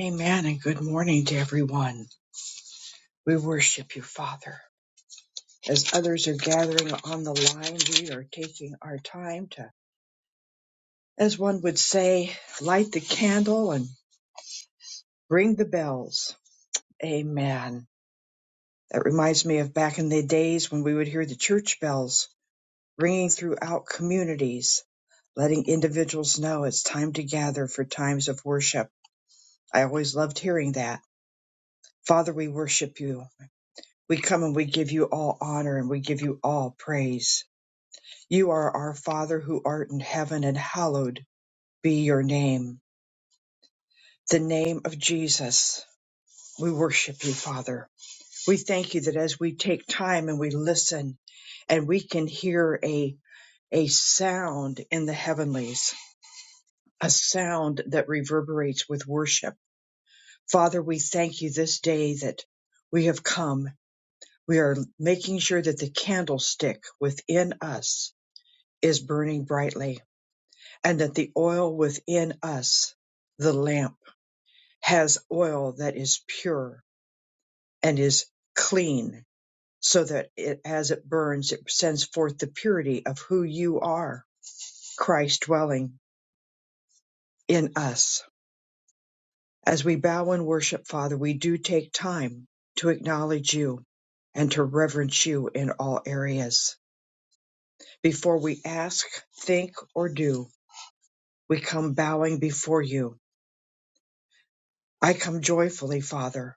Amen and good morning to everyone. We worship you, Father. As others are gathering on the line, we are taking our time to, as one would say, light the candle and ring the bells. Amen. That reminds me of back in the days when we would hear the church bells ringing throughout communities, letting individuals know it's time to gather for times of worship. I always loved hearing that. Father, we worship you We come and we give you all honor and we give you all praise. You are our Father who art in heaven, and hallowed be your name. The name of Jesus. We worship you, Father. We thank you that as we take time and we listen and we can hear a a sound in the heavenlies, a sound that reverberates with worship. Father, we thank you this day that we have come. We are making sure that the candlestick within us is burning brightly, and that the oil within us, the lamp, has oil that is pure and is clean, so that it, as it burns, it sends forth the purity of who you are, Christ dwelling in us. As we bow and worship, Father, we do take time to acknowledge you and to reverence you in all areas. Before we ask, think, or do, we come bowing before you. I come joyfully, Father,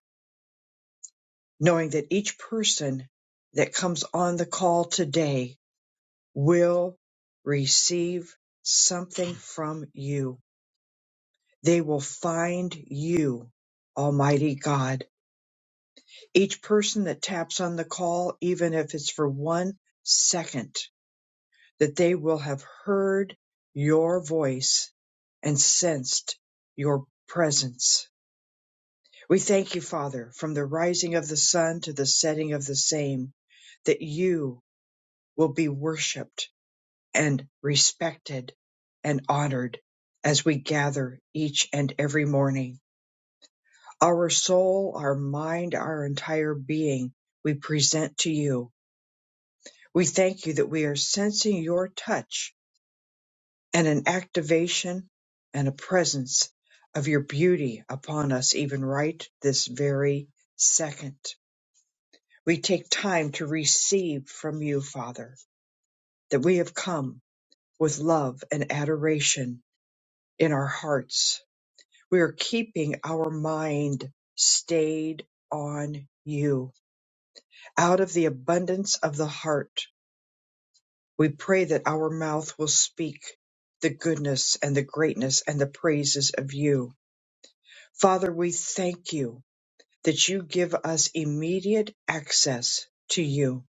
knowing that each person that comes on the call today will receive something from you. They will find you, Almighty God. Each person that taps on the call, even if it's for one second, that they will have heard your voice and sensed your presence. We thank you, Father, from the rising of the sun to the setting of the same, that you will be worshiped and respected and honored as we gather each and every morning. Our soul, our mind, our entire being, we present to you. We thank you that we are sensing your touch and an activation and a presence of your beauty upon us, even right this very second. We take time to receive from you, Father, that we have come with love and adoration in our hearts. We are keeping our mind stayed on you. Out of the abundance of the heart, we pray that our mouth will speak the goodness and the greatness and the praises of you. Father, we thank you that you give us immediate access to you.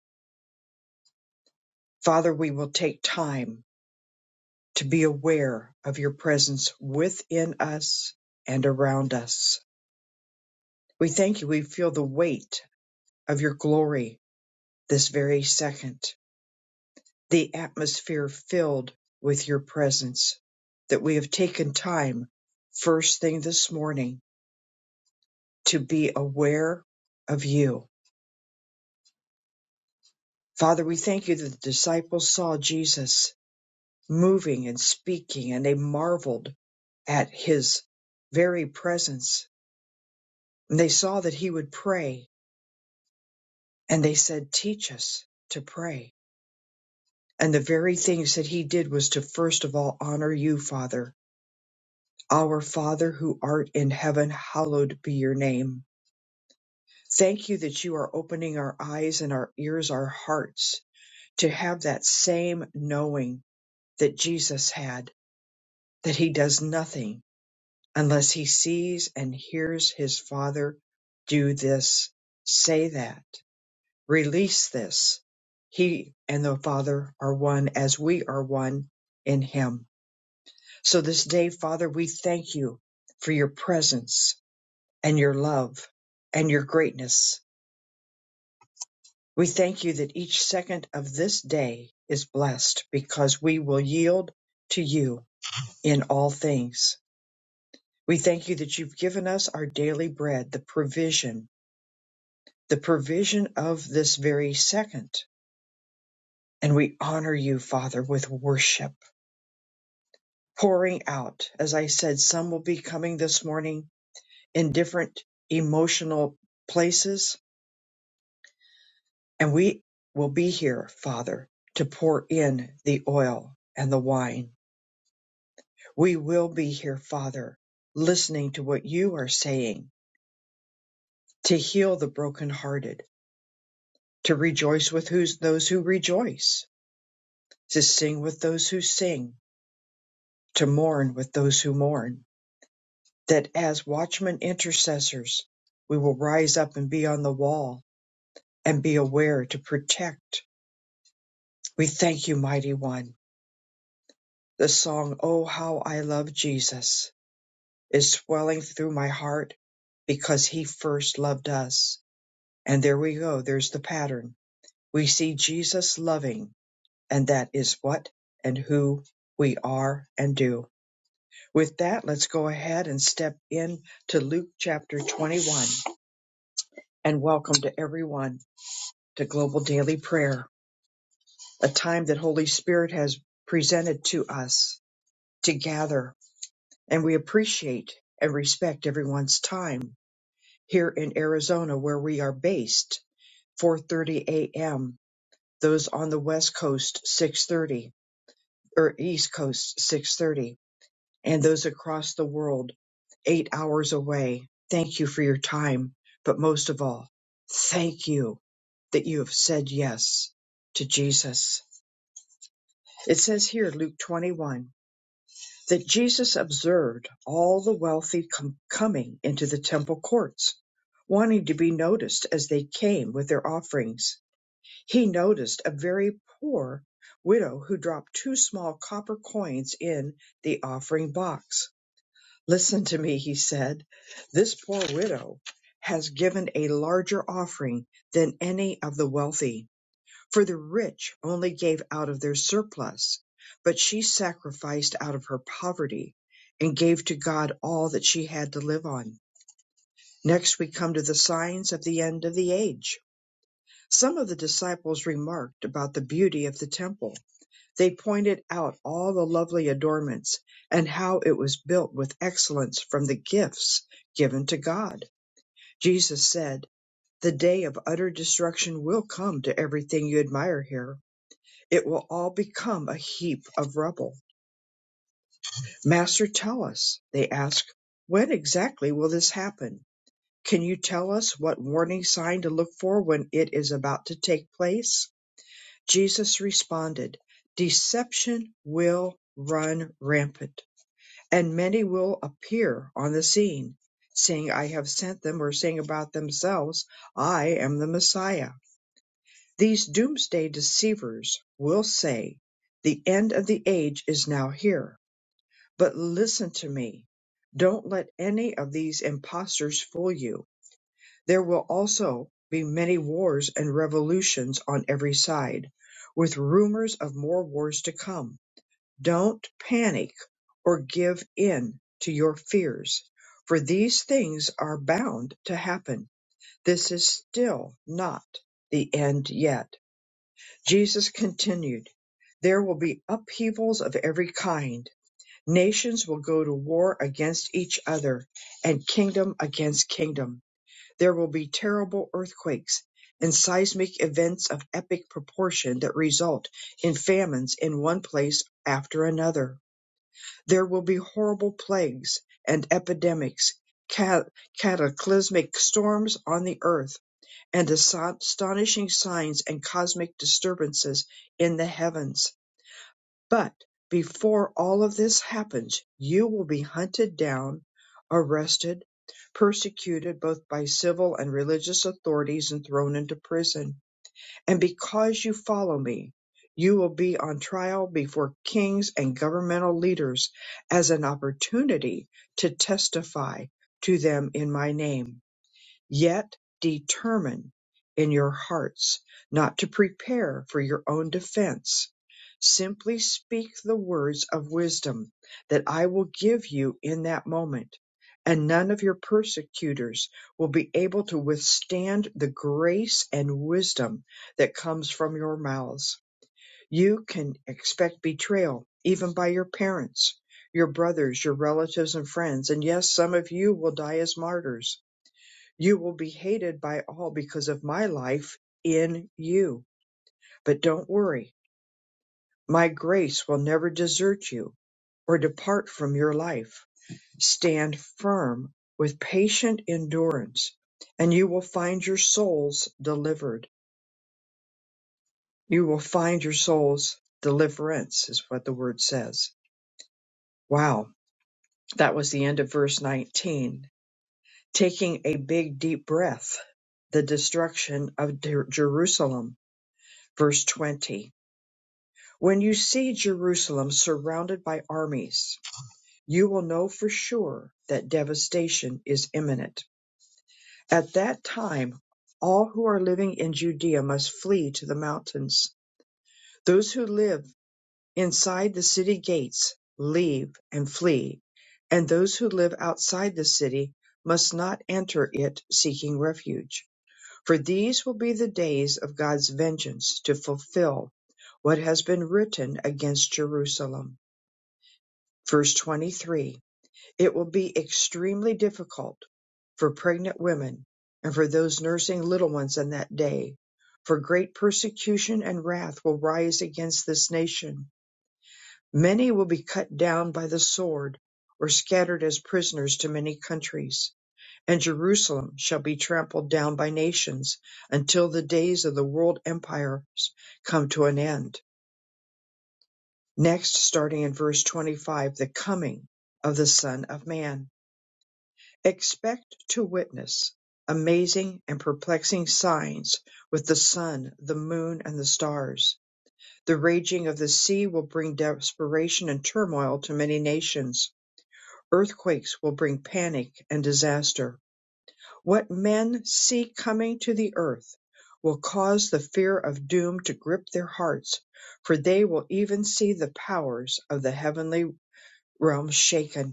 Father, we will take time to be aware of your presence within us and around us. We thank you. We feel the weight of your glory this very second, the atmosphere filled with your presence, that we have taken time first thing this morning to be aware of you. Father, we thank you that the disciples saw Jesus moving and speaking, and they marveled at his very presence. And they saw that he would pray, and they said, Teach us to pray. And the very things that he did was to first of all honor you, Father Our Father who art in heaven, hallowed be your name. Thank you that you are opening our eyes and our ears, our hearts to have that same knowing that Jesus had, that he does nothing unless he sees and hears his Father do this, say that, release this. He and the Father are one as we are one in him. So this day, Father, we thank you for your presence and your love and your greatness. We thank you that each second of this day is blessed because we will yield to you in all things. We thank you that you've given us our daily bread, the provision, the provision of this very second. And we honor you, Father, with worship, pouring out. As I said, some will be coming this morning in different emotional places and we will be here, Father, to pour in the oil and the wine. We will be here, Father, listening to what you are saying, to heal the brokenhearted, to rejoice with who's, those who rejoice, to sing with those who sing, to mourn with those who mourn. That as watchmen intercessors, we will rise up and be on the wall and be aware to protect. We thank you, Mighty One. The song, Oh, How I Love Jesus is swelling through my heart because he first loved us. And there we go. There's the pattern. We see Jesus loving, and that is what and who we are and do. With that, let's go ahead and step in to Luke chapter 21 and welcome to everyone to Global Daily Prayer, a time that Holy Spirit has presented to us to gather. And we appreciate and respect everyone's time here in Arizona where we are based 4:30 a.m. those on the west coast 6:30 or east coast 6:30 and those across the world 8 hours away thank you for your time but most of all thank you that you have said yes to Jesus it says here Luke 21 that Jesus observed all the wealthy com- coming into the temple courts, wanting to be noticed as they came with their offerings. He noticed a very poor widow who dropped two small copper coins in the offering box. Listen to me, he said. This poor widow has given a larger offering than any of the wealthy for the rich only gave out of their surplus, but she sacrificed out of her poverty and gave to God all that she had to live on. Next, we come to the signs of the end of the age. Some of the disciples remarked about the beauty of the temple. They pointed out all the lovely adornments and how it was built with excellence from the gifts given to God. Jesus said, The day of utter destruction will come to everything you admire here it will all become a heap of rubble. Master, tell us, they ask, when exactly will this happen? Can you tell us what warning sign to look for when it is about to take place? Jesus responded, Deception will run rampant, and many will appear on the scene, saying, I have sent them, or saying about themselves, I am the Messiah. These doomsday deceivers will say, The end of the age is now here But listen to me. Don't let any of these impostors fool you. There will also be many wars and revolutions on every side, with rumors of more wars to come. Don't panic or give in to your fears, for these things are bound to happen. This is still not the end yet. Jesus continued, There will be upheavals of every kind Nations will go to war against each other and kingdom against kingdom. There will be terrible earthquakes and seismic events of epic proportion that result in famines in one place after another. There will be horrible plagues and epidemics, ca- cataclysmic storms on the earth, and asa- astonishing signs and cosmic disturbances in the heavens but before all of this happens, you will be hunted down, arrested, persecuted both by civil and religious authorities, and thrown into prison. And because you follow me, you will be on trial before kings and governmental leaders as an opportunity to testify to them in my name. Yet determine in your hearts not to prepare for your own defense. Simply speak the words of wisdom that I will give you in that moment, and none of your persecutors will be able to withstand the grace and wisdom that comes from your mouths. You can expect betrayal even by your parents, your brothers, your relatives, and friends, and yes, some of you will die as martyrs you will be hated by all because of my life in you. But don't worry, my grace will never desert you or depart from your life. Stand firm with patient endurance, and you will find your souls delivered. You will find your souls deliverance, is what the word says. Wow, that was the end of verse 19. Taking a big, deep breath, the destruction of Jer- Jerusalem, verse 20 When you see Jerusalem surrounded by armies, you will know for sure that devastation is imminent. At that time, all who are living in Judea must flee to the mountains. Those who live inside the city gates leave and flee, and those who live outside the city must not enter it seeking refuge. For these will be the days of God's vengeance to fulfill what has been written against Jerusalem. Verse 23 It will be extremely difficult for pregnant women and for those nursing little ones on that day, for great persecution and wrath will rise against this nation. Many will be cut down by the sword or scattered as prisoners to many countries, and Jerusalem shall be trampled down by nations until the days of the world empires come to an end. Next, starting in verse 25, the coming of the Son of Man. Expect to witness amazing and perplexing signs with the sun, the moon, and the stars. The raging of the sea will bring desperation and turmoil to many nations. Earthquakes will bring panic and disaster. What men see coming to the earth will cause the fear of doom to grip their hearts, for they will even see the powers of the heavenly realm shaken.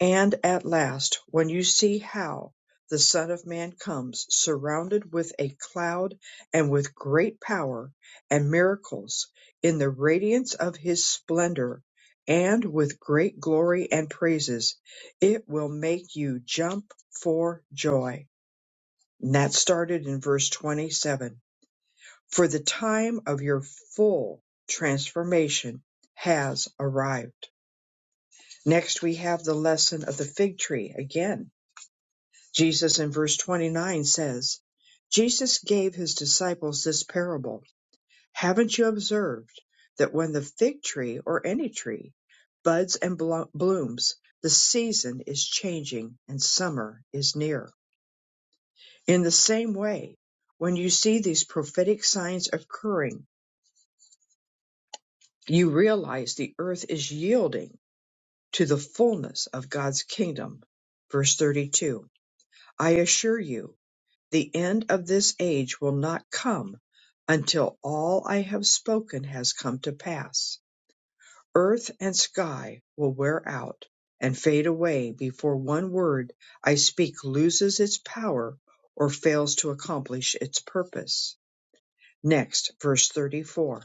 And at last, when you see how the Son of Man comes surrounded with a cloud and with great power and miracles in the radiance of his splendor and with great glory and praises, it will make you jump for joy. And that started in verse 27. For the time of your full transformation has arrived. Next, we have the lesson of the fig tree again Jesus in verse 29 says, Jesus gave his disciples this parable. Haven't you observed that when the fig tree or any tree buds and blo- blooms, the season is changing and summer is near? In the same way, when you see these prophetic signs occurring, you realize the earth is yielding to the fullness of God's kingdom. Verse 32 I assure you, The end of this age will not come until all I have spoken has come to pass. Earth and sky will wear out and fade away before one word I speak loses its power or fails to accomplish its purpose. Next, verse 34.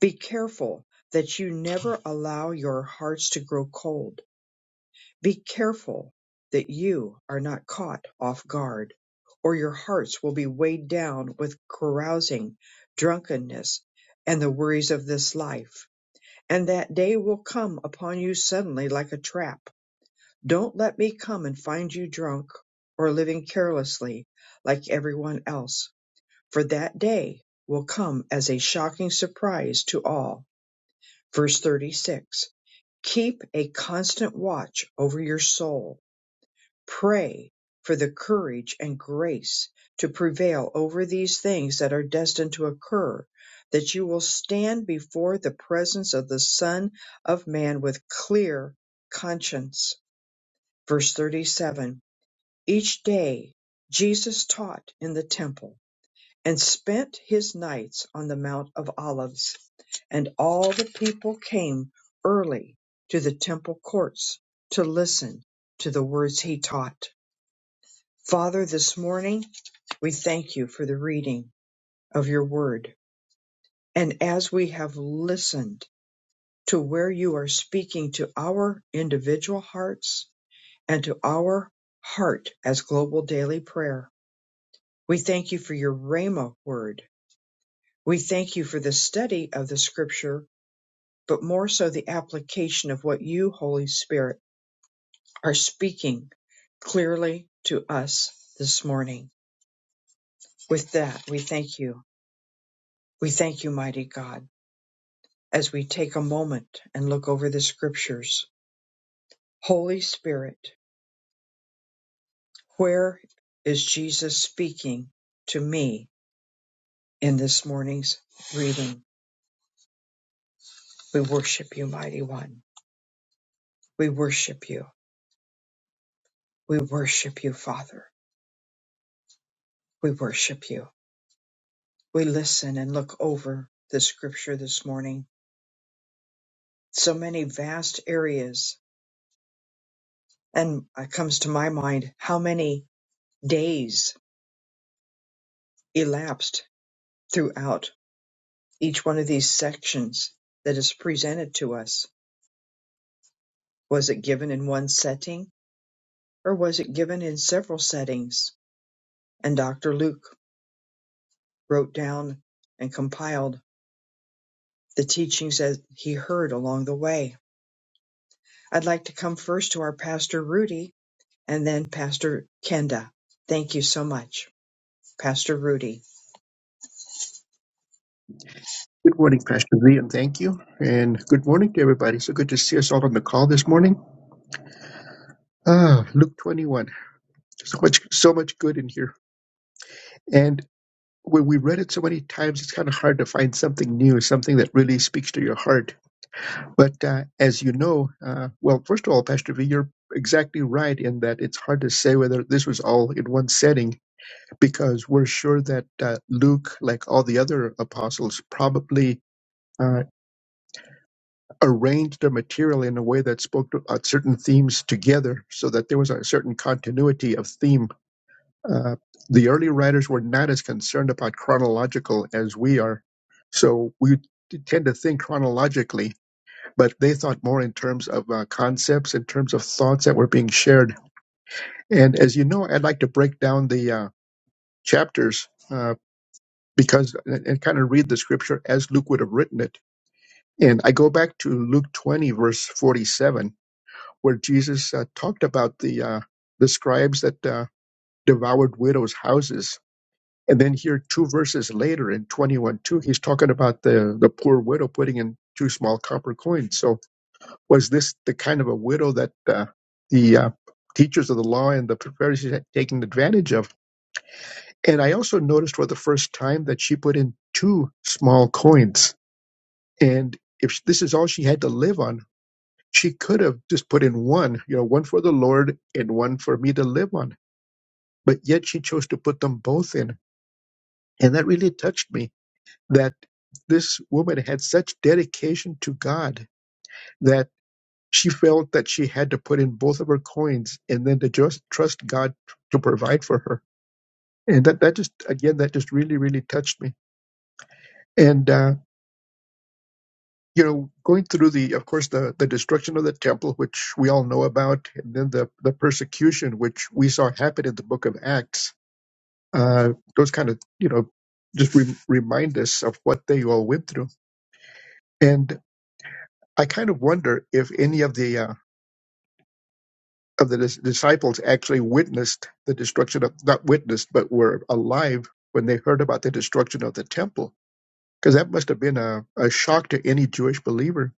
Be careful that you never allow your hearts to grow cold Be careful that you are not caught off guard, or your hearts will be weighed down with carousing, drunkenness, and the worries of this life, and that day will come upon you suddenly like a trap. Don't let me come and find you drunk or living carelessly like everyone else, for that day will come as a shocking surprise to all. Verse 36 Keep a constant watch over your soul Pray for the courage and grace to prevail over these things that are destined to occur, that you will stand before the presence of the Son of Man with clear conscience. Verse 37 Each day Jesus taught in the temple and spent his nights on the Mount of Olives, and all the people came early to the temple courts to listen to the words he taught. Father, this morning we thank you for the reading of your word. And as we have listened to where you are speaking to our individual hearts and to our heart as global daily prayer, we thank you for your Rhema word. We thank you for the study of the scripture, but more so the application of what you, Holy Spirit, are speaking clearly to us this morning. With that, we thank you. We thank you, mighty God. as we take a moment and look over the scriptures. Holy Spirit, where is Jesus speaking to me in this morning's reading? We worship you, mighty one. We worship you. We worship you, Father. We worship you. We listen and look over the scripture this morning. So many vast areas. And it comes to my mind how many days elapsed throughout each one of these sections that is presented to us. Was it given in one setting or was it given in several settings? And Dr. Luke wrote down and compiled the teachings that he heard along the way. I'd like to come first to our Pastor Rudy and then Pastor Kenda. Thank you so much, Pastor Rudy. Good morning, Pastor Lee, and thank you. And good morning to everybody. So good to see us all on the call this morning. Ah, Luke 21. So much, so much good in here. And when we read it so many times, it's kind of hard to find something new, something that really speaks to your heart. But uh, as you know, uh, well, first of all, Pastor V, you're exactly right in that it's hard to say whether this was all in one setting because we're sure that uh, Luke, like all the other apostles, probably. uh, arranged their material in a way that spoke to, about certain themes together so that there was a certain continuity of theme. Uh, the early writers were not as concerned about chronological as we are. So we tend to think chronologically, but they thought more in terms of uh, concepts, in terms of thoughts that were being shared. And as you know, I'd like to break down the uh, chapters uh, because and, and kind of read the scripture as Luke would have written it. And I go back to Luke 20, verse 47 where Jesus uh, talked about the uh, the scribes that uh, devoured widows' houses. And then here, two verses later in 21 2, he's talking about the, the poor widow putting in two small copper coins. So, was this the kind of a widow that uh, the uh, teachers of the law and the Pharisees had taken advantage of? And I also noticed for the first time that she put in two small coins. And if this is all she had to live on, She could have just put in one, you know, one for the Lord and one for me to live on. But yet she chose to put them both in. And that really touched me that this woman had such dedication to God that she felt that she had to put in both of her coins and then to just trust God to provide for her. And that, that just, again, that just really, really touched me. And, uh, you know, going through the, of course, the, the destruction of the temple, which we all know about, and then the, the persecution, which we saw happen in the book of Acts, uh, those kind of, you know, just re- remind us of what they all went through. And I kind of wonder if any of the, uh, of the dis- disciples actually witnessed the destruction of, not witnessed, but were alive when they heard about the destruction of the temple, because that must have been a, a shock to any Jewish believer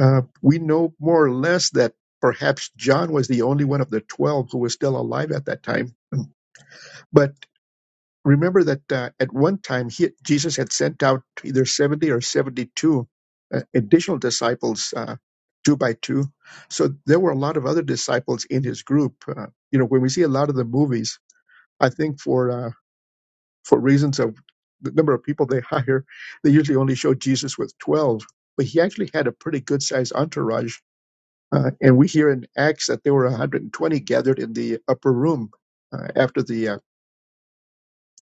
Uh, we know more or less that perhaps John was the only one of the 12 who was still alive at that time. But remember that uh, at one time, he, Jesus had sent out either 70 or 72 uh, additional disciples, uh, two by two. So there were a lot of other disciples in his group. Uh, you know, when we see a lot of the movies, I think for, uh, for reasons of the number of people they hire, they usually only show Jesus with 12. But he actually had a pretty good sized entourage uh, and we hear in Acts that there were 120 gathered in the upper room uh, after the uh,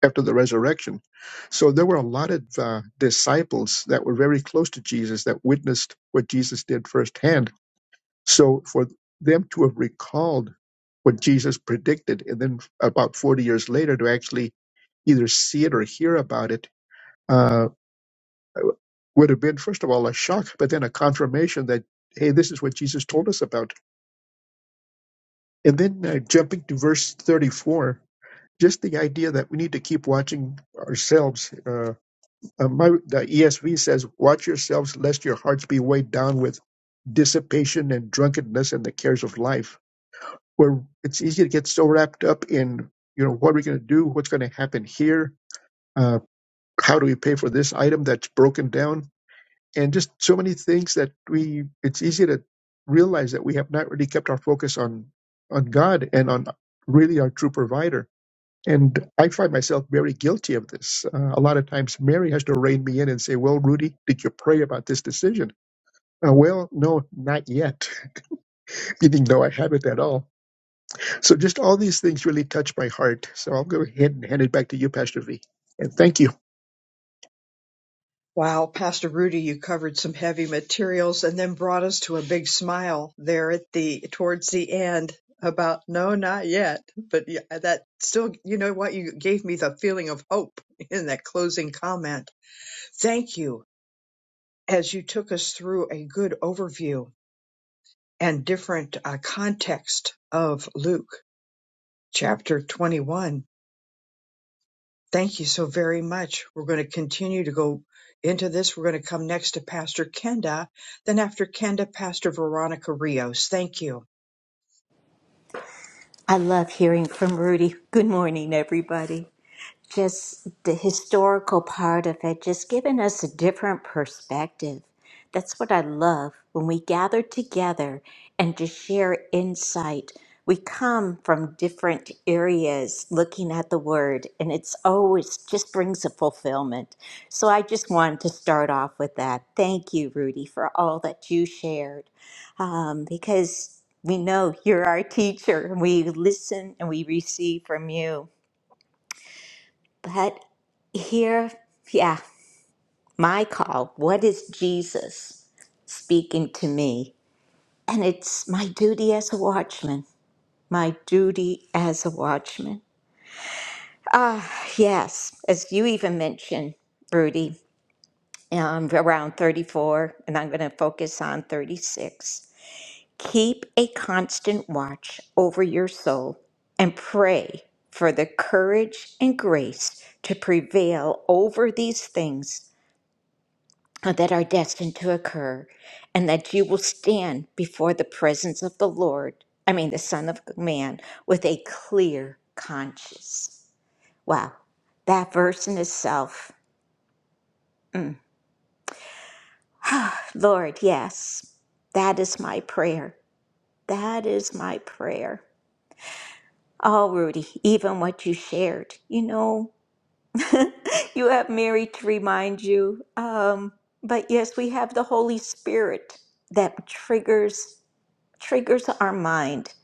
after the resurrection. So there were a lot of uh, disciples that were very close to Jesus that witnessed what Jesus did firsthand. So for them to have recalled what Jesus predicted, and then about 40 years later to actually either see it or hear about it, uh, would have been first of all a shock, but then a confirmation that hey, this is what Jesus told us about And then uh, jumping to verse 34, just the idea that we need to keep watching ourselves. Uh, uh, my, the ESV says, Watch yourselves lest your hearts be weighed down with dissipation and drunkenness and the cares of life. Where it's easy to get so wrapped up in, you know, what are we going to do? What's going to happen here? Uh, how do we pay for this item that's broken down? and just so many things that we it's easy to realize that we have not really kept our focus on on god and on really our true provider and i find myself very guilty of this uh, a lot of times mary has to rein me in and say well rudy did you pray about this decision uh, well no not yet meaning no i haven't at all so just all these things really touch my heart so i'll go ahead and hand it back to you pastor v and thank you Wow, Pastor Rudy, you covered some heavy materials and then brought us to a big smile there at the towards the end about no, not yet. But yeah, that still, you know what, you gave me the feeling of hope in that closing comment. Thank you as you took us through a good overview and different uh, context of Luke chapter 21. Thank you so very much. We're going to continue to go into this. We're going to come next to Pastor Kenda, then after Kenda, Pastor Veronica Rios. Thank you. I love hearing from Rudy. Good morning, everybody just the historical part of it, just giving us a different perspective. That's what I love when we gather together and just share insight. We come from different areas looking at the word, and it's always just brings a fulfillment. So I just wanted to start off with that. Thank you, Rudy, for all that you shared, um, because we know you're our teacher, and we listen and we receive from you. But here, yeah, my call. What is Jesus speaking to me? And it's my duty as a watchman, my duty as a watchman. Ah, yes, as you even mentioned, Rudy, um, around 34, and I'm going to focus on 36. Keep a constant watch over your soul and pray for the courage and grace to prevail over these things uh, that are destined to occur, and that you will stand before the presence of the Lord, I mean, the Son of Man, with a clear conscience. Wow, that verse in itself. mm. Lord, yes, that is my prayer. That is my prayer. Oh, Rudy, even what you shared, you know, you have Mary to remind you. Um, but yes, we have the Holy Spirit that triggers. triggers our mind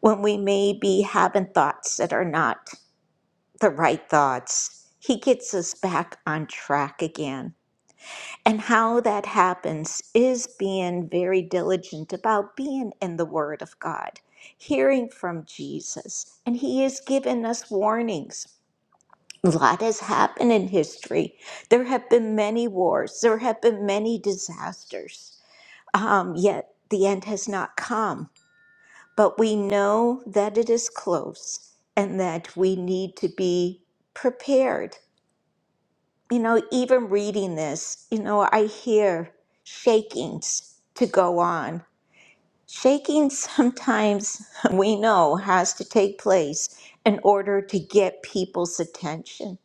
when we may be having thoughts that are not the right thoughts. He gets us back on track again. And how that happens is being very diligent about being in the Word of God, hearing from Jesus. And He has given us warnings. A lot has happened in history. There have been many wars, there have been many disasters, um, yet the end has not come. But we know that it is close and that we need to be prepared. You know, even reading this, you know, I hear shakings to go on. Shaking sometimes we know has to take place in order to get people's attention.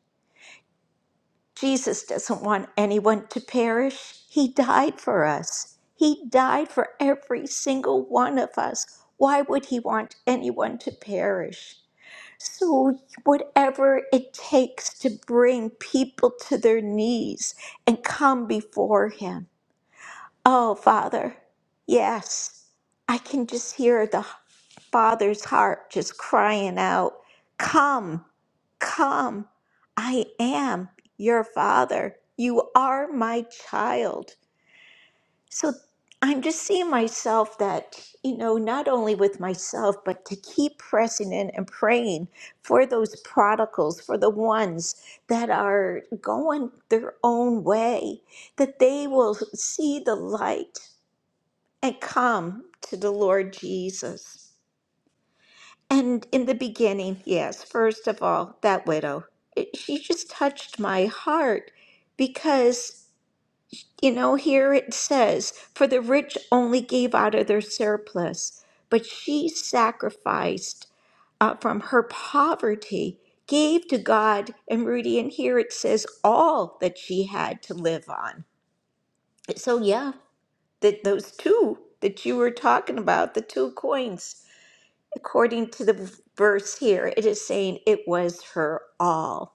Jesus doesn't want anyone to perish. He died for us, He died for every single one of us. Why would He want anyone to perish? So, whatever it takes to bring people to their knees and come before Him. Oh, Father, yes, I can just hear the Father's heart just crying out, Come, come, I am your Father. You are my child. So I'm just seeing myself that, you know, not only with myself, but to keep pressing in and praying for those prodigals, for the ones that are going their own way, that they will see the light and come to the Lord Jesus. And in the beginning, yes, first of all, that widow, it- she just touched my heart because. You know, here it says, For the rich only gave out of their surplus, but she sacrificed uh, from her poverty, gave to God, and Rudy, and here it says, all that she had to live on. So, yeah, that those two that you were talking about, the two coins, according to the verse here, it is saying it was her all.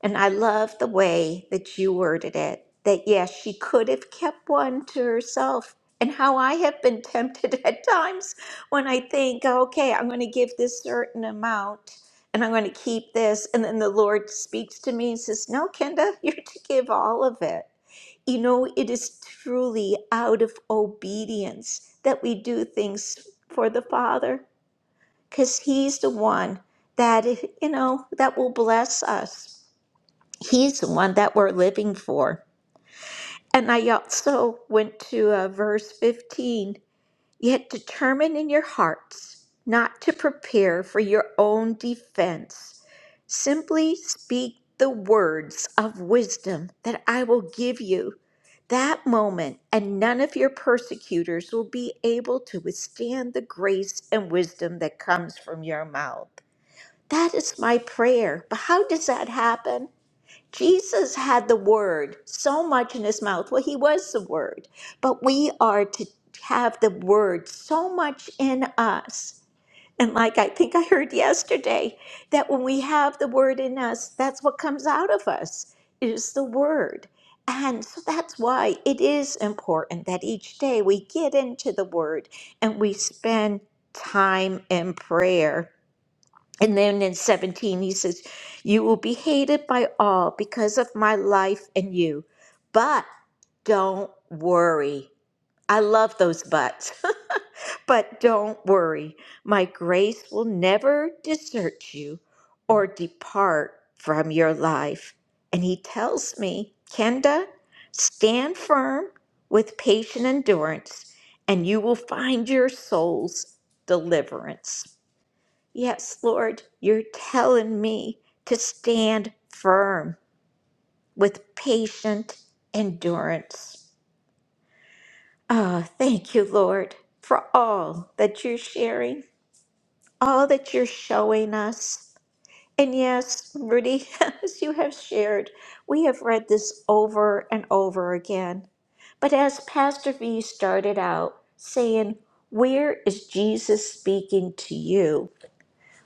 And I love the way that you worded it that yes, she could have kept one to herself. And how I have been tempted at times when I think, okay, I'm going to give this certain amount and I'm going to keep this. And then the Lord speaks to me and says, No, Kenda, you're to give all of it. You know, it is truly out of obedience that we do things for the Father because He's the one that, you know, that will bless us. He's the one that we're living for. And I also went to uh, verse 15. Yet determine in your hearts not to prepare for your own defense. Simply speak the words of wisdom that I will give you. That moment, and none of your persecutors will be able to withstand the grace and wisdom that comes from your mouth. That is my prayer. But how does that happen? Jesus had the word so much in his mouth. Well, he was the word, but we are to have the word so much in us. And like I think I heard yesterday, that when we have the word in us, that's what comes out of us is the word. And so that's why it is important that each day we get into the word and we spend time in prayer. And then in 17, he says, You will be hated by all because of my life and you, but don't worry. I love those buts. but don't worry. My grace will never desert you or depart from your life. And he tells me, Kenda, stand firm with patient endurance, and you will find your soul's deliverance. Yes, Lord, you're telling me to stand firm with patient endurance. Oh, thank you, Lord, for all that you're sharing, all that you're showing us. And yes, Rudy, as you have shared, we have read this over and over again. But as Pastor V started out saying, Where is Jesus speaking to you?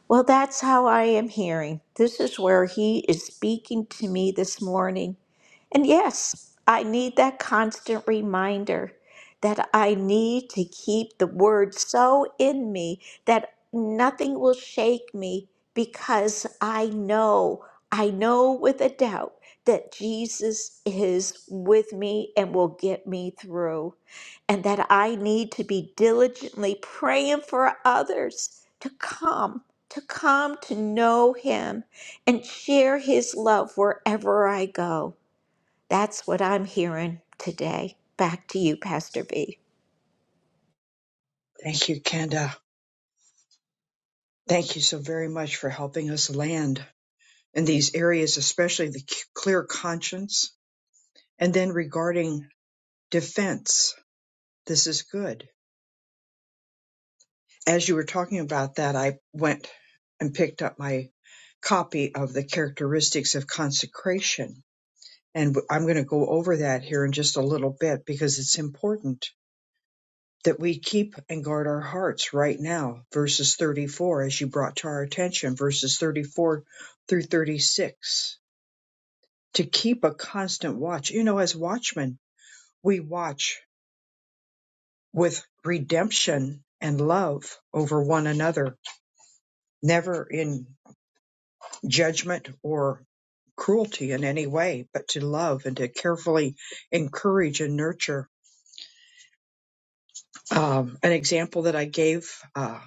Well, that's how I am hearing. This is where He is speaking to me this morning. And yes, I need that constant reminder that I need to keep the Word so in me that nothing will shake me because I know, I know with a doubt that Jesus is with me and will get me through and that I need to be diligently praying for others to come, to come to know Him and share His love wherever I go. That's what I'm hearing today. Back to you, Pastor B. Thank you, Kenda. Thank you so very much for helping us land in these areas, especially the c- clear conscience. And then regarding defense, this is good. As you were talking about that, I went and picked up my copy of the characteristics of consecration And i I'm going to go over that here in just a little bit because it's important that we keep and guard our hearts right now. Verses 34, as you brought to our attention, verses 34 through 36, to keep a constant watch. You know, as watchmen, we watch with redemption and love over one another, never in judgment or cruelty in any way, but to love and to carefully encourage and nurture Um, an example that I gave uh,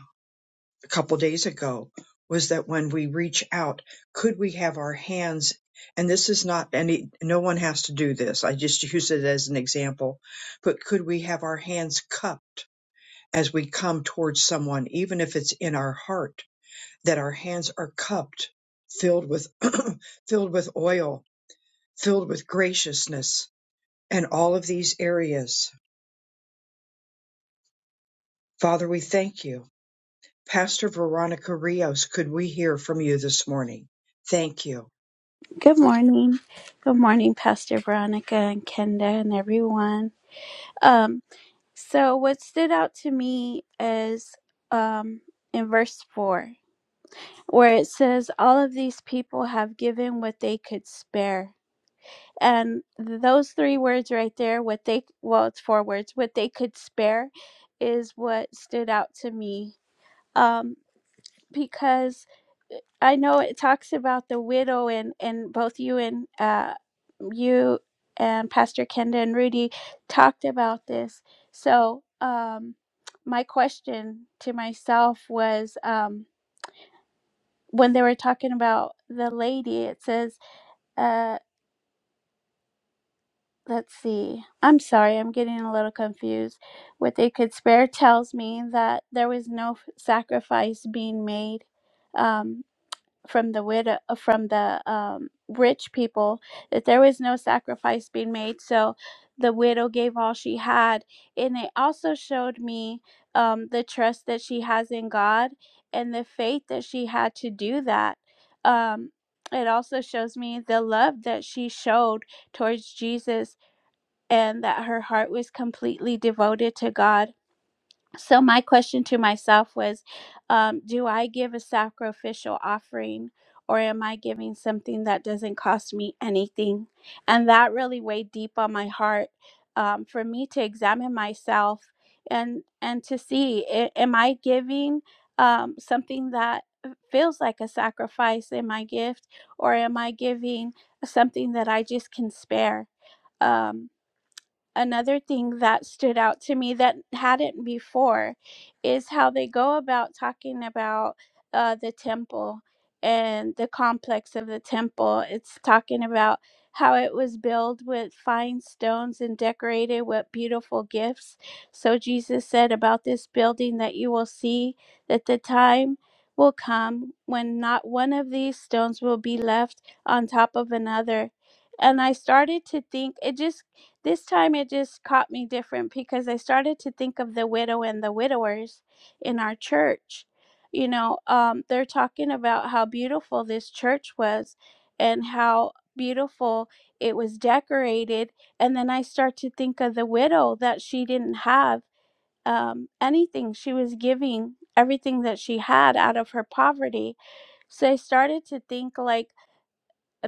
a couple days ago was that when we reach out, could we have our hands? And this is not any, no one has to do this. I just use it as an example. But could we have our hands cupped as we come towards someone, even if it's in our heart, that our hands are cupped, filled with, filled with oil, filled with graciousness, and all of these areas? Father, we thank you. Pastor Veronica Rios, could we hear from you this morning? Thank you. Good morning. Good morning, Pastor Veronica and Kenda and everyone. Um, so what stood out to me is um in verse four, where it says, All of these people have given what they could spare. And those three words right there, what they well, it's four words, what they could spare is what stood out to me. Um, because I know it talks about the widow and and both you and uh you and Pastor Kenda and Rudy talked about this. So um my question to myself was um when they were talking about the lady, it says uh let's see. I'm sorry, I'm getting a little confused. What they could spare tells me that there was no f- sacrifice being made. Um from the widow from the um, rich people that there was no sacrifice being made so the widow gave all she had and it also showed me um, the trust that she has in god and the faith that she had to do that um, it also shows me the love that she showed towards jesus and that her heart was completely devoted to god so, my question to myself was um, Do I give a sacrificial offering or am I giving something that doesn't cost me anything? And that really weighed deep on my heart um, for me to examine myself and, and to see a- Am I giving um, something that feels like a sacrifice in my gift or am I giving something that I just can spare? Um, another thing that stood out to me that hadn't before is how they go about talking about uh, the temple and the complex of the temple. It's talking about how it was built with fine stones and decorated with beautiful gifts. So Jesus said about this building that you will see that the time will come when not one of these stones will be left on top of another and I started to think it just this time it just caught me different because I started to think of the widow and the widowers in our church. You know, um, they're talking about how beautiful this church was and how beautiful it was decorated. And then I start to think of the widow that she didn't have um, anything. She was giving everything that she had out of her poverty. So I started to think like,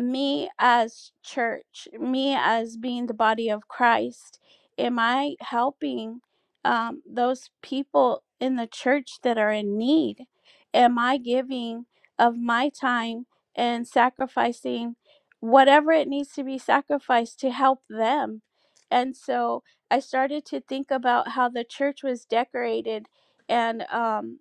me as church, me as being the body of Christ, am I helping um, those people in the church that are in need? Am I giving of my time and sacrificing whatever it needs to be sacrificed to help them? And so I started to think about how the church was decorated and um,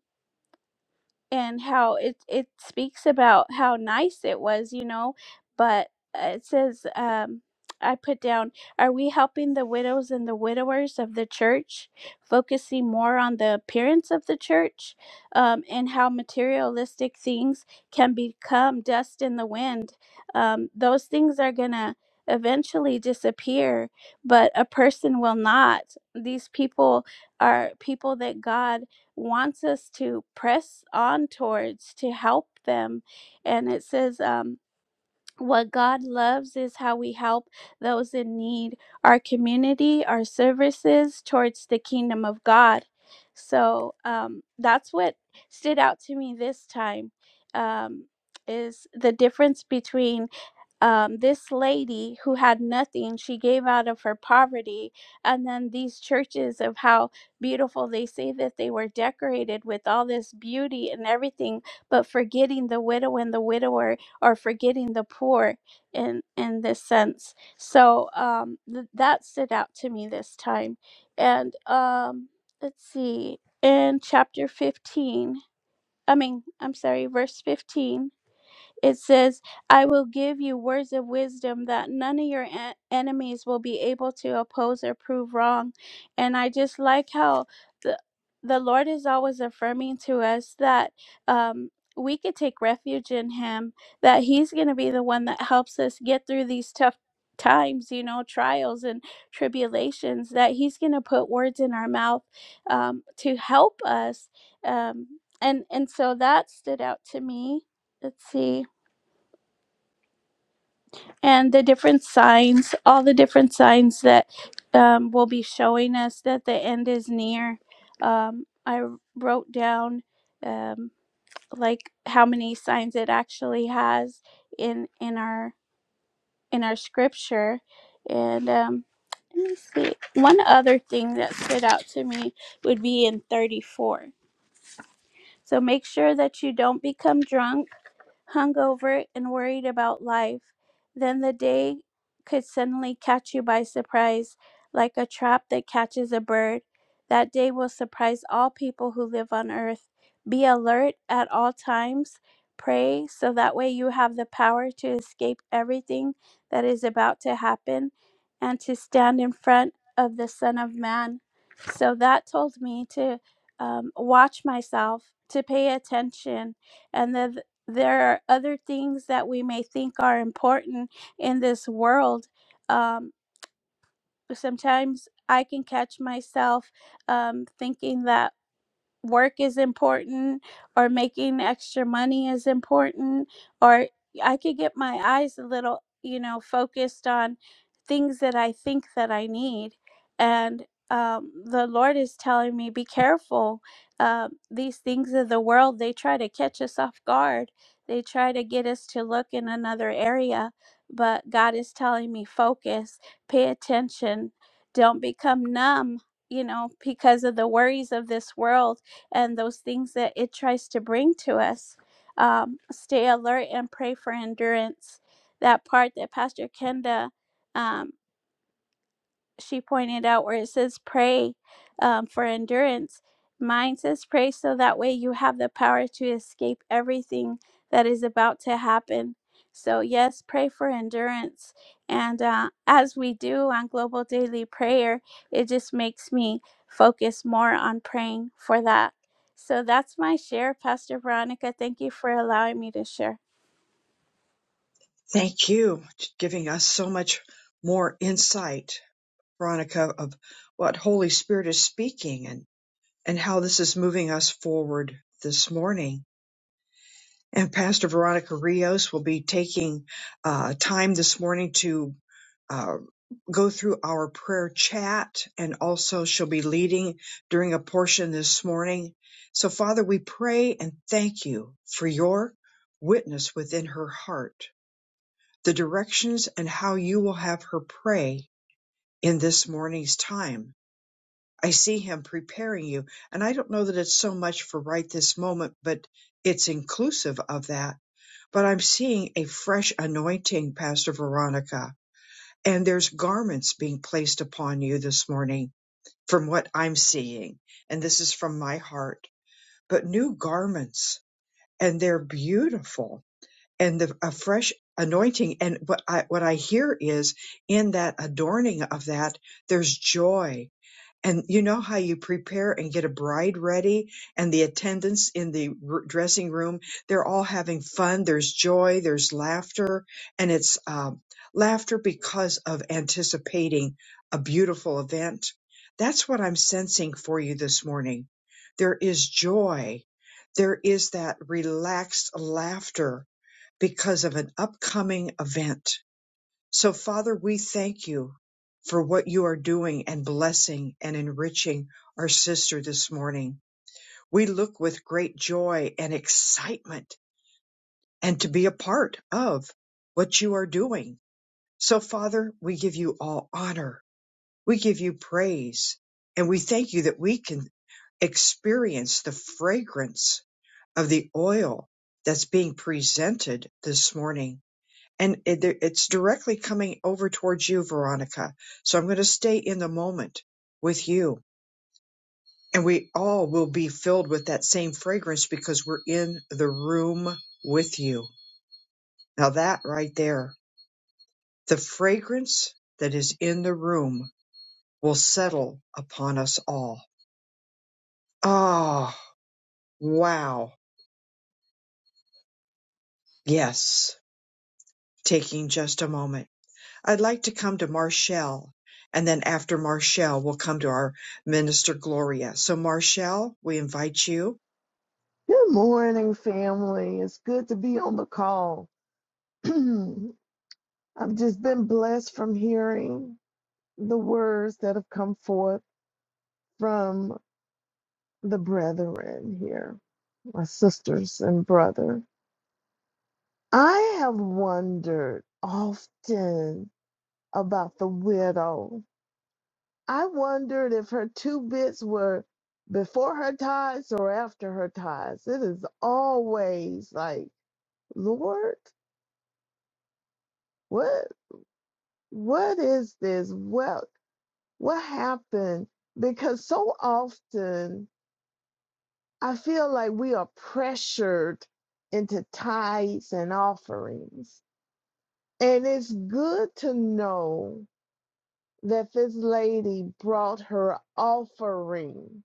and how it it speaks about how nice it was, you know, but uh, it says um I put down are we helping the widows and the widowers of the church focusing more on the appearance of the church um, and how materialistic things can become dust in the wind um, those things are gonna eventually disappear but a person will not these people are people that god wants us to press on towards to help them. And it says, um, what God loves is how we help those in need, our community, our services towards the kingdom of God. So um, that's what stood out to me this time um, is the difference between um, this lady who had nothing, she gave out of her poverty, and then these churches of how beautiful they say that they were decorated with all this beauty and everything, but forgetting the widow and the widower or forgetting the poor in in this sense. So um, th- that stood out to me this time. And um, let's see, in chapter fifteen, I mean, I'm sorry, verse fifteen it says, I will give you words of wisdom that none of your en- enemies will be able to oppose or prove wrong. And I just like how the, the Lord is always affirming to us that um, we could take refuge in Him, that He's going to be the one that helps us get through these tough times, you know, trials and tribulations, that He's going to put words in our mouth um, to help us. Um, and, and so that stood out to me. Let's see and the different signs, all the different signs that um, will be showing us that the end is near. Um, I wrote down um, like how many signs it actually has in in our in our scripture, and um, let me see. One other thing that stood out to me would be in thirty four. So make sure that you don't become drunk hungover and worried about life. Then the day could suddenly catch you by surprise, like a trap that catches a bird. That day will surprise all people who live on earth. Be alert at all times. Pray so that way you have the power to escape everything that is about to happen and to stand in front of the Son of Man. So that told me to um, watch myself, to pay attention, and the there are other things that we may think are important in this world. Um, sometimes I can catch myself um, thinking that work is important or making extra money is important or i could get my eyes a little you know focused on things that i think that i need and um, the lord is telling me be careful um, these things of the world they try to catch us off guard they try to get us to look in another area but god is telling me focus pay attention don't become numb you know because of the worries of this world and those things that it tries to bring to us. Um, stay alert and pray for endurance. That part that Pastor Kenda um, she pointed out where it says pray um, for endurance. Mine says pray so that way you have the power to escape everything that is about to happen. So, yes, pray for endurance. And uh, as we do on Global Daily Prayer, it just makes me focus more on praying for that. So, that's my share, Pastor Veronica. Thank you for allowing me to share. Thank you for giving us so much more insight, Veronica, of what Holy Spirit is speaking and, and how this is moving us forward this morning. And Pastor Veronica Rios will be taking uh, time this morning to uh, go through our prayer chat, and also she'll be leading during a portion this morning. So, Father, we pray and thank you for your witness within her heart, the directions and how you will have her pray in this morning's time. I see him preparing you, and I don't know that it's so much for right this moment, but it's inclusive of that but I'm seeing a fresh anointing, Pastor Veronica, and there's garments being placed upon you this morning from what I'm seeing. And this is from my heart, but new garments and they're beautiful and the, a fresh anointing. And what I, what I hear is in that adorning of that, there's joy and you know how you prepare and get a bride ready and the attendants in the r- dressing room, they're all having fun. There's joy, there's laughter, and it's um, laughter because of anticipating a beautiful event. That's what I'm sensing for you this morning. There is joy. There is that relaxed laughter because of an upcoming event so, Father, we thank you for what you are doing and blessing and enriching our sister this morning. We look with great joy and excitement and to be a part of what you are doing. So, Father, we give you all honor. We give you praise. And we thank you that we can experience the fragrance of the oil that's being presented this morning and it, it's directly coming over towards you, Veronica. So I'm going to stay in the moment with you. And we all will be filled with that same fragrance because we're in the room with you. Now, that right there, the fragrance that is in the room will settle upon us all. Ah, wow. Yes. Taking just a moment. I'd like to come to Marshall, and then after Marshall, we'll come to our minister Gloria. So, Marshall, we invite you. Good morning, family. It's good to be on the call. I've just been blessed from hearing the words that have come forth from the brethren here, my sisters and brother. I have wondered often about the widow. I wondered if her two bits were before her tithes or after her tithes. It is always like, Lord, what? what is this? What what happened? Because so often I feel like we are pressured into tithes and offerings. And it's good to know that this lady brought her offering,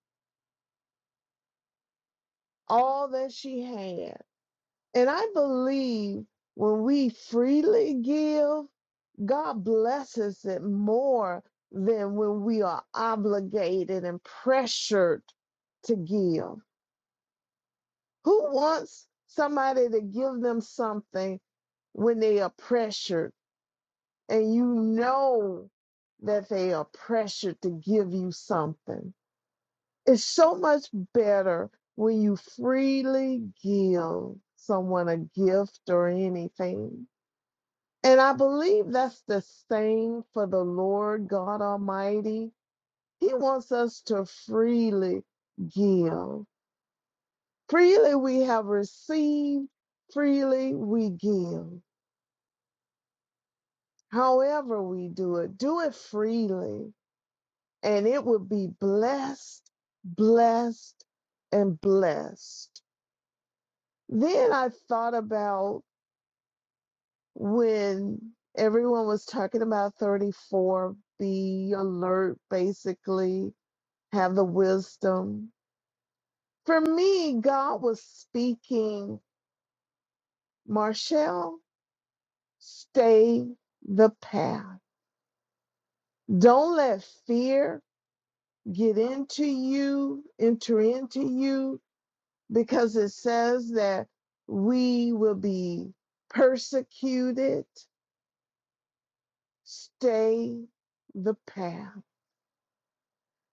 all that she had. And I believe when we freely give, God blesses it more than when we are obligated and pressured to give. Who wants somebody to give them something when they are pressured and you know that they are pressured to give you something? It's so much better when you freely give someone a gift or anything. And I believe that's the same for the Lord God Almighty He wants us to freely give. Freely we have received, freely we give. However, we do it, do it freely, and it will be blessed, blessed, and blessed. Then I thought about when everyone was talking about 34 be alert, basically, have the wisdom. For me, God was speaking Marshall, stay the path. Don't let fear get into you, enter into you, because it says that we will be persecuted. Stay the path.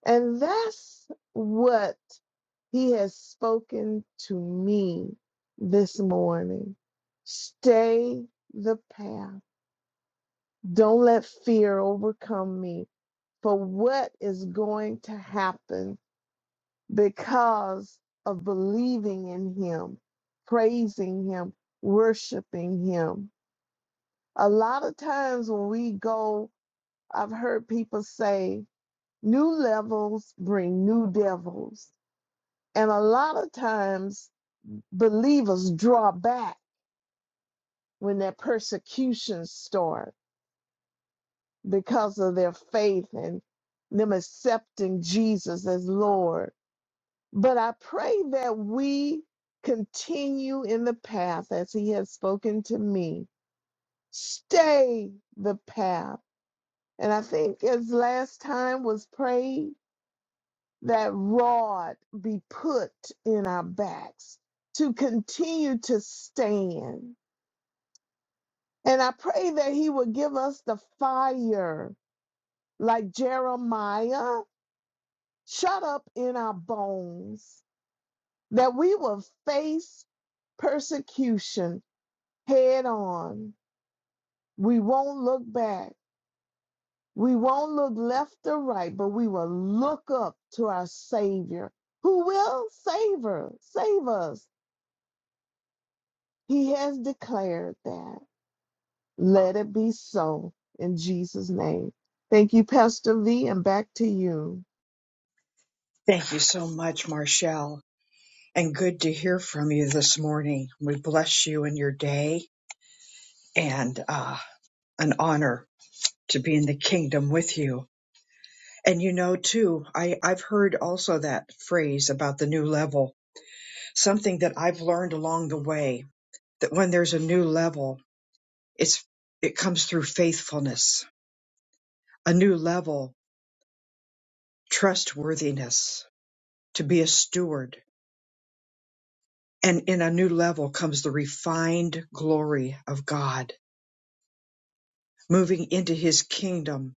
And that's what he has spoken to me this morning. Stay the path. Don't let fear overcome me for what is going to happen because of believing in Him, praising Him, worshiping Him. A lot of times when we go, I've heard people say, new levels bring new devils. And a lot of times believers draw back when their persecutions start because of their faith and them accepting Jesus as Lord But I pray that we continue in the path as he has spoken to me. Stay the path. And I think as last time was prayed, that rod be put in our backs to continue to stand. And I pray that he will give us the fire like Jeremiah, shut up in our bones, that we will face persecution head on. We won't look back. We won't look left or right, but we will look up to our Savior who will save her, save us. He has declared that. Let it be so in Jesus' name. Thank you, Pastor V, and back to you. Thank you so much, Marshall, and good to hear from you this morning. We bless you in your day, and uh, an honor to be in the kingdom with you. And you know, too, I, I've heard also that phrase about the new level, something that I've learned along the way that when there's a new level, it's it comes through faithfulness a new level trustworthiness to be a steward. And in a new level comes the refined glory of God, moving into his kingdom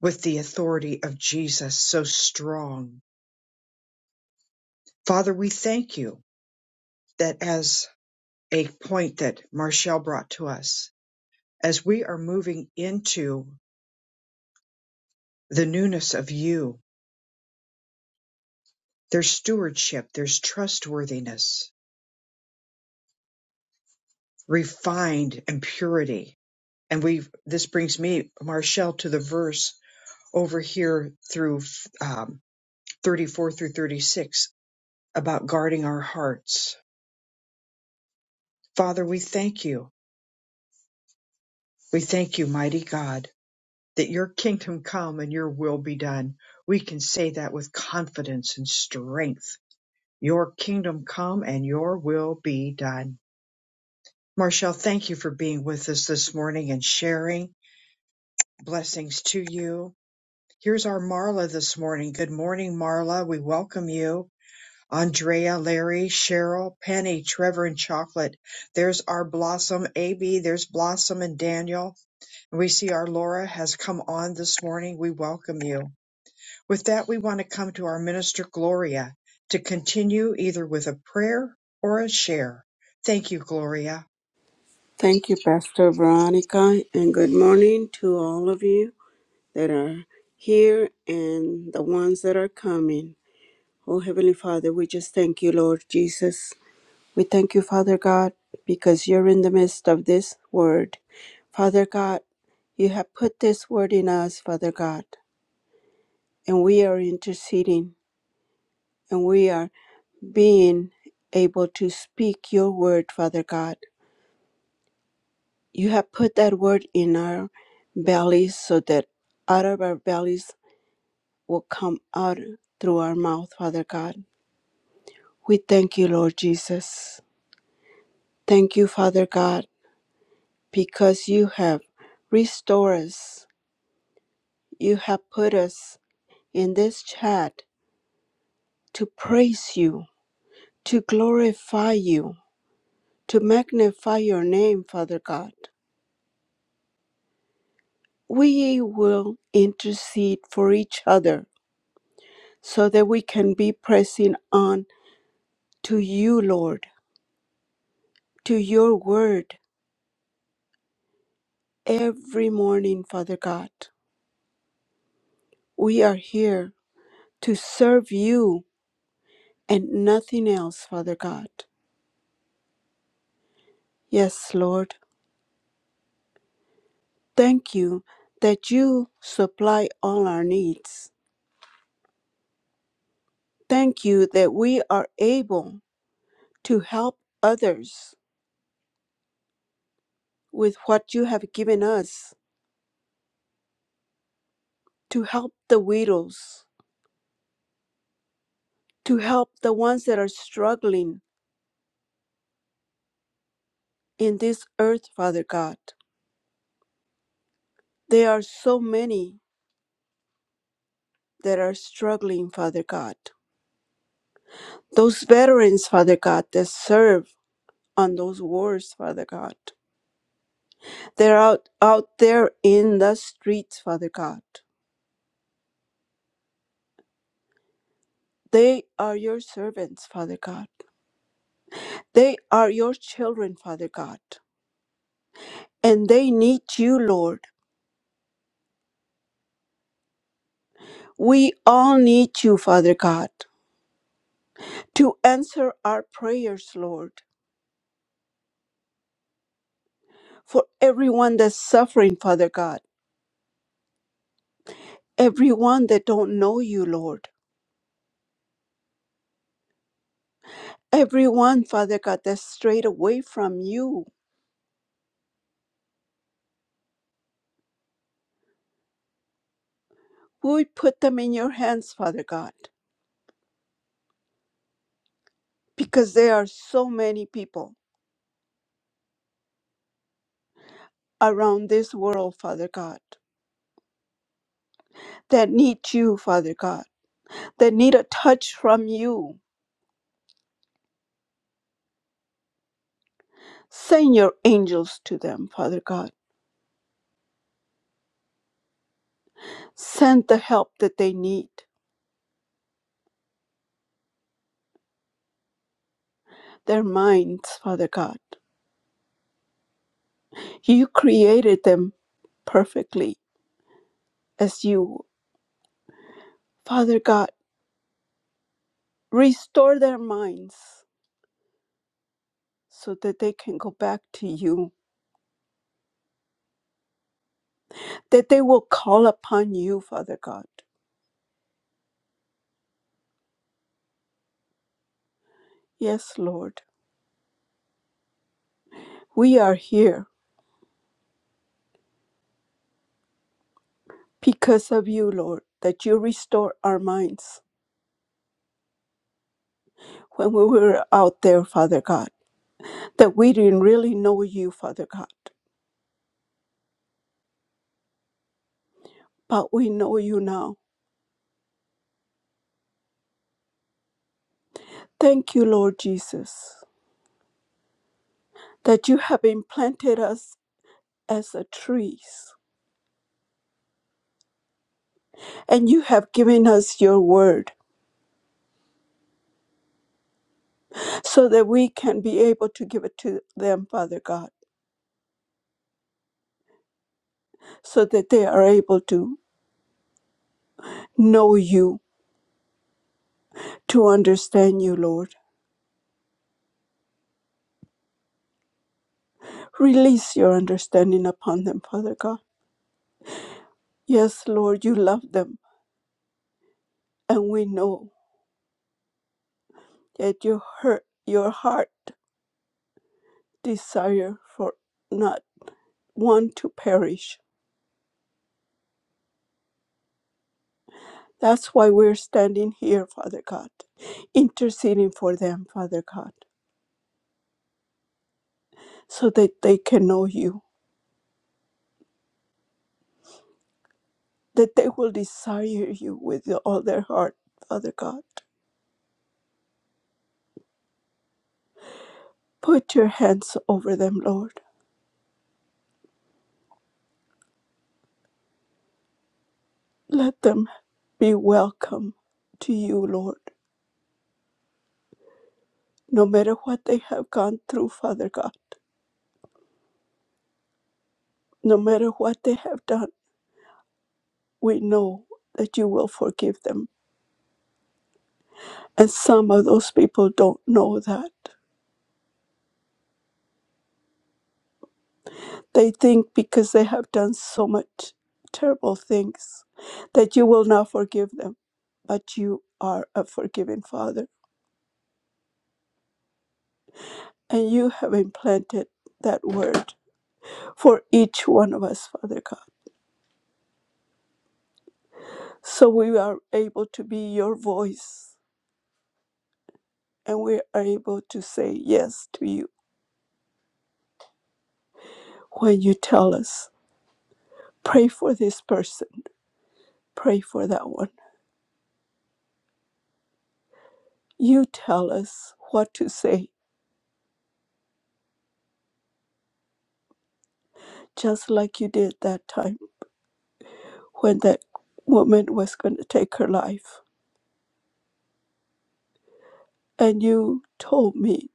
with the authority of Jesus so strong. Father, we thank you that as a point that Marshall brought to us, as we are moving into the newness of you, there's stewardship, there's trustworthiness, refined and purity and we this brings me Marshall to the verse over here through um, 34 through 36 about guarding our hearts. Father, we thank you. We thank you, mighty God, that your kingdom come and your will be done. We can say that with confidence and strength. Your kingdom come and your will be done. Marshall, thank you for being with us this morning and sharing. Blessings to you Here's our Marla this morning. Good morning, Marla. We welcome you. Andrea, Larry, Cheryl, Penny, Trevor, and Chocolate. There's our Blossom, AB. There's Blossom and Daniel. We see our Laura has come on this morning. We welcome you. With that, we want to come to our minister, Gloria, to continue either with a prayer or a share. Thank you, Gloria. Thank you, Pastor Veronica, and good morning to all of you. that are here and the ones that are coming. Oh, Heavenly Father, we just thank you, Lord Jesus. We thank you, Father God, because you're in the midst of this word. Father God, you have put this word in us, Father God, and we are interceding and we are being able to speak your word, Father God. You have put that word in our bellies so that out of our bellies will come out through our mouth, Father God. We thank you, Lord Jesus. Thank you, Father God, because you have restored us. You have put us in this chat to praise you, to glorify you, to magnify your name, Father God. We will intercede for each other so that we can be pressing on to you, Lord, to your word every morning, Father God. We are here to serve you and nothing else, Father God. Yes, Lord. Thank you that you supply all our needs. Thank you that we are able to help others with what you have given us, to help the widows, to help the ones that are struggling in this earth, Father God. There are so many that are struggling, Father God. Those veterans, Father God, that serve on those wars, Father God They're out, out there in the streets, Father God. They are your servants, Father God. They are your children, Father God. And they need you, Lord. We all need you, Father God, to answer our prayers, Lord, for everyone that's suffering, Father God, everyone that don't know you, Lord, everyone, Father God, that's strayed away from you. We put them in your hands, Father God, because there are so many people around this world, Father God, that need you, Father God, that need a touch from you. Send your angels to them, Father God. Send the help that they need, their minds, Father God. You created them perfectly as you, Father God. Restore their minds so that they can go back to you, that they will call upon you, Father God. Yes, Lord, we are here because of you, Lord, that you restore our minds when we were out there, Father God, that we didn't really know you, Father God, but we know you now. Thank you, Lord Jesus, that you have implanted us as a trees and you have given us your word so that we can be able to give it to them, Father God, so that they are able to know you, to understand you, Lord. Release your understanding upon them, Father God Yes, Lord, you love them, and we know that your heart, your heart desire for not one to perish. That's why we're standing here, Father God, interceding for them, Father God, so that they can know you, that they will desire you with all their heart, Father God. Put your hands over them, Lord. Let them be welcome to you, Lord, no matter what they have gone through, Father God. No matter what they have done, we know that you will forgive them. And some of those people don't know that. They think because they have done so much terrible things that you will not forgive them. But you are a forgiving Father, and you have implanted that word for each one of us, Father God. So we are able to be your voice, and we are able to say yes to you when you tell us, pray for this person Pray for that one. You tell us what to say, just like you did that time when that woman was going to take her life. And you told me,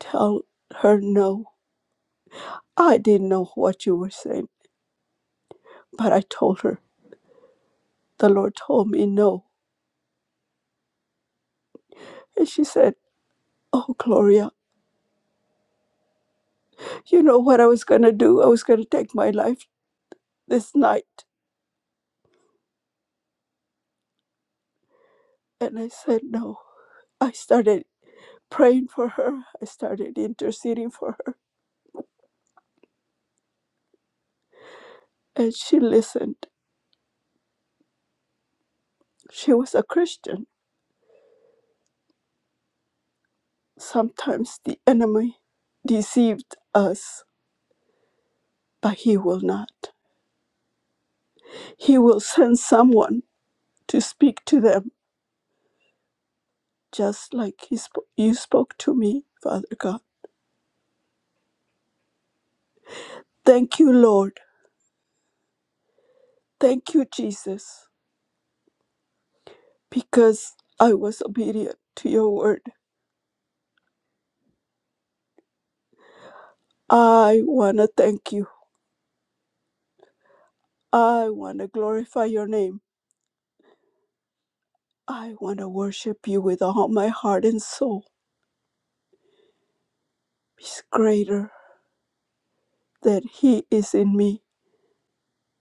tell her no. I didn't know what you were saying, but I told her. The Lord told me no. And she said, Oh, Gloria, you know what I was going to do? I was going to take my life this night. And I said, No. I started praying for her, I started interceding for her, and she listened She was a Christian. Sometimes the enemy deceived us, but he will not. He will send someone to speak to them, just like he sp- you spoke to me, Father God. Thank you, Lord. Thank you, Jesus, because I was obedient to your word. I want to thank you. I want to glorify your name. I want to worship you with all my heart and soul. He's greater that he is in me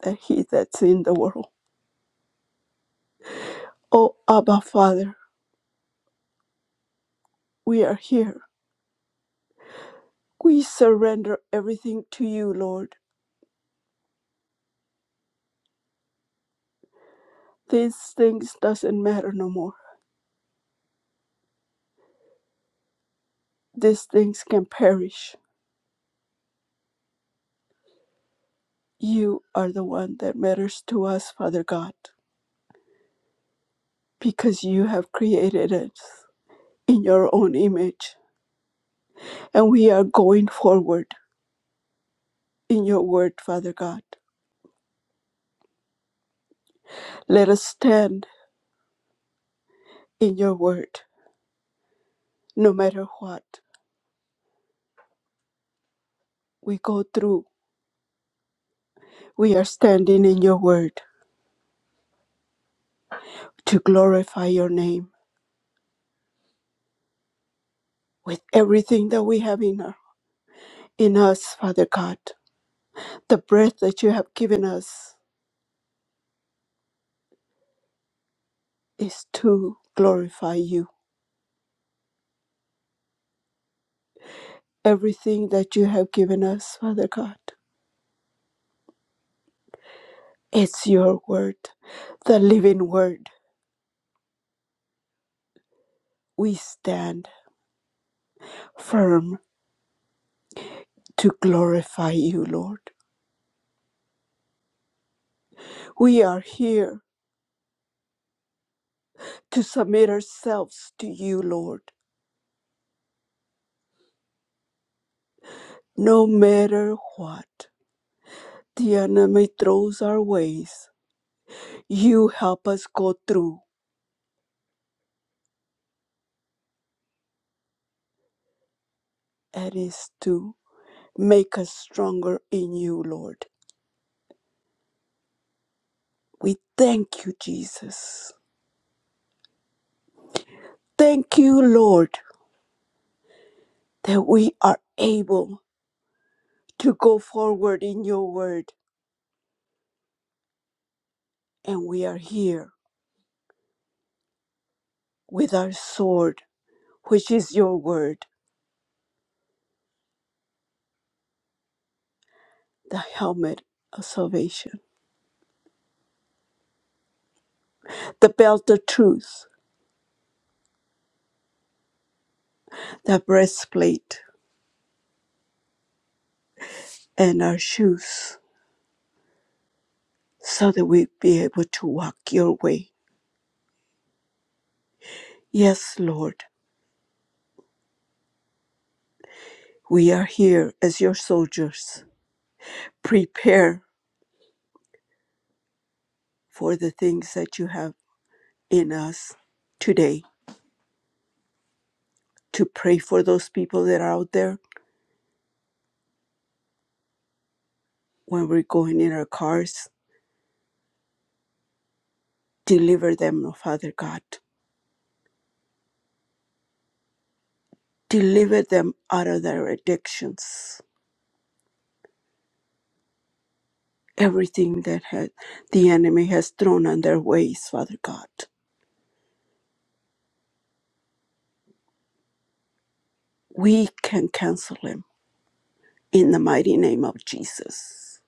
and he that's in the world. O Abba Father, we are here. We surrender everything to you, Lord. These things doesn't matter no more. These things can perish. You are the one that matters to us, Father God, because you have created us in your own image. And we are going forward in your word, Father God. Let us stand in your word, no matter what we go through. We are standing in your word to glorify your name with everything that we have in, our, in us, Father God. The breath that you have given us is to glorify you. Everything that you have given us, Father God, it's your word, the living word. We stand firm to glorify you, Lord. We are here to submit ourselves to you, Lord, no matter what the enemy throws our ways. You help us go through. It is to make us stronger in you, Lord. We thank you, Jesus. Thank you, Lord, that we are able to go forward in your word. And we are here with our sword, which is your word, the helmet of salvation, the belt of truth, the breastplate, and our shoes, so that we be able to walk your way. Yes, Lord. We are here as your soldiers. Prepare for the things that you have in us today to pray for those people that are out there when we're going in our cars. Deliver them, oh Father God. Deliver them out of their addictions. Everything that had, the enemy has thrown on their ways, Father God. We can cancel him in the mighty name of Jesus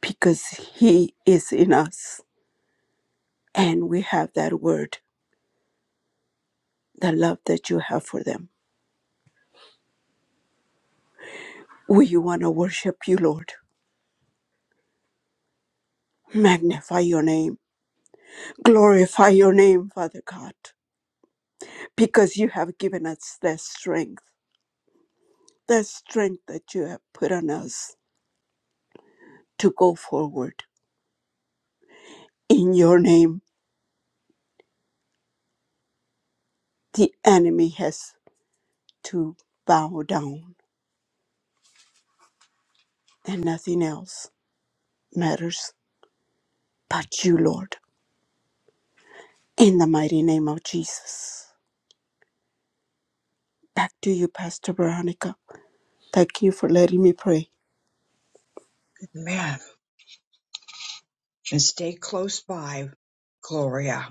because he is in us and we have that word the love that you have for them. We want to worship you, Lord. Magnify your name. Glorify your name, Father God, because you have given us that strength, that strength that you have put on us to go forward. In your name, the enemy has to bow down, and nothing else matters but you, Lord. In the mighty name of Jesus. Back to you, Pastor Veronica. Thank you for letting me pray. Man, and stay close by, Gloria,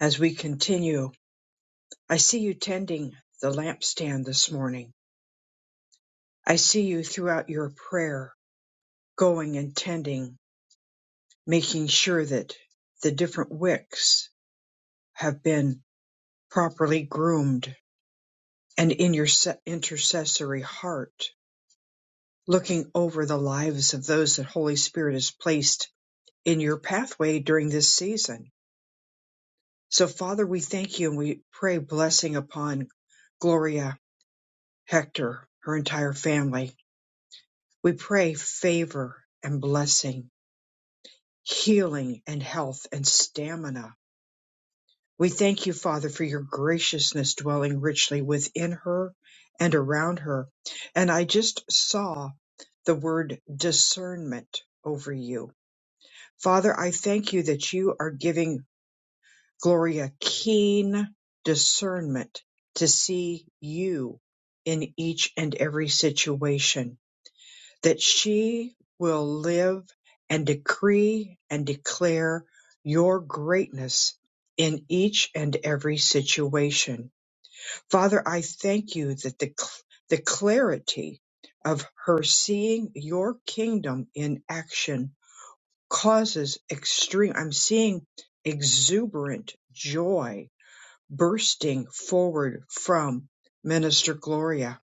as we continue. I see you tending the lampstand this morning. I see you throughout your prayer going and tending, making sure that the different wicks have been properly groomed and in your se- intercessory heart, looking over the lives of those that Holy Spirit has placed in your pathway during this season. So Father, we thank you and we pray blessing upon Gloria, Hector, her entire family We pray favor and blessing, healing and health and stamina. We thank you, Father, for your graciousness dwelling richly within her and around her. And I just saw the word discernment over you. Father, I thank you that you are giving Gloria keen discernment to see you in each and every situation that she will live and decree and declare your greatness in each and every situation. Father, I thank you that the, cl- the clarity of her seeing your kingdom in action causes extreme, I'm seeing exuberant joy bursting forward from Minister Gloria.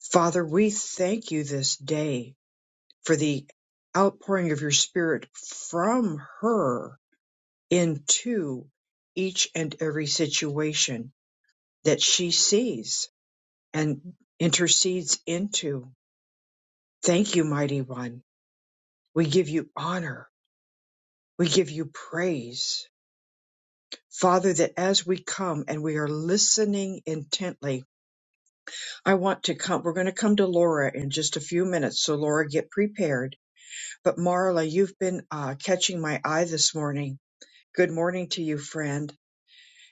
Father, we thank you this day for the outpouring of your spirit from her into each and every situation that she sees and intercedes into. Thank you, mighty one. We give you honor. We give you praise. Father, that as we come and we are listening intently, I want to come. We're going to come to Laura in just a few minutes. So, Laura, get prepared. But, Marla, you've been uh, catching my eye this morning Good morning to you, friend.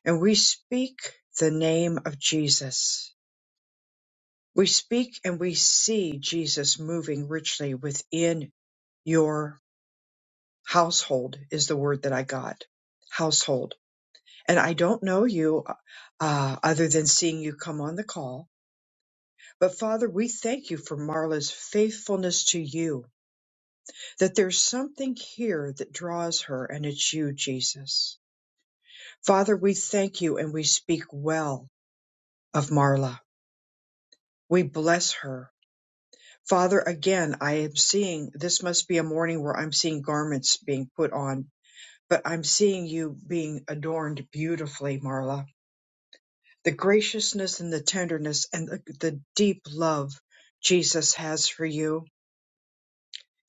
And we speak the name of Jesus. We speak and we see Jesus moving richly within your household, is the word that I got. Household. And I don't know you uh, other than seeing you come on the call. But Father, we thank you for Marla's faithfulness to you, that there's something here that draws her, and it's you, Jesus. Father, we thank you and we speak well of Marla. We bless her. Father, again, I am seeing this must be a morning where I'm seeing garments being put on, but I'm seeing you being adorned beautifully, Marla. The graciousness and the tenderness and the, the deep love Jesus has for you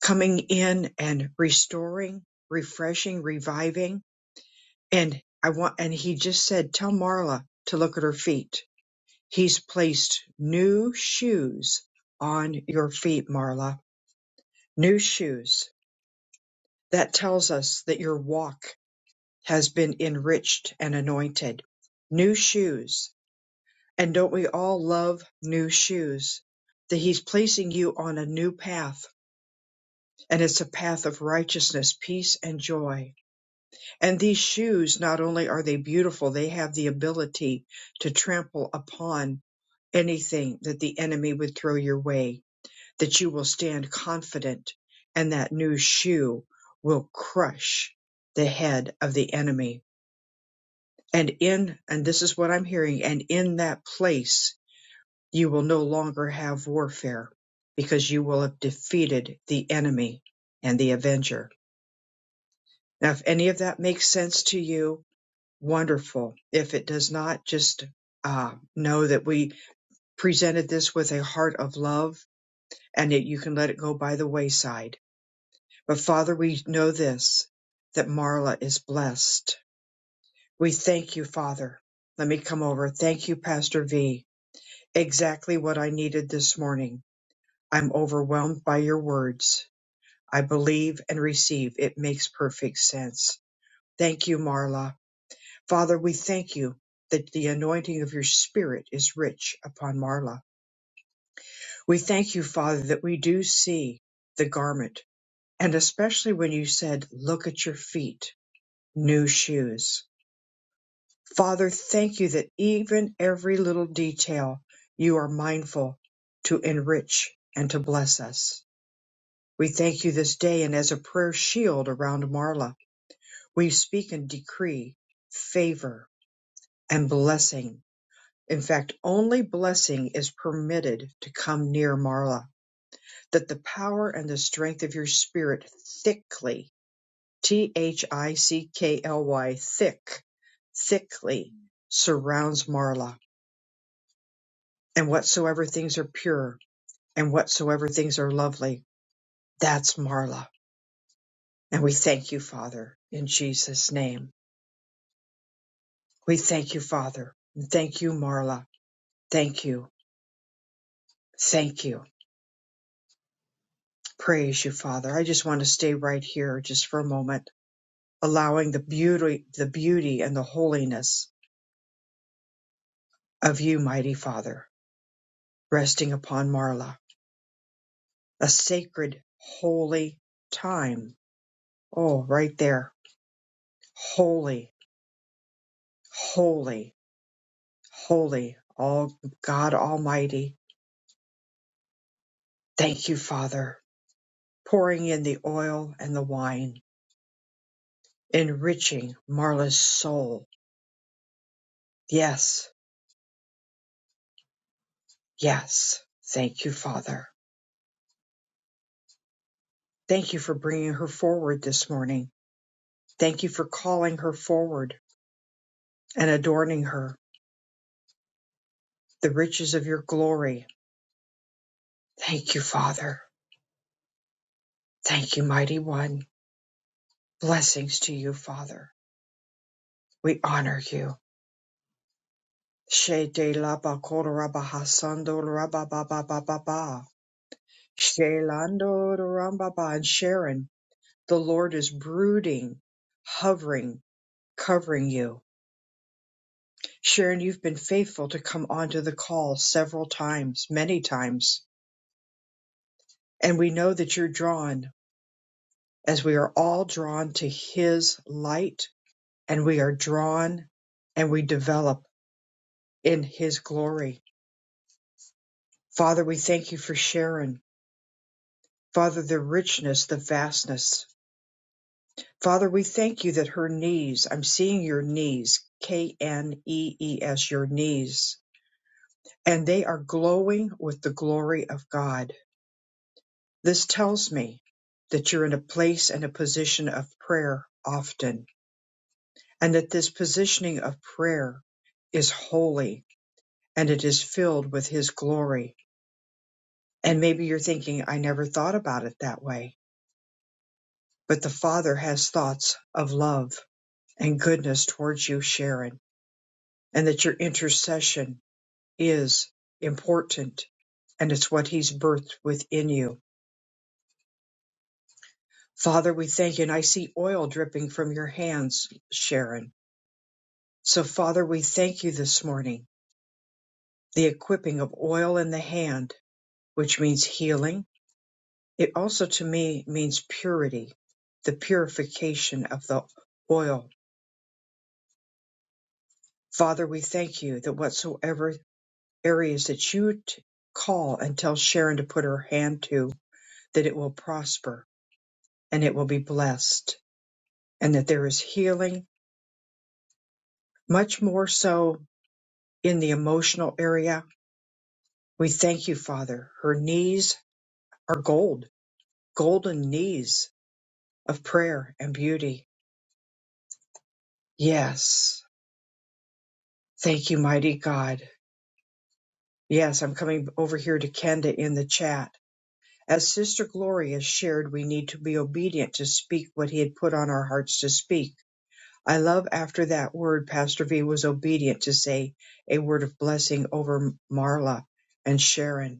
coming in and restoring, refreshing, reviving. And I want, and he just said, tell Marla to look at her feet. He's placed new shoes on your feet, Marla New shoes. That tells us that your walk has been enriched and anointed. New shoes. And don't we all love new shoes? That He's placing you on a new path, and it's a path of righteousness, peace, and joy. And these shoes, not only are they beautiful, they have the ability to trample upon anything that the enemy would throw your way that you will stand confident and that new shoe will crush the head of the enemy. And in, and this is what I'm hearing, and in that place you will no longer have warfare because you will have defeated the enemy and the avenger. Now, if any of that makes sense to you, wonderful. If it does not, just uh, know that we presented this with a heart of love and that you can let it go by the wayside But Father, we know this, that Marla is blessed. We thank you, Father. Let me come over. Thank you, Pastor V. Exactly what I needed this morning. I'm overwhelmed by your words. I believe and receive. It makes perfect sense. Thank you, Marla. Father, we thank you that the anointing of your spirit is rich upon Marla. We thank you, Father, that we do see the garment. And especially when you said, look at your feet, new shoes. Father, thank you that even every little detail you are mindful to enrich and to bless us. We thank you this day, and as a prayer shield around Marla, we speak and decree favor and blessing. In fact, only blessing is permitted to come near Marla, that the power and the strength of your spirit thickly, T H I C K L Y, thick, thickly surrounds Marla and whatsoever things are pure and whatsoever things are lovely. That's Marla. And we thank you, Father, in Jesus' name. We thank you, Father. Thank you, Marla. Thank you. Thank you. Praise you, Father. I just want to stay right here just for a moment, allowing the beauty, the beauty and the holiness of you, mighty Father, resting upon Marla. A sacred, holy time. Oh, right there. Holy, holy Holy, all God Almighty, thank you, Father, pouring in the oil and the wine, enriching Marla's soul. Yes, yes, thank you, Father. Thank you for bringing her forward this morning. Thank you for calling her forward and adorning her, the riches of your glory. Thank you, Father. Thank you, Mighty One. Blessings to you, Father. We honor you. She de la ba kora ba ha san do ra ba ba ba ba ba ba. Shailando Rambaba and Sharon, the Lord is brooding, hovering, covering you. Sharon, you've been faithful to come onto the call several times, many times, and we know that you're drawn as we are all drawn to His light and we are drawn and we develop in His glory. Father, we thank you for Sharon. Father, the richness, the vastness. Father, we thank you that her knees, I'm seeing your knees, K N E E S, your knees, and they are glowing with the glory of God. This tells me that you're in a place and a position of prayer often, and that this positioning of prayer is holy and it is filled with His glory. And maybe you're thinking, I never thought about it that way. But the Father has thoughts of love and goodness towards you, Sharon, and that your intercession is important and it's what he's birthed within you. Father, we thank you. And I see oil dripping from your hands, Sharon. So, Father, we thank you this morning. The equipping of oil in the hand, which means healing. It also to me means purity, the purification of the oil. Father, we thank you that whatsoever areas that you t- call and tell Sharon to put her hand to, that it will prosper and it will be blessed and that there is healing, much more so in the emotional area. We thank you, Father. Her knees are gold, golden knees of prayer and beauty. Yes. Thank you, mighty God. Yes, I'm coming over here to Kenda in the chat. As Sister Gloria shared, we need to be obedient to speak what he had put on our hearts to speak. I love after that word, Pastor V was obedient to say a word of blessing over Marla and Sharon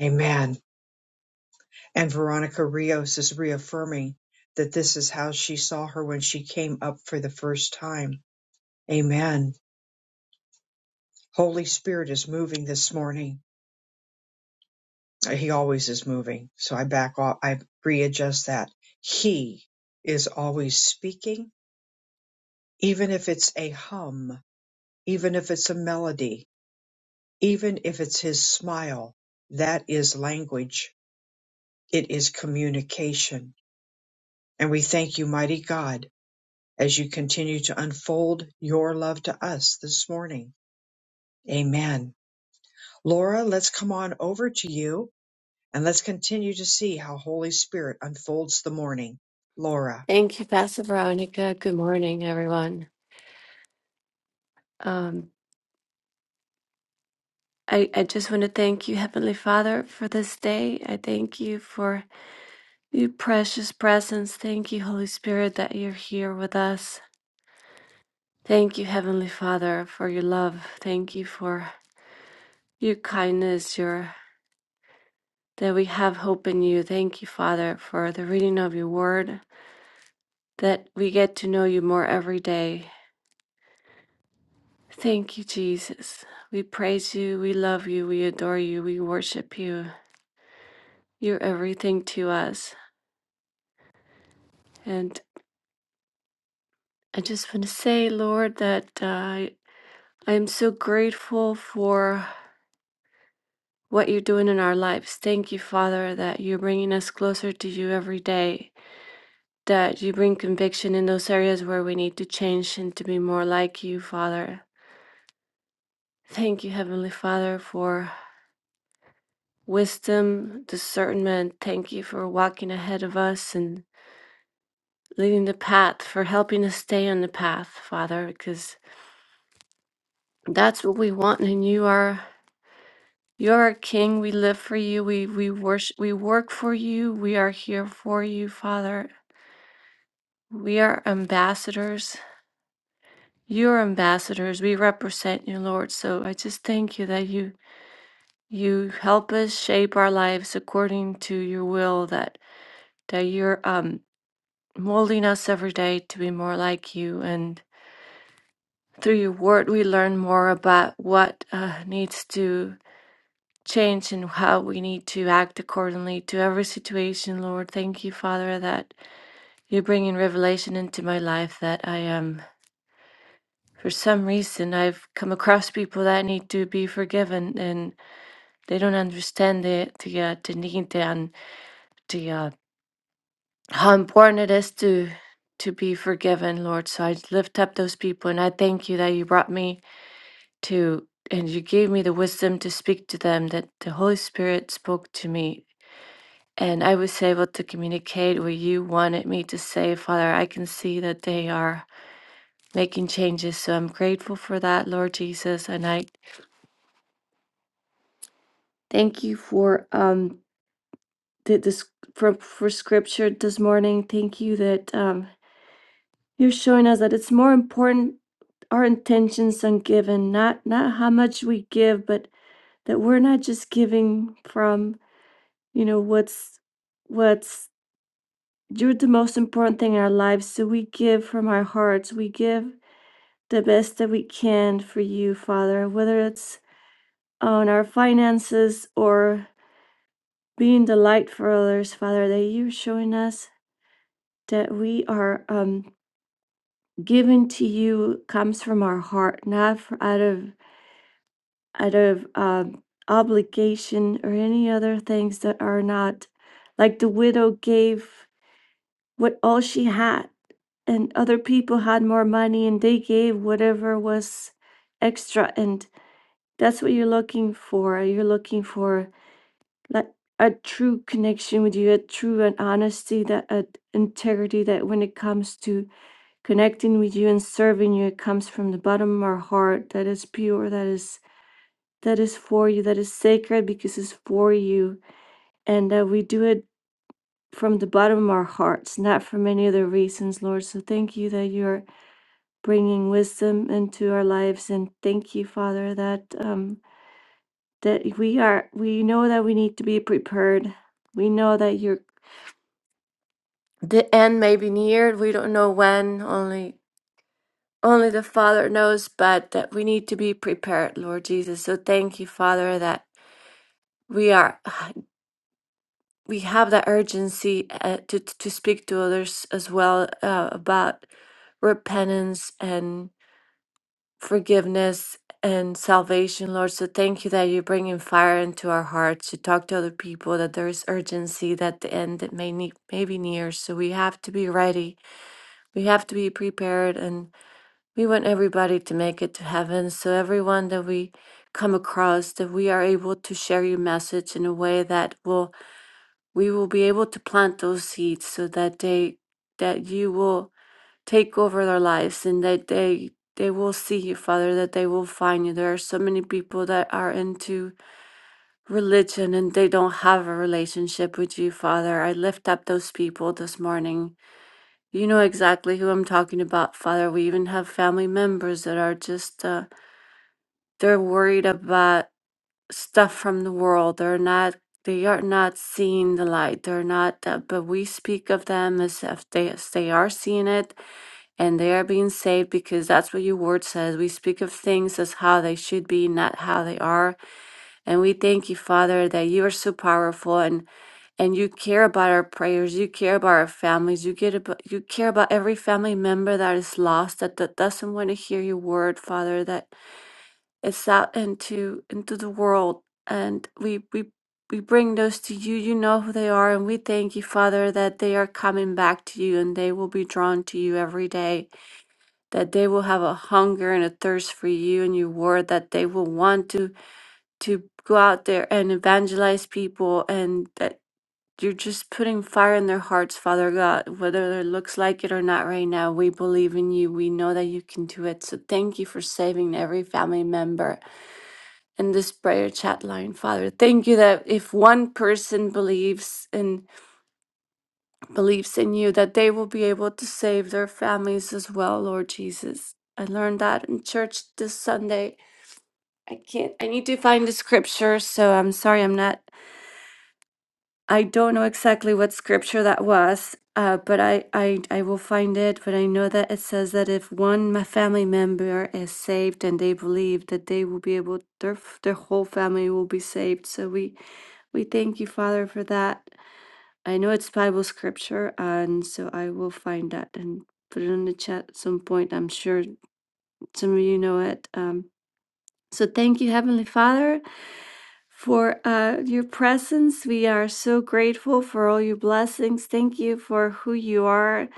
Amen. And Veronica Rios is reaffirming that this is how she saw her when she came up for the first time. Amen. Holy Spirit is moving this morning. He always is moving. So I back off. I readjust that. He is always speaking, even if it's a hum, even if it's a melody, even if it's his smile. That is language. It is communication. And we thank you, mighty God as you continue to unfold your love to us this morning. Amen. Laura, let's come on over to you and let's continue to see how Holy Spirit unfolds the morning. Laura. Thank you, Pastor Veronica. Good morning, everyone. Um, I, I just want to thank you, Heavenly Father, for this day. I thank you for your precious presence. Thank you, Holy Spirit, that you're here with us. Thank you, Heavenly Father, for your love. Thank you for your kindness, your that we have hope in you. Thank you, Father, for the reading of your word, that we get to know you more every day. Thank you, Jesus. We praise you, we love you, we adore you, we worship you. You're everything to us. And I just want to say, Lord, that uh, I am so grateful for what you're doing in our lives. Thank you, Father, that you're bringing us closer to you every day, that you bring conviction in those areas where we need to change and to be more like you, Father. Thank you, Heavenly Father, for wisdom, discernment. Thank you for walking ahead of us and leading the path, for helping us stay on the path, Father, because That's what we want, and you are you are our King. We live for you. We we worship. We work for you. We are here for you, Father. We are ambassadors. You are ambassadors. We represent you, Lord. So I just thank you that you you help us shape our lives according to your will. That that you're um molding us every day to be more like you, and through your word we learn more about what uh, needs to change and how we need to act accordingly to every situation, Lord. Thank you, Father, that you bring in revelation into my life that I am. For some reason, I've come across people that need to be forgiven, and they don't understand the the, uh, the need and the uh, how important it is to to be forgiven, Lord. So I lift up those people, and I thank you that you brought me to and you gave me the wisdom to speak to them. That the Holy Spirit spoke to me And I was able to communicate what you wanted me to say, Father. I can see that they are making changes. So I'm grateful for that, Lord Jesus. And I thank you for um the, this for, for scripture this morning. Thank you that um you're showing us that it's more important our intentions on giving, not not how much we give, but that we're not just giving from, you know, what's what's You're the most important thing in our lives, so we give from our hearts. We give the best that we can for you, Father, whether it's on our finances or being the light for others, Father, that you're showing us that we are um, given to you comes from our heart, not for, out of out of um, obligation or any other things that are not like the widow gave what all she had and other people had more money and they gave whatever was extra and that's what you're looking for you're looking for like a true connection with you a true and honesty that uh, integrity that when it comes to connecting with you and serving you it comes from the bottom of our heart that is pure that is that is for you that is sacred because it's for you and that we do it from the bottom of our hearts not for many other reasons lord so thank you that you're bringing wisdom into our lives. And thank you, Father, that um, that we are we know that we need to be prepared. We know that your the end may be near. We don't know when. Only only the Father knows, but that we need to be prepared, Lord Jesus. So thank you, Father, that we are we have that urgency uh, to to speak to others as well uh, about repentance and. forgiveness and salvation, Lord. So thank you that you're bringing fire into our hearts to talk to other people, that there is urgency, that the end that may, ne- may be near. So we have to be ready. We have to be prepared. And we want everybody to make it to heaven. So everyone that we come across, that we are able to share your message in a way that will we will be able to plant those seeds so that they that you will take over their lives and that they they will see you father that they will find you there are so many people that are into religion and they don't have a relationship with you father i lift up those people this morning you know exactly who i'm talking about father we even have family members that are just uh, they're worried about stuff from the world they're not they are not seeing the light they're not uh, but we speak of them as if they as they are seeing it and they are being saved because that's what your word says. We speak of things as how they should be, not how they are. And we thank you, Father, that you are so powerful and and you care about our prayers. You care about our families. You get about, you care about every family member that is lost that, that doesn't want to hear your word, Father, that is out into into the world. And we we we bring those to you. You know who they are, and we thank you, Father, that they are coming back to you and they will be drawn to you every day that they will have a hunger and a thirst for you and your word, that they will want to to go out there and evangelize people and that you're just putting fire in their hearts, Father God, whether it looks like it or not right now. We believe in you. We know that you can do it. So thank you for saving every family member in this prayer chat line, Father. Thank you that if one person believes and believes in you, that they will be able to save their families as well, Lord Jesus. I learned that in church this Sunday. I can't, I need to find the scripture, so I'm sorry I'm not, I don't know exactly what scripture that was, uh, but I, I, I will find it. But I know that it says that if one ma- family member is saved and they believe that they will be able, their, f- their whole family will be saved. So we, we thank you, Father, for that. I know it's Bible scripture, and so I will find that and put it in the chat at some point. I'm sure some of you know it. Um, so thank you, Heavenly Father, for uh, your presence. We are so grateful for all your blessings. Thank you for who you are,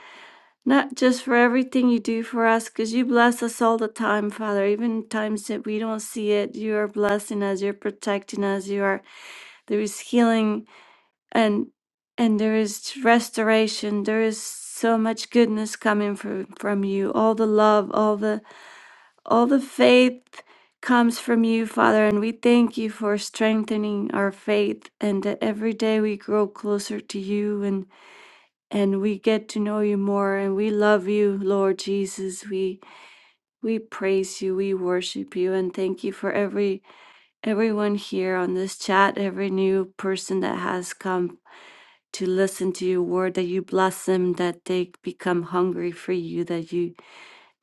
not just for everything you do for us, because you bless us all the time, Father. Even times that we don't see it, you are blessing us, you're protecting us, you are there is healing and and there is restoration there is so much goodness coming from from you all the love all the all the faith comes from you father and we thank you for strengthening our faith and that every day we grow closer to you and and we get to know you more and we love you lord jesus we we praise you we worship you and thank you for every everyone here on this chat every new person that has come to listen to your word that you bless them that they become hungry for you that you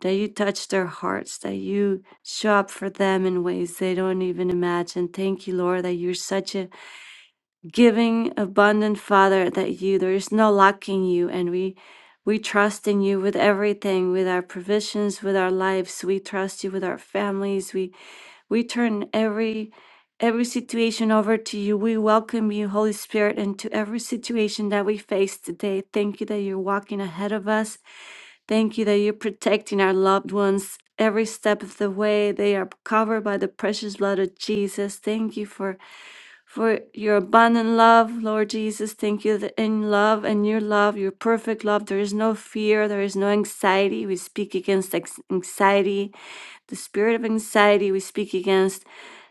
that you touch their hearts that you show up for them in ways they don't even imagine thank you lord that you're such a giving abundant father that you there is no lacking you and we we trust in you with everything with our provisions with our lives we trust you with our families we we turn every every situation over to you we welcome you holy spirit into every situation that we face today thank you that you're walking ahead of us thank you that you're protecting our loved ones every step of the way they are covered by the precious blood of jesus thank you for for your abundant love, Lord Jesus. Thank you that in love and your love, your perfect love, there is no fear, there is no anxiety. We speak against ex- anxiety, the spirit of anxiety. We speak against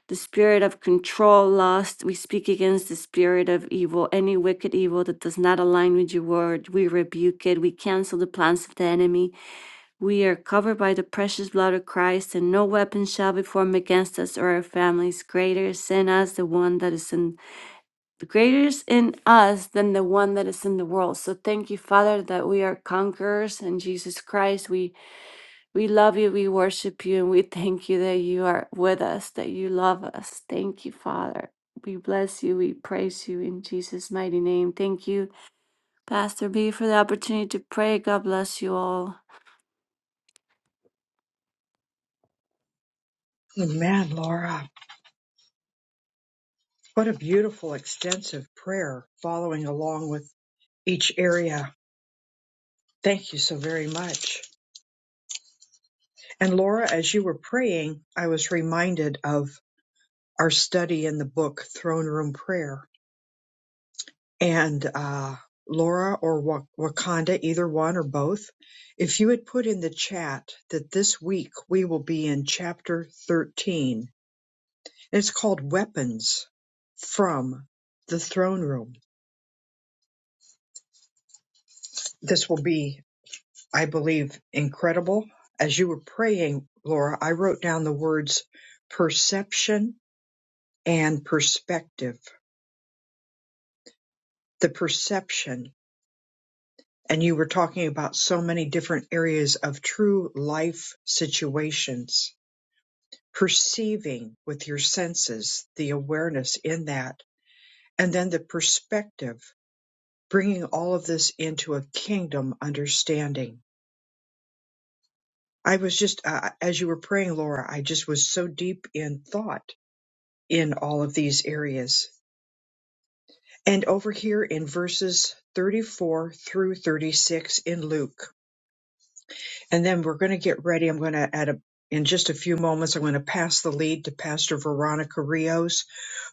the spirit of control, lust. We speak against the spirit of evil, any wicked evil that does not align with your word. We rebuke it. We cancel the plans of the enemy. We are covered by the precious blood of Christ, and no weapon shall be formed against us or our families. Greater is in us the one that is in greater is in us than the one that is in the world. So thank you, Father, that we are conquerors in Jesus Christ. We we love you, we worship you, and we thank you that you are with us, that you love us. Thank you, Father. We bless you, we praise you in Jesus' mighty name. Thank you, Pastor B, for the opportunity to pray. God bless you all. Amen, Laura. What a beautiful, extensive prayer following along with each area. Thank you so very much. And Laura, as you were praying, I was reminded of our study in the book Throne Room Prayer and uh, Laura or Wa- Wakanda, either one or both, if you had put in the chat that this week we will be in chapter 13, and it's called Weapons from the Throne Room. This will be, I believe, incredible. As you were praying, Laura, I wrote down the words perception and perspective. The perception. and you were talking about so many different areas of true life situations, perceiving with your senses the awareness in that, and then the perspective, bringing all of this into a kingdom understanding. I was just, uh, as you were praying, Laura, I just was so deep in thought in all of these areas. And over here in verses 34 through 36 in Luke, And then we're going to get ready. I'm going to add a in just a few moments, I'm going to pass the lead to Pastor Veronica Rios,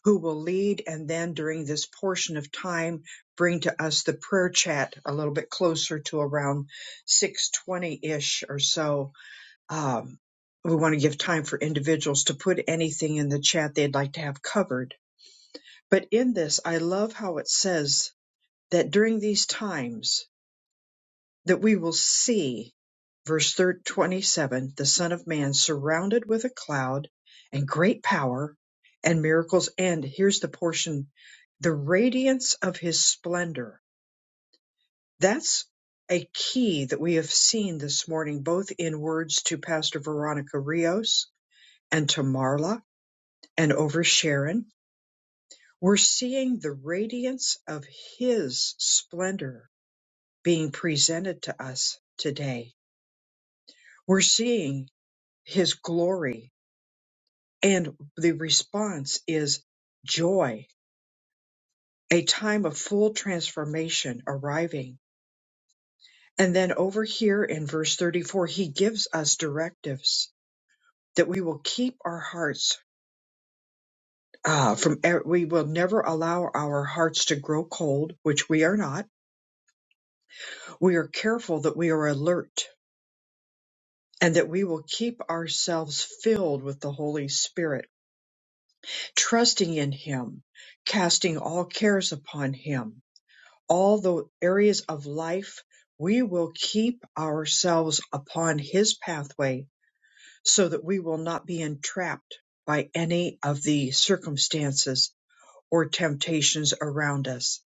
who will lead and then during this portion of time bring to us the prayer chat a little bit closer to around 620-ish or so. Um, we want to give time for individuals to put anything in the chat they'd like to have covered. But in this, I love how it says that during these times that we will see, verse thir- 27, the Son of Man surrounded with a cloud and great power and miracles. And here's the portion the radiance of his splendor. That's a key that we have seen this morning, both in words to Pastor Veronica Rios and to Marla and over Sharon. We're seeing the radiance of his splendor being presented to us today. We're seeing his glory, and the response is joy, a time of full transformation arriving. And then over here in verse 34, he gives us directives that we will keep our hearts uh, from, e- we will never allow our hearts to grow cold, which we are not. We are careful that we are alert and that we will keep ourselves filled with the Holy Spirit, trusting in Him, casting all cares upon Him all the areas of life, we will keep ourselves upon His pathway so that we will not be entrapped by any of the circumstances or temptations around us.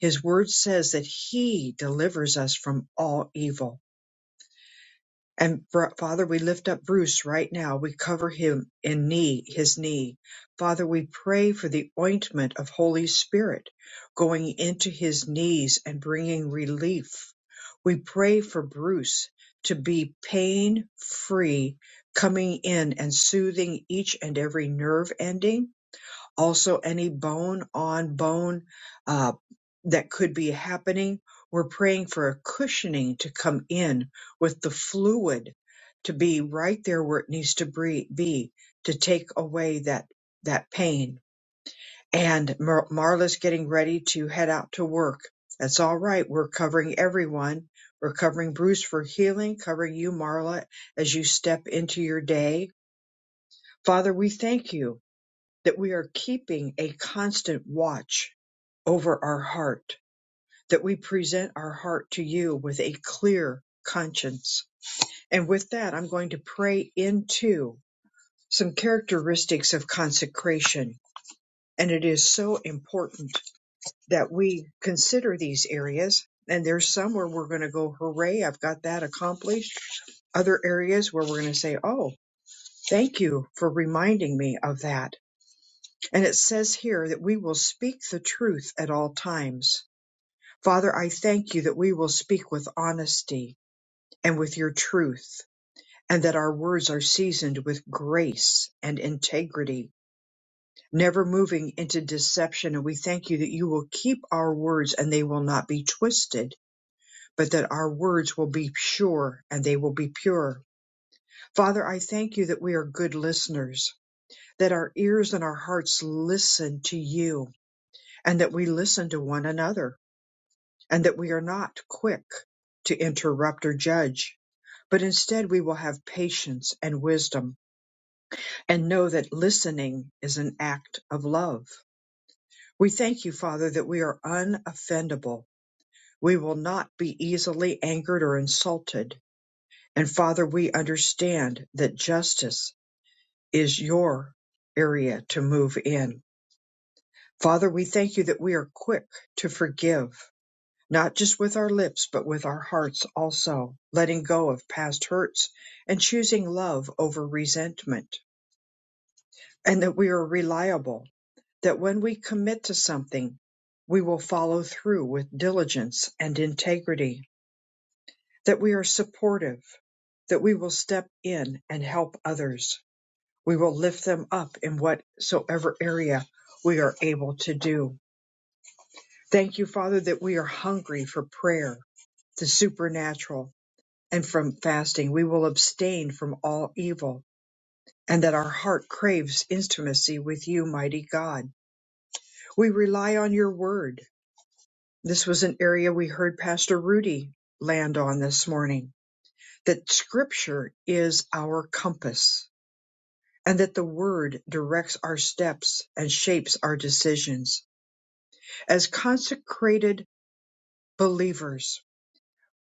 His word says that He delivers us from all evil. And Father, we lift up Bruce right now. We cover him in knee, his knee. Father, we pray for the ointment of Holy Spirit going into his knees and bringing relief. We pray for Bruce to be pain free, coming in and soothing each and every nerve ending also any bone on bone uh, that could be happening. We're praying for a cushioning to come in with the fluid to be right there where it needs to bre- be to take away that that pain. And Mar- Marla's getting ready to head out to work. That's all right. We're covering everyone. We're covering Bruce for healing, covering you, Marla, as you step into your day. Father, we thank you that we are keeping a constant watch over our heart, that we present our heart to you with a clear conscience. And with that, I'm going to pray into some characteristics of consecration. And it is so important that we consider these areas. And there's some where we're going to go, hooray, I've got that accomplished. Other areas where we're going to say, oh, thank you for reminding me of that And it says here that we will speak the truth at all times. Father, I thank you that we will speak with honesty and with your truth, and that our words are seasoned with grace and integrity, never moving into deception. And we thank you that you will keep our words and they will not be twisted, but that our words will be sure and they will be pure. Father, I thank you that we are good listeners, that our ears and our hearts listen to you, and that we listen to one another. and that we are not quick to interrupt or judge, but instead we will have patience and wisdom and know that listening is an act of love. We thank you, Father, that we are unoffendable. We will not be easily angered or insulted. And Father, we understand that justice is your area to move in. Father, we thank you that we are quick to forgive not just with our lips, but with our hearts also, letting go of past hurts and choosing love over resentment, and that we are reliable, that when we commit to something, we will follow through with diligence and integrity, that we are supportive, that we will step in and help others. We will lift them up in whatsoever area we are able to do. Thank you, Father, that we are hungry for prayer, the supernatural, and from fasting. We will abstain from all evil, and that our heart craves intimacy with you, mighty God. We rely on your word. This was an area we heard Pastor Rudy land on this morning that scripture is our compass. And that the word directs our steps and shapes our decisions. As consecrated believers,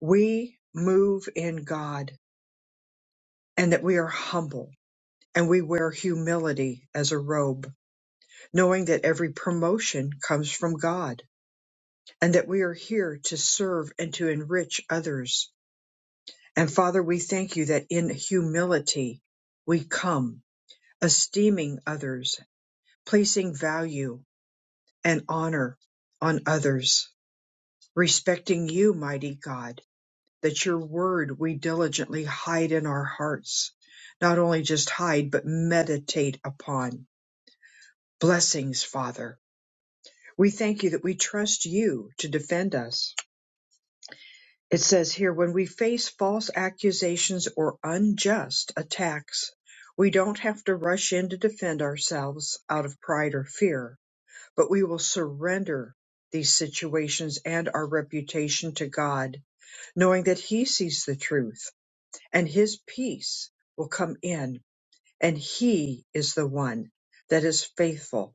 we move in God and that we are humble and we wear humility as a robe knowing that every promotion comes from God and that we are here to serve and to enrich others. And Father, we thank you that in humility we come, esteeming others, placing value and honor on others, respecting you, mighty God, that your word we diligently hide in our hearts, not only just hide, but meditate upon. Blessings, Father. We thank you that we trust you to defend us It says here, when we face false accusations or unjust attacks, we don't have to rush in to defend ourselves out of pride or fear, but we will surrender these situations and our reputation to God, knowing that He sees the truth and His peace will come in, and He is the one that is faithful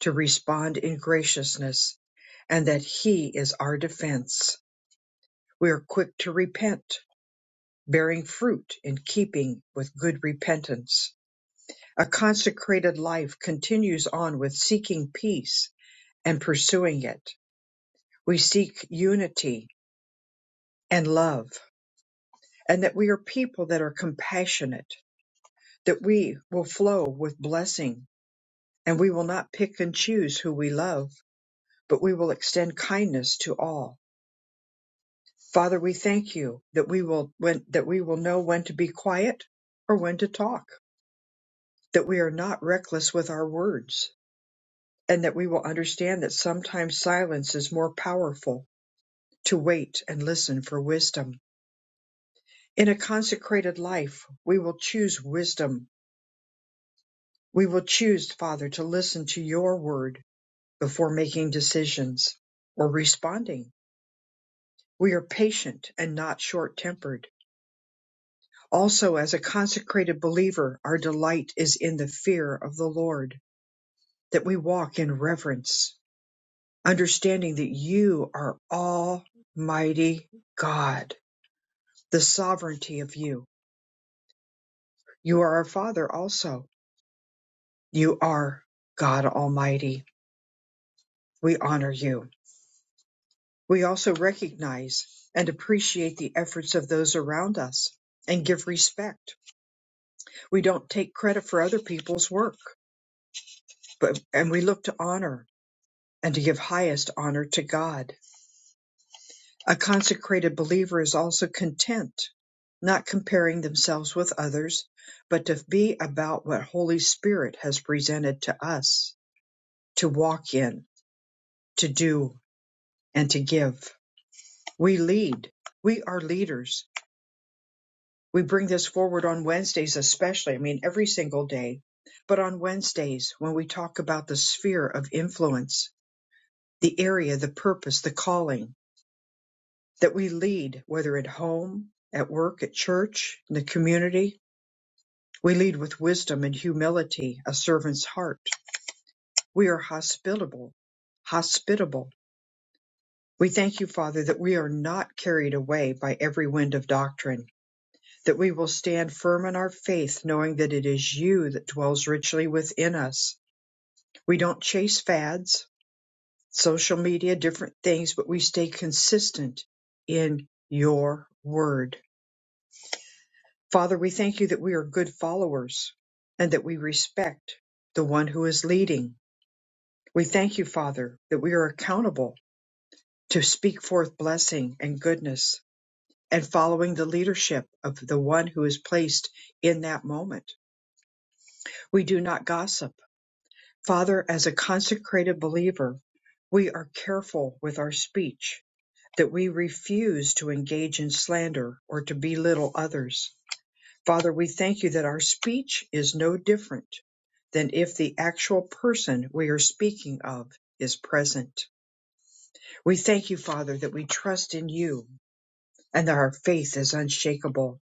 to respond in graciousness, and that He is our defense. We are quick to repent bearing fruit in keeping with good repentance. A consecrated life continues on with seeking peace and pursuing it. We seek unity and love, and that we are people that are compassionate, that we will flow with blessing, and we will not pick and choose who we love, but we will extend kindness to all. Father, we thank you that we will when, that we will know when to be quiet or when to talk, that we are not reckless with our words, and that we will understand that sometimes silence is more powerful to wait and listen for wisdom. In a consecrated life, we will choose wisdom. We will choose, Father, to listen to your word before making decisions or responding. We are patient and not short tempered. Also, as a consecrated believer, our delight is in the fear of the Lord, that we walk in reverence, understanding that you are Almighty God the sovereignty of you. You are our Father also. You are God Almighty. We honor you. We also recognize and appreciate the efforts of those around us and give respect. We don't take credit for other people's work, but and we look to honor and to give highest honor to God. A consecrated believer is also content, not comparing themselves with others, but to be about what Holy Spirit has presented to us to walk in, to do, and to give. We lead. We are leaders. We bring this forward on Wednesdays, especially. I mean, every single day. But on Wednesdays, when we talk about the sphere of influence, the area, the purpose, the calling that we lead, whether at home, at work, at church, in the community, we lead with wisdom and humility, a servant's heart. We are hospitable, hospitable We thank you, Father, that we are not carried away by every wind of doctrine, that we will stand firm in our faith, knowing that it is you that dwells richly within us. We don't chase fads, social media, different things, but we stay consistent in your word. Father, we thank you that we are good followers and that we respect the one who is leading. We thank you, Father, that we are accountable to speak forth blessing and goodness and following the leadership of the one who is placed in that moment. We do not gossip. Father, as a consecrated believer, we are careful with our speech that we refuse to engage in slander or to belittle others. Father, we thank you that our speech is no different than if the actual person we are speaking of is present. We thank you, Father, that we trust in you and that our faith is unshakable.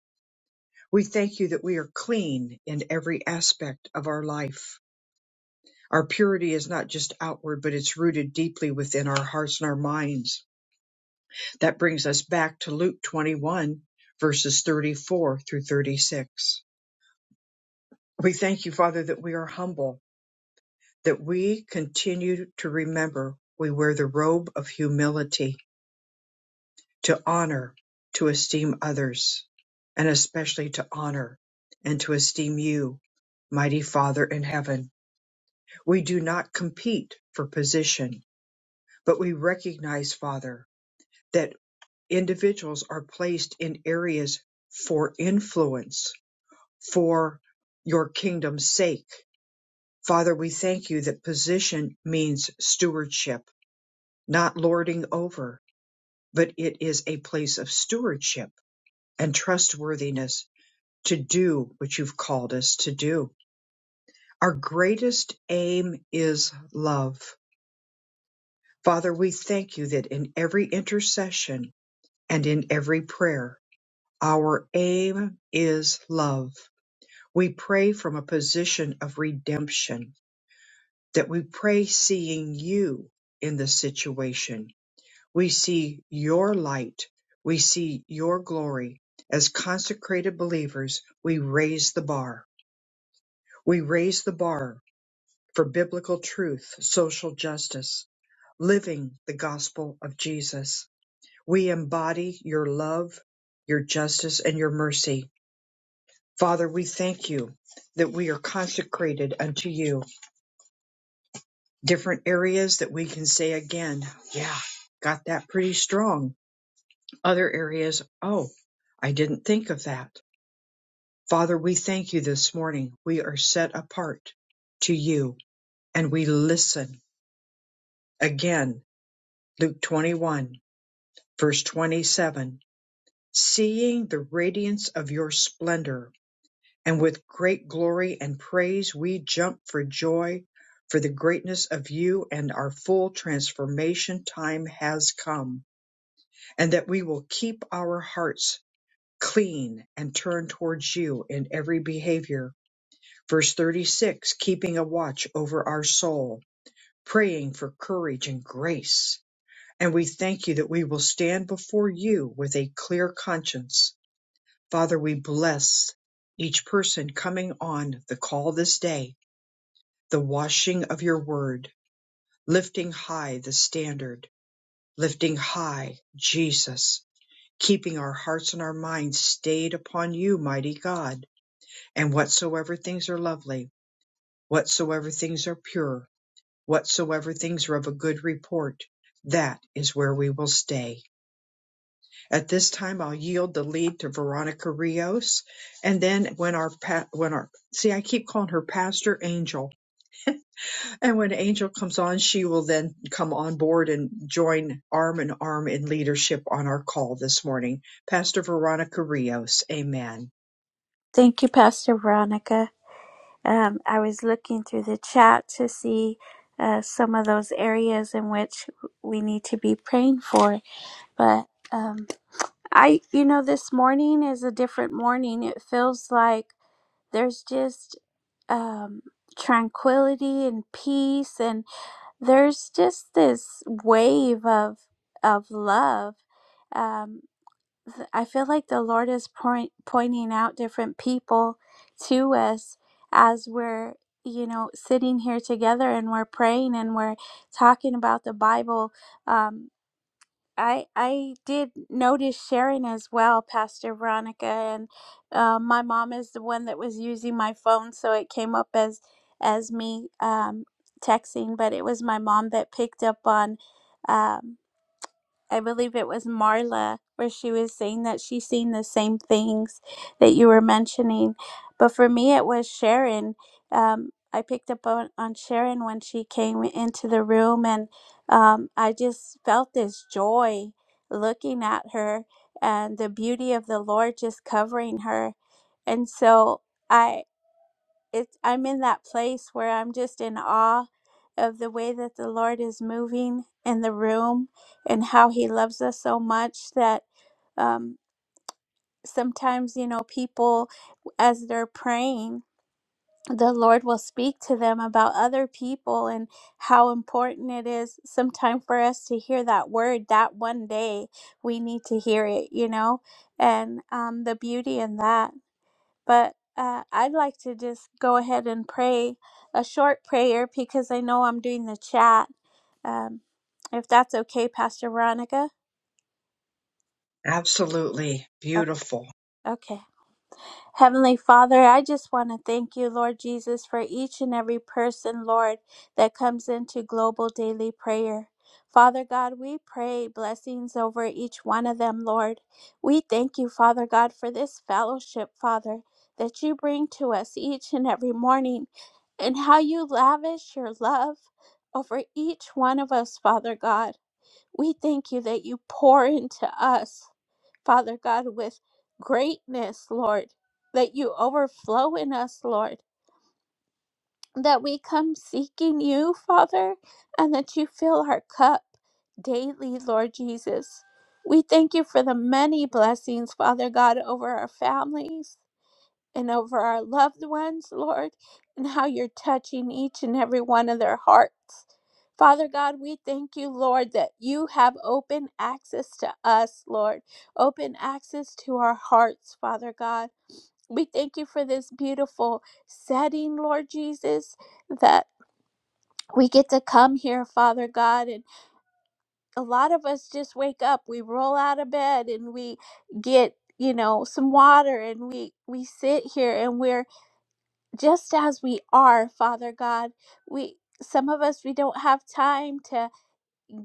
We thank you that we are clean in every aspect of our life. Our purity is not just outward, but it's rooted deeply within our hearts and our minds. That brings us back to Luke 21, verses 34 through 36. We thank you, Father, that we are humble, that we continue to remember we wear the robe of humility to honor, to esteem others, and especially to honor and to esteem you, mighty Father in heaven. We do not compete for position, but we recognize, Father, that individuals are placed in areas for influence, for your kingdom's sake. Father, we thank you that position means stewardship, not lording over, but it is a place of stewardship and trustworthiness to do what you've called us to do. Our greatest aim is love Father, we thank you that in every intercession and in every prayer, our aim is love. We pray from a position of redemption, that we pray seeing you in the situation. We see your light. We see your glory. As consecrated believers, we raise the bar. We raise the bar for biblical truth, social justice, living the gospel of Jesus We embody your love, your justice, and your mercy. Father, we thank you that we are consecrated unto you. Different areas that we can say again, yeah, got that pretty strong. Other areas, oh, I didn't think of that. Father, we thank you this morning. We are set apart to you and we listen again. Luke 21, verse 27. Seeing the radiance of your splendor and with great glory and praise we jump for joy for the greatness of you and our full transformation time has come and that we will keep our hearts clean and turn towards you in every behavior verse 36 keeping a watch over our soul praying for courage and grace and we thank you that we will stand before you with a clear conscience father we bless each person coming on the call this day the washing of your word, lifting high the standard, lifting high Jesus, keeping our hearts and our minds stayed upon you, mighty God, and whatsoever things are lovely, whatsoever things are pure, whatsoever things are of a good report. That is where we will stay. At this time, I'll yield the lead to Veronica Rios, and then when our pa- when our see, I keep calling her Pastor Angel And when Angel comes on, she will then come on board and join arm in arm in leadership on our call this morning. Pastor Veronica Rios, amen. Thank you, Pastor Veronica. Um, I was looking through the chat to see uh, some of those areas in which we need to be praying for. But um, I, you know, this morning is a different morning. It feels like there's just um, tranquility and peace, and there's just this wave of of love. Um, th- I feel like the Lord is point, pointing out different people to us as we're, you know, sitting here together and we're praying and we're talking about the Bible. Um, I I did notice sharing as well, Pastor Veronica, and uh, my mom is the one that was using my phone, so it came up as as me um, texting, but it was my mom that picked up on. Um, I believe it was Marla, where she was saying that she's seen the same things that you were mentioning. But for me, it was Sharon. Um, I picked up on, on Sharon when she came into the room, and um, I just felt this joy looking at her and the beauty of the Lord just covering her. And so. I it I'm in that place where I'm just in awe of the way that the Lord is moving in the room and how He loves us so much that um, sometimes you know people as they're praying the Lord will speak to them about other people and how important it is Sometimes for us to hear that word that one day we need to hear it you know and um, the beauty in that but uh, I'd like to just go ahead and pray a short prayer because I know I'm doing the chat. Um, if that's okay, Pastor Veronica. Absolutely O- beautiful. Okay. Heavenly Father, I just want to thank you, Lord Jesus, for each and every person, Lord, that comes into global daily prayer. Father God, we pray blessings over each one of them, Lord. We thank you, Father God, for this fellowship, Father, that you bring to us each and every morning, and how you lavish your love over each one of us, Father God. We thank you that you pour into us Father God, with greatness, Lord, that you overflow in us, Lord, that we come seeking you, Father, and that you fill our cup daily, Lord Jesus. We thank you for the many blessings, Father God, over our families and over our loved ones, Lord, and how you're touching each and every one of their hearts. Father God, we thank you, Lord, that you have open access to us, Lord, open access to our hearts, Father God. We thank you for this beautiful setting, Lord Jesus, that we get to come here, Father God. And a lot of us just wake up, we roll out of bed, and we get you know some water and we we sit here and we're just as we are, Father God. We some of us we don't have time to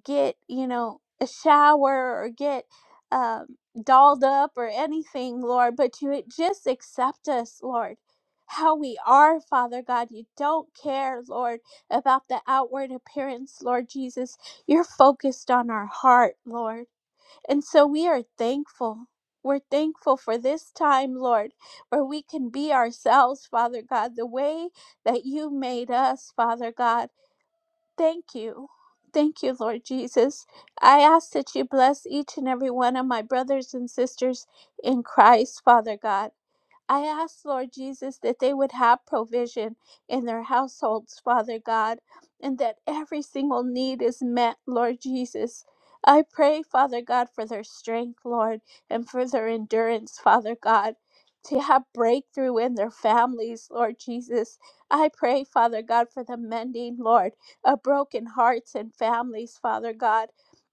get, you know, a shower or get um, dolled up or anything, Lord, but you just accept us, Lord. How we are, Father God. You don't care, Lord, about the outward appearance, Lord Jesus. You're focused on our heart, Lord. And so we are thankful. We're thankful for this time, Lord, where we can be ourselves, Father God, the way that you made us, Father God. Thank you. Thank you, Lord Jesus. I ask that you bless each and every one of my brothers and sisters in Christ, Father God. I ask, Lord Jesus, that they would have provision in their households, Father God, and that every single need is met, Lord Jesus. I pray, Father God, for their strength, Lord, and for their endurance, Father God, to have breakthrough in their families, Lord Jesus. I pray, Father God, for the mending, Lord, of broken hearts and families, Father God.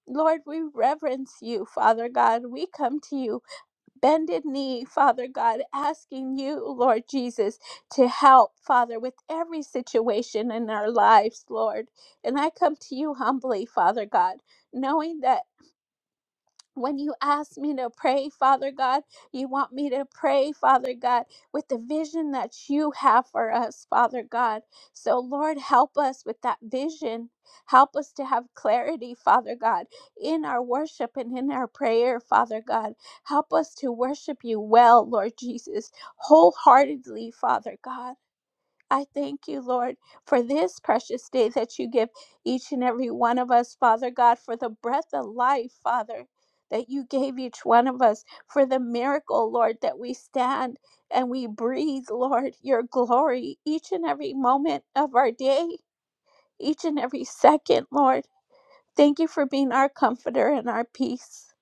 Lord, we reverence you, Father God. We come to you bended knee, Father God, asking you, Lord Jesus, to help, Father, with every situation in our lives, Lord. And I come to you humbly, Father God, knowing that when you ask me to pray, Father God, you want me to pray, Father God, with the vision that you have for us, Father God. So, Lord, help us with that vision. Help us to have clarity, Father God, in our worship and in our prayer, Father God. Help us to worship you well, Lord Jesus, wholeheartedly, Father God. I thank you, Lord, for this precious day that you give each and every one of us, Father God, for the breath of life, Father, that you gave each one of us, for the miracle, Lord, that we stand and we breathe, Lord, your glory each and every moment of our day, each and every second, Lord. Thank you for being our comforter and our peace.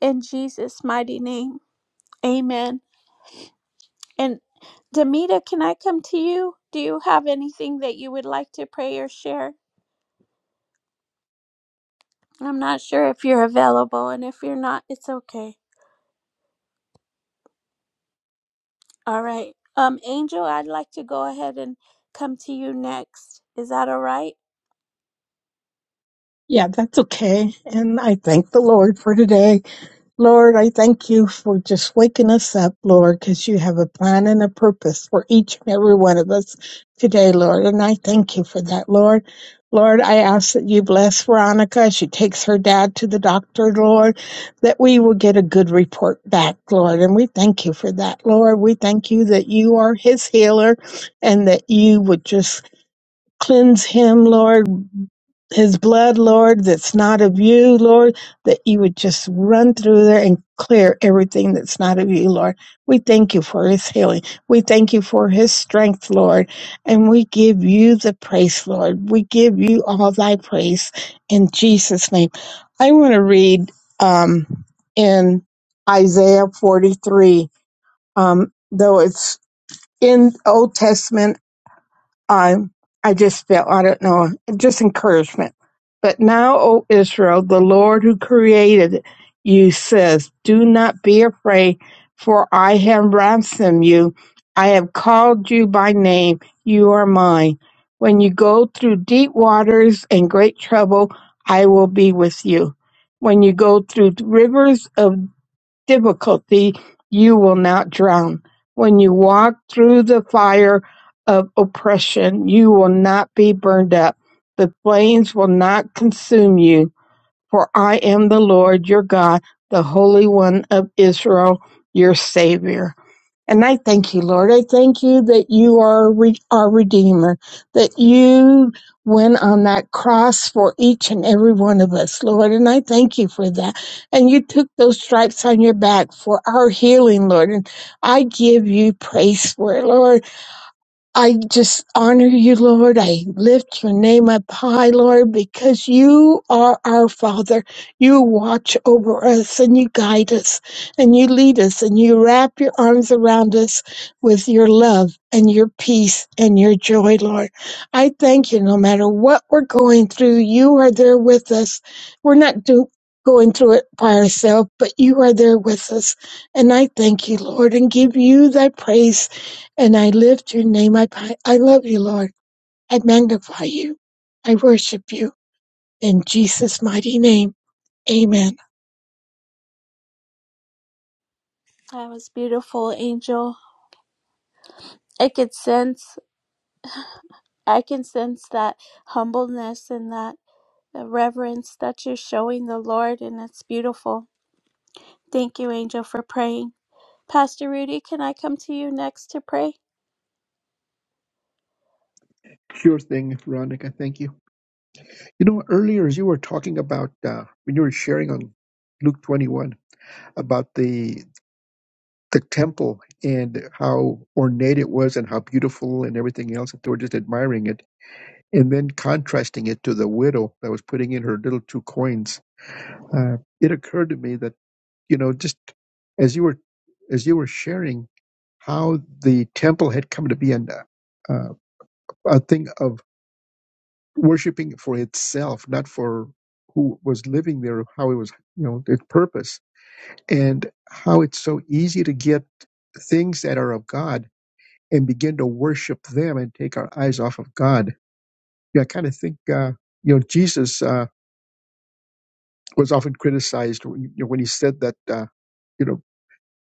In Jesus' mighty name, amen. And Demita, can I come to you? Do you have anything that you would like to pray or share? I'm not sure if you're available, and if you're not, it's okay. All right. Um, Angel, I'd like to go ahead and come to you next. Is that all right? Yeah, that's okay. And I thank the Lord for today. Lord, I thank you for just waking us up, Lord, because you have a plan and a purpose for each and every one of us today, Lord. And I thank you for that, Lord. Lord, I ask that you bless Veronica as she takes her dad to the doctor, Lord, that we will get a good report back, Lord. And we thank you for that, Lord. We thank you that you are his healer and that you would just cleanse him, Lord his blood, Lord, that's not of you, Lord, that you would just run through there and clear everything that's not of you, Lord. We thank you for his healing. We thank you for his strength, Lord. And we give you the praise, Lord. We give you all thy praise in Jesus' name. I want to read um, in Isaiah 43, um, though it's in Old Testament um, I just felt, I don't know, just encouragement. But now, O Israel, the Lord who created you says, Do not be afraid, for I have ransomed you. I have called you by name. You are mine. When you go through deep waters and great trouble, I will be with you. When you go through rivers of." difficulty you will not drown. When you walk through the fire of oppression, you will not be burned up. The flames will not consume you, for I am the Lord your God, the Holy One of Israel, your Savior. And I thank you, Lord. I thank you that you are re- our Redeemer, that you went on that cross for each and every one of us, Lord. And I thank you for that. And you took those stripes on your back for our healing, Lord. And I give you praise for it, Lord. I just honor you, Lord. I lift your name up high, Lord, because you are our Father. You watch over us and you guide us and you lead us and you wrap your arms around us with your love and your peace and your joy, Lord. I thank you no matter what we're going through, you are there with us. We're not do- going through it by ourselves, but you are there with us. And I thank you, Lord, and give you thy praise and I lift your name. I, I love you, Lord. I magnify you. I worship you in Jesus' mighty name. Amen. That was beautiful, Angel. I could sense, I can sense that humbleness and that the reverence that you're showing the Lord, and it's beautiful. Thank you, Angel, for praying. Pastor Rudy, can I come to you next to pray? sure thing veronica thank you You know, earlier you were talking about uh, when you were sharing on Luke 21 about the the temple and how ornate it was and how beautiful and everything else. and They were just admiring it and then contrasting it to the widow that was putting in her little two coins. Uh, it occurred to me that you know, just as you were as you were sharing how the temple had come to be an, uh, a thing of worshiping for itself, not for who was living there, how it was, you know, its purpose, and how it's so easy to get things that are of God and begin to worship them and take our eyes off of God. Yeah, I kind of think, uh, you know, Jesus uh, was often criticized when, you know, when he said that, uh, you know,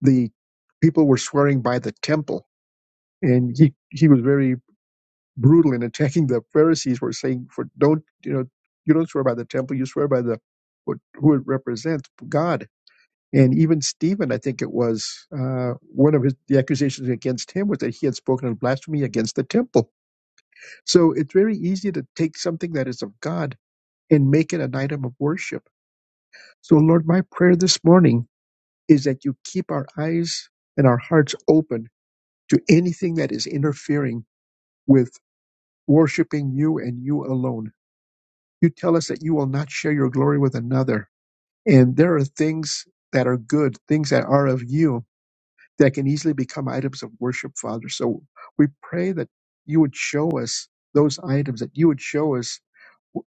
the people were swearing by the temple, and he he was very brutal in attacking the Pharisees for saying, "For don't you know you don't swear by the temple, you swear by the what, who it represents, God." And even Stephen, I think it was uh, one of his the accusations against him was that he had spoken in blasphemy against the temple. So it's very easy to take something that is of God and make it an item of worship. So Lord, my prayer this morning is that you keep our eyes and our hearts open to anything that is interfering with worshiping you and you alone You tell us that you will not share your glory with another. And there are things that are good, things that are of you that can easily become items of worship, Father. So we pray that you would show us those items, that you would show us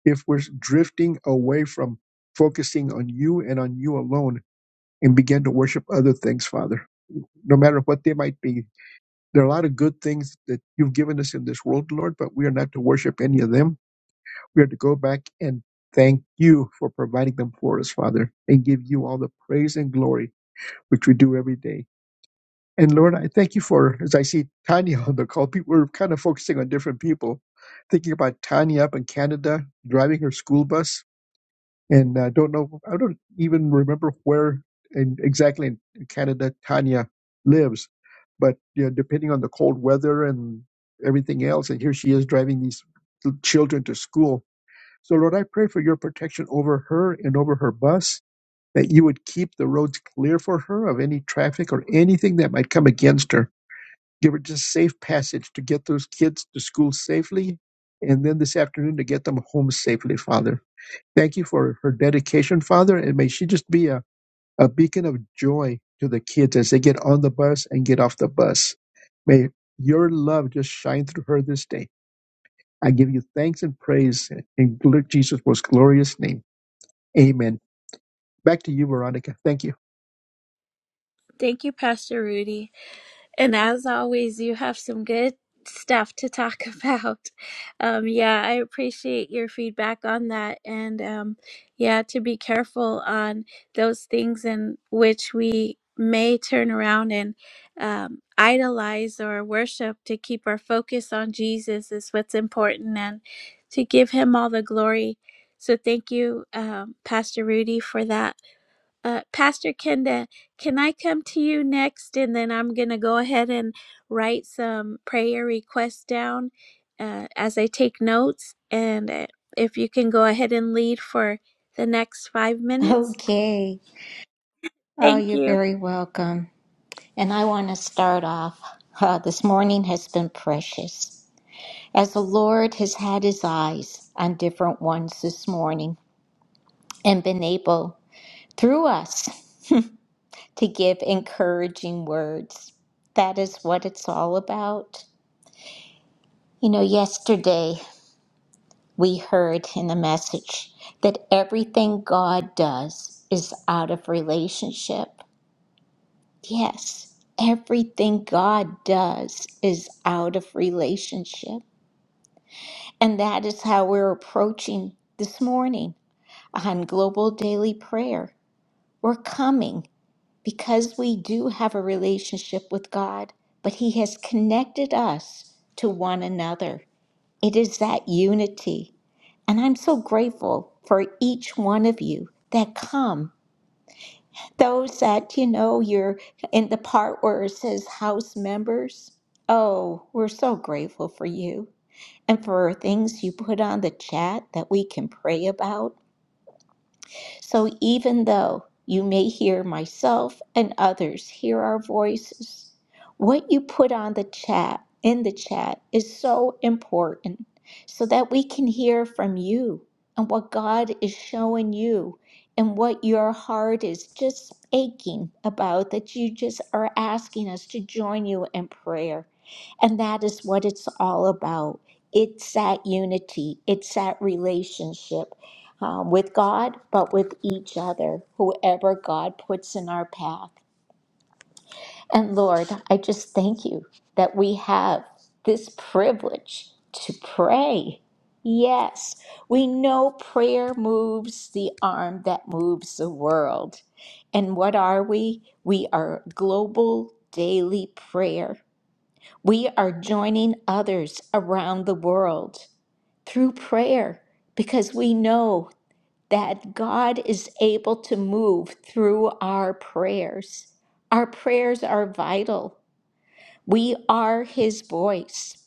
if we're drifting away from focusing on you and on you alone and begin to worship other things, Father, no matter what they might be. There are a lot of good things that you've given us in this world, Lord, but we are not to worship any of them we are to go back and thank you for providing them for us, Father, and give you all the praise and glory, which we do every day. And Lord, I thank you for, as I see Tanya on the call, people are kind of focusing on different people, thinking about Tanya up in Canada, driving her school bus. And I don't know, I don't even remember where in, exactly in Canada Tanya lives. But you know, depending on the cold weather and everything else, and here she is driving these children to school so, Lord, I pray for your protection over her and over her bus, that you would keep the roads clear for her of any traffic or anything that might come against her. Give her just safe passage to get those kids to school safely, and then this afternoon to get them home safely, Father. Thank you for her dedication, Father, and may she just be a, a beacon of joy to the kids as they get on the bus and get off the bus. May your love just shine through her this day. I give you thanks and praise in Jesus' most glorious name. Amen. Back to you, Veronica. Thank you. Thank you, Pastor Rudy. And as always, you have some good stuff to talk about. Um, yeah, I appreciate your feedback on that. And um, yeah, to be careful on those things in which we may turn around and um, idolize or worship to keep our focus on Jesus is what's important and to give him all the glory. So thank you, um, Pastor Rudy, for that. Uh, Pastor Kenda, can I come to you next? And then I'm going to go ahead and write some prayer requests down uh, as I take notes. And uh, if you can go ahead and lead for the next five minutes. Okay. Oh, Thank you're you. very welcome. And I want to start off. Uh, this morning has been precious. As the Lord has had his eyes on different ones this morning and been able, through us, to give encouraging words. That is what it's all about. You know, yesterday we heard in the message that everything God does is out of relationship. Yes, everything God does is out of relationship. And that is how we're approaching this morning on Global Daily Prayer. We're coming. because we do have a relationship with God, but He has connected us to one another. It is that unity. And I'm so grateful for each one of you that come. Those that, you know, you're in the part where it says house members. Oh, we're so grateful for you and for things you put on the chat that we can pray about. So even though you may hear myself and others hear our voices, what you put on the chat in the chat is so important so that we can hear from you and what God is showing you and what your heart is just aching about that you just are asking us to join you in prayer. And that is what it's all about. It's that unity, it's that relationship um, with God, but with each other, whoever God puts in our path. And Lord, I just thank you that we have this privilege to pray. Yes, we know prayer moves the arm that moves the world. And what are we? We are global daily prayer. We are joining others around the world through prayer because we know that God is able to move through our prayers. Our prayers are vital. We are His voice,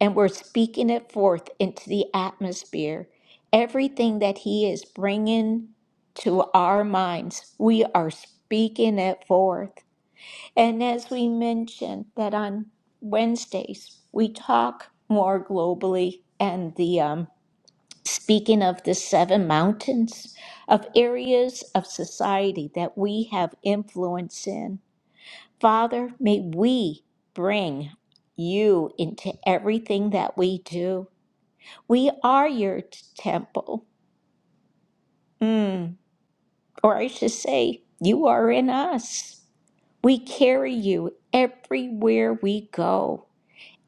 and we're speaking it forth into the atmosphere. Everything that He is bringing to our minds, we are speaking it forth. And as we mentioned, that on Wednesdays, we talk more globally and the um, Speaking of the seven mountains, of areas of society that we have influence in, Father, may we bring you into everything that we do. We are your t- temple, Mm, or I should say, you are in us. We carry you everywhere we go.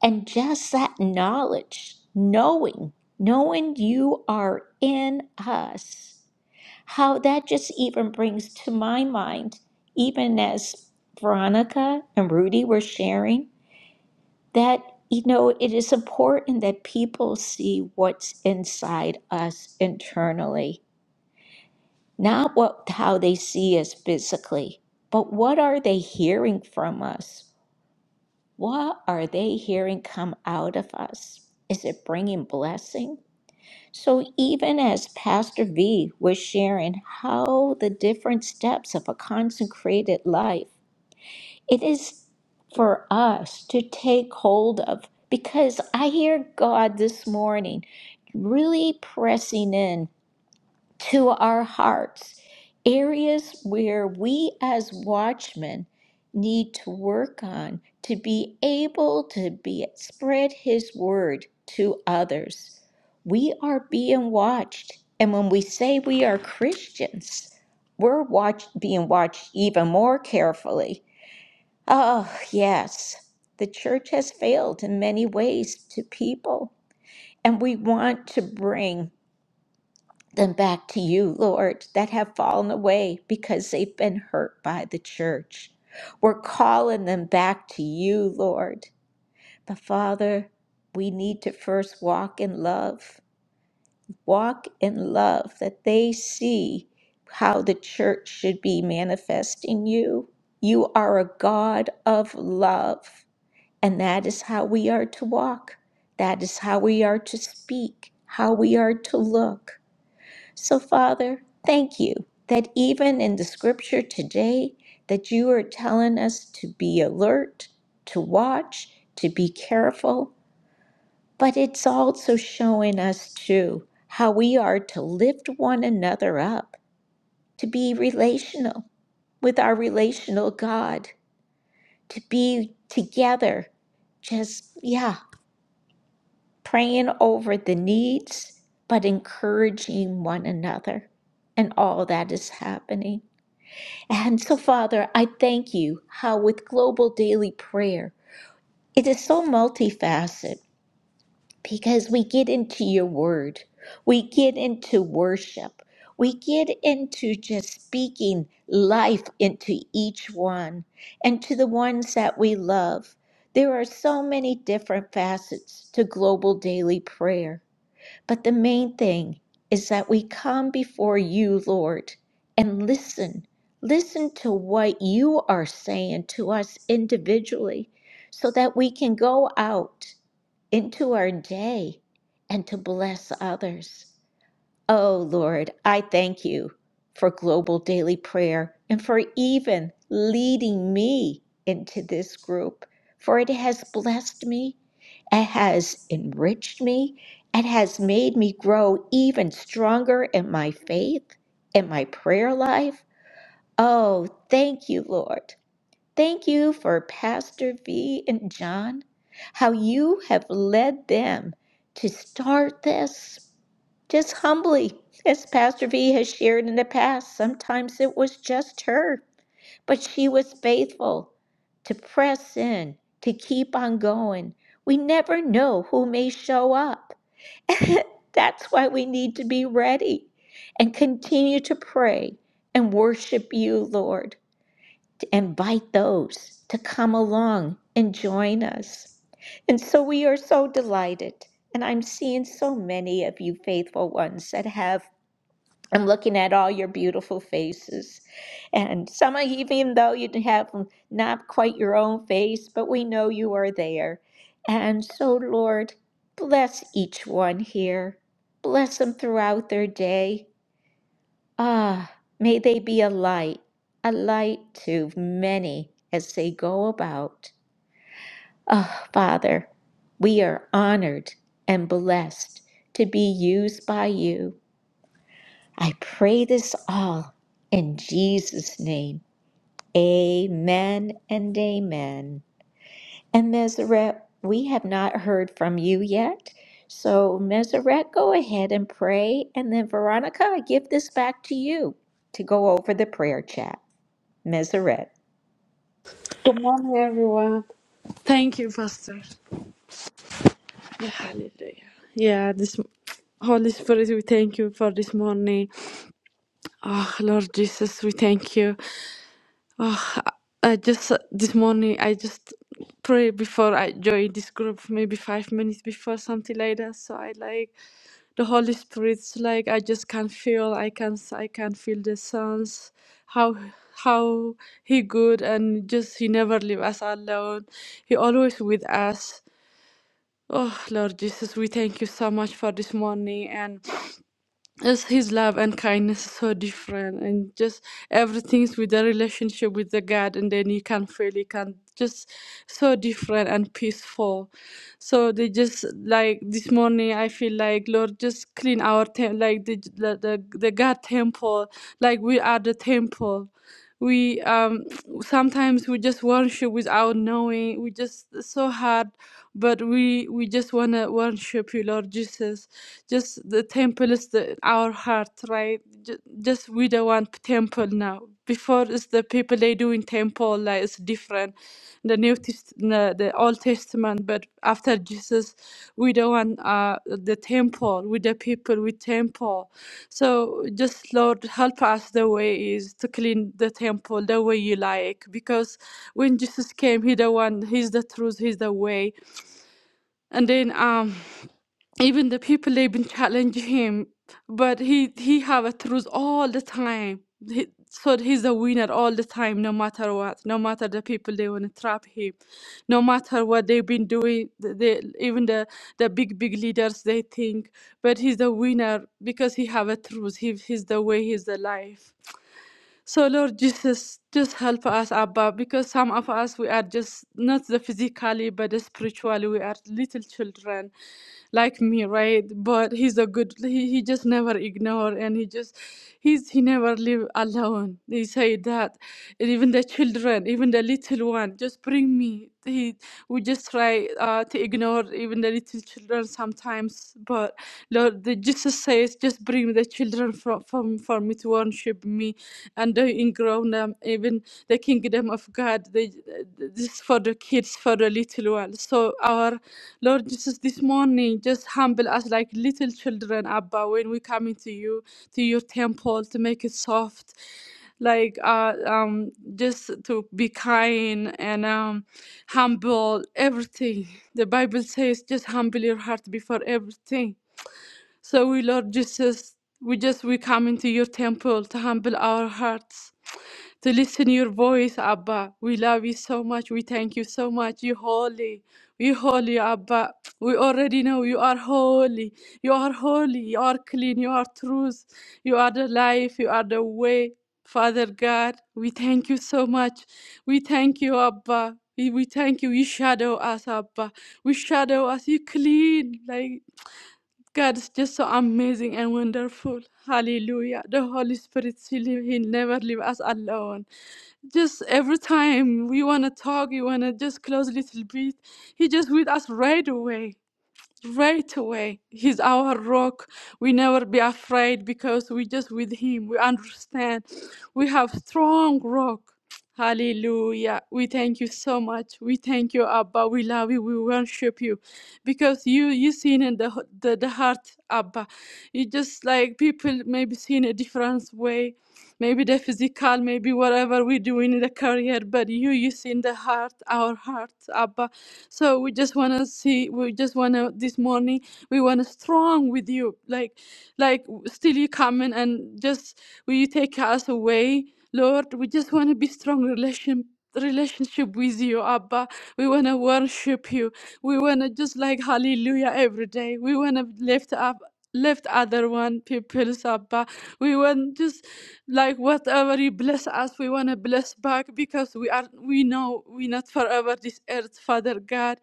And just that knowledge, knowing, knowing you are in us how that just even brings to my mind, even as Veronica and Rudy were sharing, that, you know, it is important that people see what's inside us internally, not what, how they see us physically, but what are they hearing from us? What are they hearing come out of us? Is it bringing blessing? So, even as Pastor V was sharing how the different steps of a consecrated life, it is for us to take hold of because I hear God this morning really pressing in to our hearts, areas where we as watchmen need to work on to be able to be spread his word to others. We are being watched, and when we say we are Christians, we're watched being watched even more carefully. Oh, yes. The church has failed in many ways to people, and we want to bring them back to you, Lord, that have fallen away because they've been hurt by the church. We're calling them back to you, Lord. But Father, we need to first walk in love. Walk in love that they see how the church should be manifesting you. You are a God of love, and that is how we are to walk. That is how we are to speak, how we are to look. So, Father, thank you that even in the scripture today, that you are telling us to be alert, to watch, to be careful, but it's also showing us too how we are to lift one another up, to be relational with our relational God, to be together, just, yeah, praying over the needs, but encouraging one another and all that is happening. And so, Father, I thank you how with global daily prayer, it is so multifaceted because we get into your word, we get into worship, we get into just speaking life into each one and to the ones that we love. There are so many different facets to global daily prayer. But the main thing is that we come before you, Lord, and listen. Listen to what you are saying to us individually so that we can go out into our day and to bless others. Oh Lord, I thank you for global daily prayer and for even leading me into this group, for it has blessed me, it has enriched me, it has made me grow even stronger in my faith and my prayer life. Oh, thank you, Lord. Thank you for Pastor V and John, how you have led them to start this. Just humbly, as Pastor V has shared in the past, sometimes it was just her, but she was faithful to press in, to keep on going. We never know who may show up. That's why we need to be ready and continue to pray and worship you, Lord, to invite those to come along and join us. And so we are so delighted. And I'm seeing so many of you faithful ones that have I'm looking at all your beautiful faces. And some of you, even though you have mm, not quite your own face, but we know you are there. And so, Lord, bless each one here. Bless them throughout their day. Ah, may they be a light, a light to many as they go about. Ah, Father, we are honored and blessed to be used by you. I pray this all in Jesus' name. Amen and amen. And Meseret, we have not heard from you yet. So, Meseret, go ahead and pray. And then, Veronica, I give this back to you to go over the prayer chat. Meseret. Good morning, everyone. Thank you, Pastor. Hallelujah. Yeah, this Holy Spirit, we thank you for this morning. Oh, Lord Jesus, we thank you. Oh, I I just this morning, I just pray before I join this group, maybe five minutes before something like that. So I like the Holy Spirit's like I just can feel, I can, I can feel the sounds, how how he good and just he never leave us alone. He always with us. Oh, Lord Jesus, we thank you so much for this morning and is his love and kindness is so different and just everything's with the relationship with the god and then you can feel you can just so different and peaceful so they just like this morning i feel like lord just clean our tem- like the, the the the god temple like we are the temple we um sometimes we just worship without knowing we just so hard but we we just want to worship you lord jesus just the temple is the, our heart right Ju- just we don't want temple now before it's the people they do in temple like it's different the new test the, the old testament but after jesus we don't want uh, the temple with the people with temple so just lord help us the way is to clean the temple the way you like because when jesus came he the one he's the truth he's the way and then um even the people they've been challenging him, but he he have a truth all the time. He, so he's a winner all the time, no matter what, no matter the people they want to trap him, no matter what they've been doing. th- They, even the the big big leaders they think, but he's the winner because he have a truth. He, he's the way, he's the life. So, Lord Jesus, just help us, Abba, because some of us, we are just not the physically, but the spiritually, we are little children like me, right? But he's a good, he, he just never ignore and he just, he's, he never live alone. He say that and even the children, even the little one, just bring me. He, we just try uh, to ignore even the little children sometimes, but Lord, the Jesus says, just bring the children from, from for me to worship me and doing grown um, even the kingdom of God they, just for the kids for the little ones so our Lord Jesus this morning just humble us like little children Abba when we come into you to your temple to make it soft like uh, um, just to be kind and um, humble everything the Bible says just humble your heart before everything so we Lord Jesus we just we come into your temple to humble our hearts to listen your voice, Abba. We love you so much. We thank you so much. You holy. You holy, Abba. We already know you are holy. You are holy. You are clean. You are truth. You are the life. You are the way. Father God, we thank you so much. We thank you, Abba. We, we thank you. You shadow us, Abba. We shadow us. You clean. Like God is just so amazing and wonderful. Hallelujah. The Holy Spirit, He leave- He never leave us alone. Just every time we want to talk, you want to just close a little bit, He just with us right away right away. He's our rock. We never be afraid because we just with him. We understand. We have strong rock. Hallelujah. We thank you so much. We thank you, Abba. We love you. We worship you. Because you you seen in the h- the, the heart, Abba. You just like people maybe seen a different way. Maybe the physical, maybe whatever we do in the career, but you you seen the heart, our heart, Abba. So we just want to see, we just want to, this morning, we want to strong with you. Like, like still you coming and just, will you take us away? Lord, we just want to be strong relation relationship with you, Abba. We want to worship you. We want to just like hallelujah every day. We want to lift up lift other one people's Abba. We want just like whatever you bless us we want to bless back because we are we know we not forever this earth father god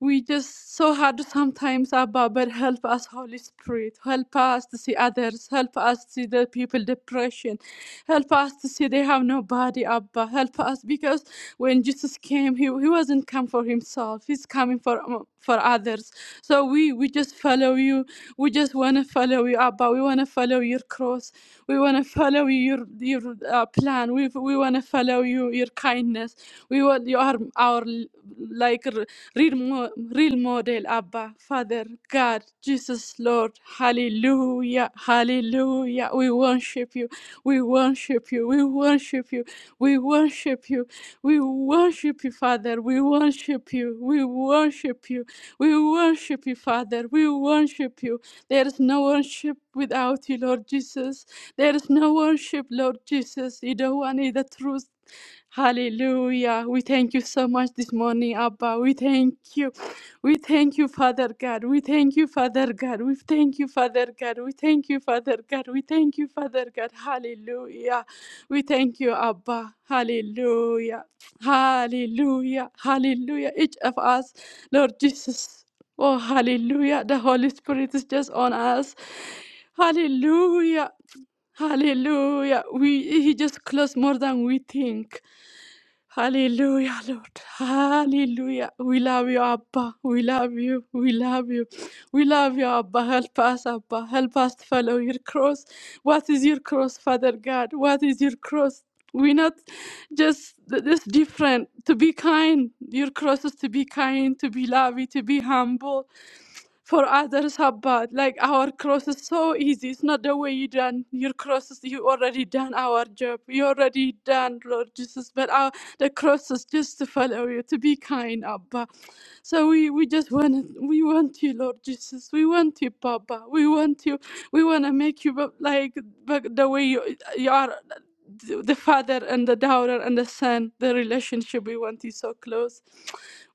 we just so hard sometimes abba but help us holy spirit help us to see others help us to see the people depression help us to see they have no body, Abba. Help us because when Jesus came, he, he wasn't come for himself. He's coming for um, for others. So we we just follow you. We just want to follow you, Abba. We want to follow your cross. We want to follow your your uh, plan. We we want to follow you, your kindness. We want you are our like r- real mo- real model, Abba, Father, God, Jesus, Lord. Hallelujah, Hallelujah. We worship you. We worship you. We worship you. We worship you. We worship you, Father. We worship you. We worship you. We worship you, Father. We worship you. There is no worship without you, Lord Jesus. There is no worship, Lord Jesus. You don't want the truth. Hallelujah. We thank you so much this morning, Abba. We thank you. We thank you, Father God. We thank you, Father God. We thank you, Father God. We thank you, Father God. We thank you, Father God. Hallelujah. We thank you, Abba. Hallelujah. Hallelujah. Hallelujah. Each of us, Lord Jesus. Oh, hallelujah. The Holy Spirit is just on us. Hallelujah. Hallelujah. We he just close more than we think. Hallelujah, Lord. Hallelujah. We love you, Abba. We love you. We love you. We love you, Abba. Help us, Abba. Help us to follow your cross. What is your cross, Father God? What is your cross? We're not just th- this different. To be kind. Your cross is to be kind, to be loving, to be humble for others how bad like our cross is so easy it's not the way you done your crosses. you already done our job you already done lord jesus but our the cross is just to follow you to be kind abba so we we just want we want you lord jesus we want you papa we want you we want to make you be- like be- the way you, you are th- the father and the daughter and the son, the relationship we want is so close.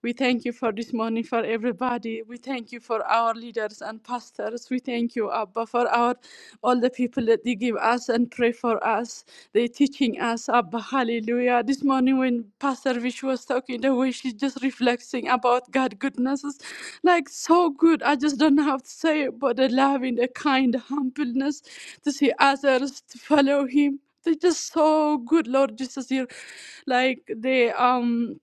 We thank you for this morning for everybody. We thank you for our leaders and pastors. We thank you, Abba, for our all the people that they give us and pray for us. They teaching us, Abba, hallelujah. This morning when Pastor Vish was talking, the way she's just reflecting about God goodness is like so good. I just don't know how to say it, but the love and the kind, humbleness to see others to follow him they're just so good lord jesus here like the um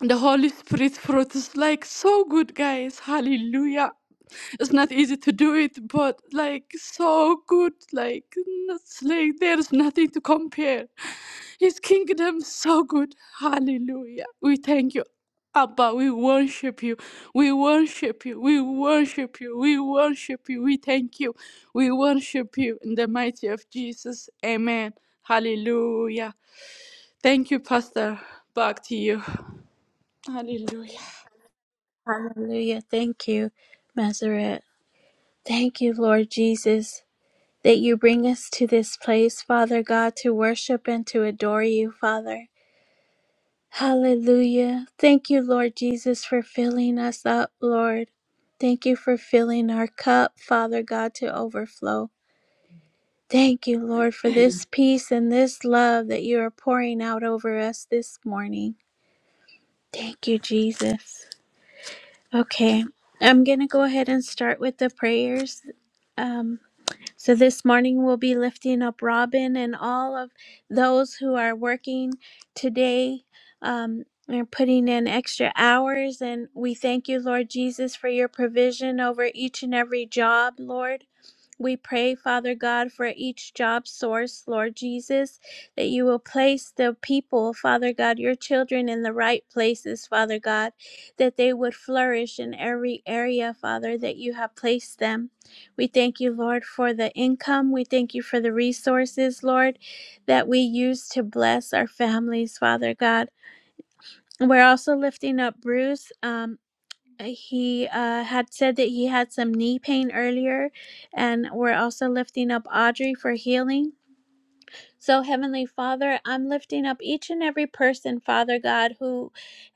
the holy spirit fruit is like so good guys hallelujah it's not easy to do it, but like so good, like it's like there's nothing to compare. His kingdom is so good. Hallelujah. We thank you. Abba, we worship you. We worship you. We worship you. We worship you. We thank you. We worship you in the mighty of Jesus. Amen. Hallelujah. Thank you, Pastor. Back to you. Hallelujah. Hallelujah. Thank you, Masoret. Thank you, Lord Jesus, that you bring us to this place, Father God, to worship and to adore you, Father. Hallelujah. Thank you, Lord Jesus, for filling us up, Lord. Thank you for filling our cup, Father God, to overflow. Thank you, Lord, for this peace and this love that you are pouring out over us this morning. Thank you, Jesus. Okay, I'm going to go ahead and start with the prayers. Um, So this morning we'll be lifting up Robin and all of those who are working today. Um, are putting in extra hours, and we thank you, Lord Jesus, for your provision over each and every job, Lord. We pray, Father God, for each job source, Lord Jesus, that you will place the people, Father God, your children in the right places, Father God, that they would flourish in every area, Father, that you have placed them. We thank you, Lord, for the income. We thank you for the resources, Lord, that we use to bless our families, Father God. And We're also lifting up Bruce. um, uh, he uh, had said that he had some knee pain earlier, and we're also lifting up Audrey for healing. So, Heavenly Father, I'm lifting up each and every person, Father God, who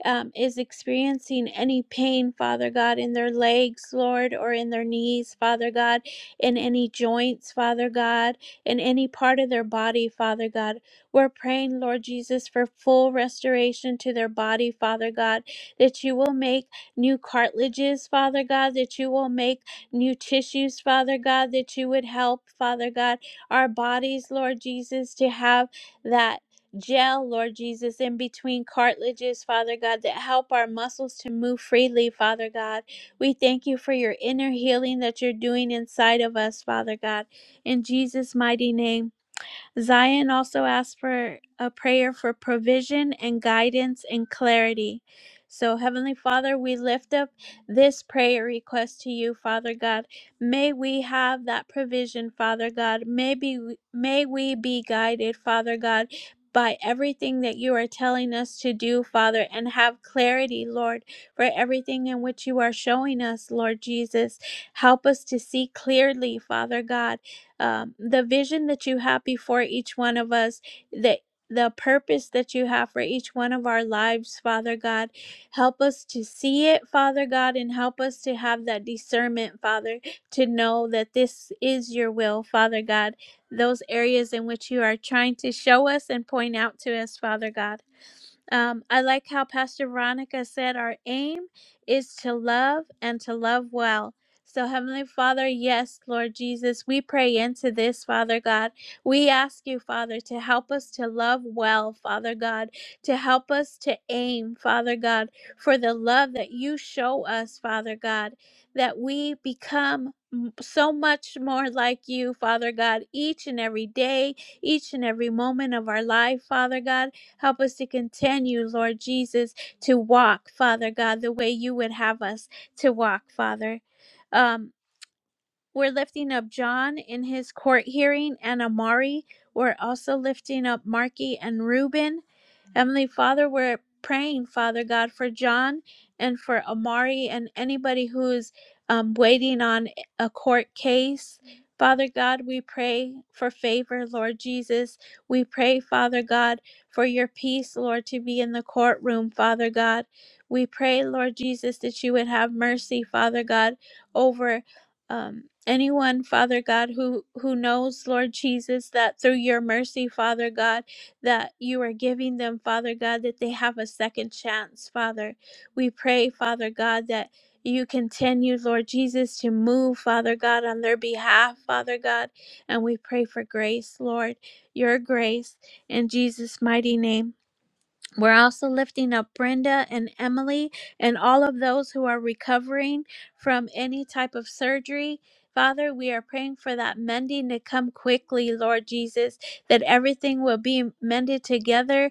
um, is experiencing any pain, Father God, in their legs, Lord, or in their knees, Father God, in any joints, Father God, in any part of their body, Father God. We're praying, Lord Jesus, for full restoration to their body, Father God, that you will make new cartilages, Father God, that you will make new tissues, Father God, that you would help, Father God our bodies, Lord Jesus, to have that gel, Lord Jesus, in between cartilages, Father God, that help our muscles to move freely, Father God. We thank you for your inner healing that you're doing inside of us, Father God. In Jesus' mighty name. Zion also asked for a prayer for provision and guidance and clarity. So, Heavenly Father, we lift up this prayer request to you, Father God. May we have that provision, Father God. May, be, may we be guided, Father God, by everything that you are telling us to do, Father, and have clarity, Lord, for everything in which you are showing us, Lord Jesus. Help us to see clearly, Father God um, the vision that you have before each one of us, the the purpose that you have for each one of our lives, Father God. Help us to see it, Father God, and help us to have that discernment, Father, to know that this is your will, Father God. Those areas in which you are trying to show us and point out to us, Father God. Um, I like how Pastor Veronica said our aim is to love and to love well. So, Heavenly Father, yes, Lord Jesus, we pray into this, Father God. We ask you, Father, to help us to love well, Father God, to help us to aim, Father God, for the love that you show us, Father God, that we become m- so much more like you, Father God, each and every day, each and every moment of our life, Father God. Help us to continue, Lord Jesus, to walk, Father God, the way you would have us to walk, Father. Um, we're lifting up John in his court hearing and Amari. We're also lifting up Marky and Reuben. Heavenly Father, we're praying, Father God, for John and for Amari and anybody who is um, waiting on a court case. Father God, we pray for favor, Lord Jesus. We pray, Father God, for your peace, Lord, to be in the courtroom, Father God. We pray, Lord Jesus, that you would have mercy, Father God, over um, anyone, Father God, who who knows, Lord Jesus, that through your mercy, Father God that you are giving them, Father God, that they have a second chance, Father. We pray, Father God, that you continue, Lord Jesus, to move, Father God, on their behalf, Father God. And we pray for grace, Lord, your grace, in Jesus' mighty name. We're also lifting up Brenda and Emily and all of those who are recovering from any type of surgery. Father, we are praying for that mending to come quickly, Lord Jesus, that everything will be mended together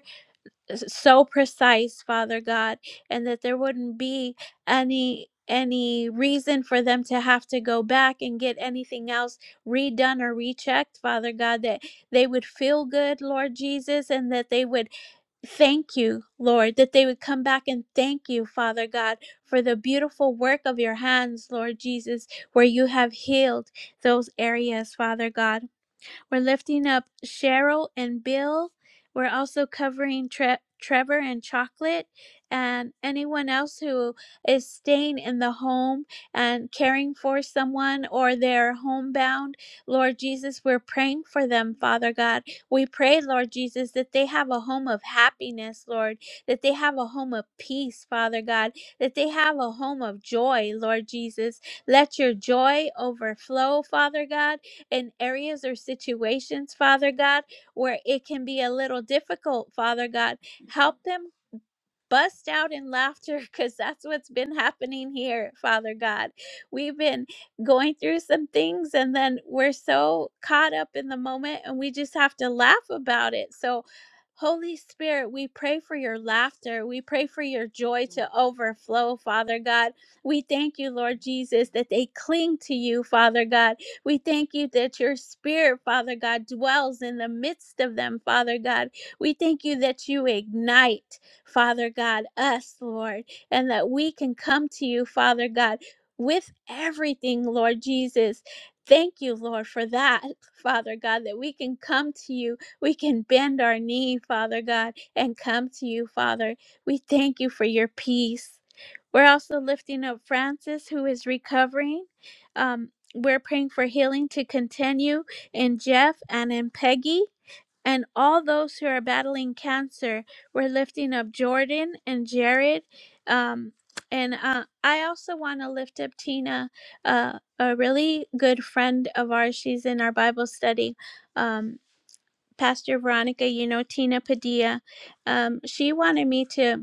s- so precise, Father God, and that there wouldn't be any any reason for them to have to go back and get anything else redone or rechecked, Father God, that they would feel good, Lord Jesus, and that they would Thank you, Lord, that they would come back and thank you, Father God, for the beautiful work of your hands, Lord Jesus, where you have healed those areas, Father God. We're lifting up Cheryl and Bill. We're also covering Tre- Trevor and Chocolate and anyone else who is staying in the home and caring for someone or they're homebound. Lord Jesus, we're praying for them, Father God. We pray, Lord Jesus, that they have a home of happiness, Lord, that they have a home of peace, Father God, that they have a home of joy, Lord Jesus. Let your joy overflow, Father God in areas or situations, Father God, where it can be a little difficult, Father God. Help them bust out in laughter because that's what's been happening here, Father God. We've been going through some things and then we're so caught up in the moment and we just have to laugh about it. So, Holy Spirit, we pray for your laughter. We pray for your joy to overflow, Father God. We thank you, Lord Jesus, that they cling to you, Father God. We thank you that your spirit, Father God, dwells in the midst of them, Father God. We thank you that you ignite. Father God, us, Lord, and that we can come to you, Father God, with everything, Lord Jesus. Thank you, Lord, for that, Father God, that we can come to you. We can bend our knee, Father God, and come to you, Father. We thank you for your peace. We're also lifting up Francis, who is recovering. Um, we're praying for healing to continue in Jeff and in Peggy and all those who are battling cancer. We're lifting up Jordan and Jared. Um, and uh, I also want to lift up Tina, uh, a really good friend of ours. She's in our Bible study. Um, Pastor Veronica, you know, Tina Padilla. Um, she wanted me to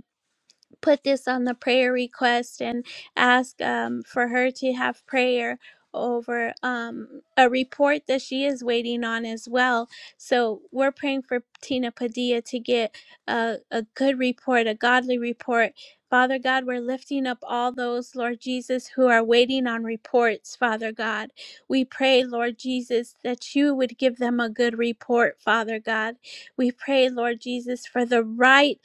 put this on the prayer request and ask um, for her to have prayer over um, a report that she is waiting on as well. So we're praying for Tina Padilla to get a, a good report, a godly report. Father God, we're lifting up all those, Lord Jesus, who are waiting on reports, Father God. We pray, Lord Jesus, that you would give them a good report, Father God. We pray, Lord Jesus, for the right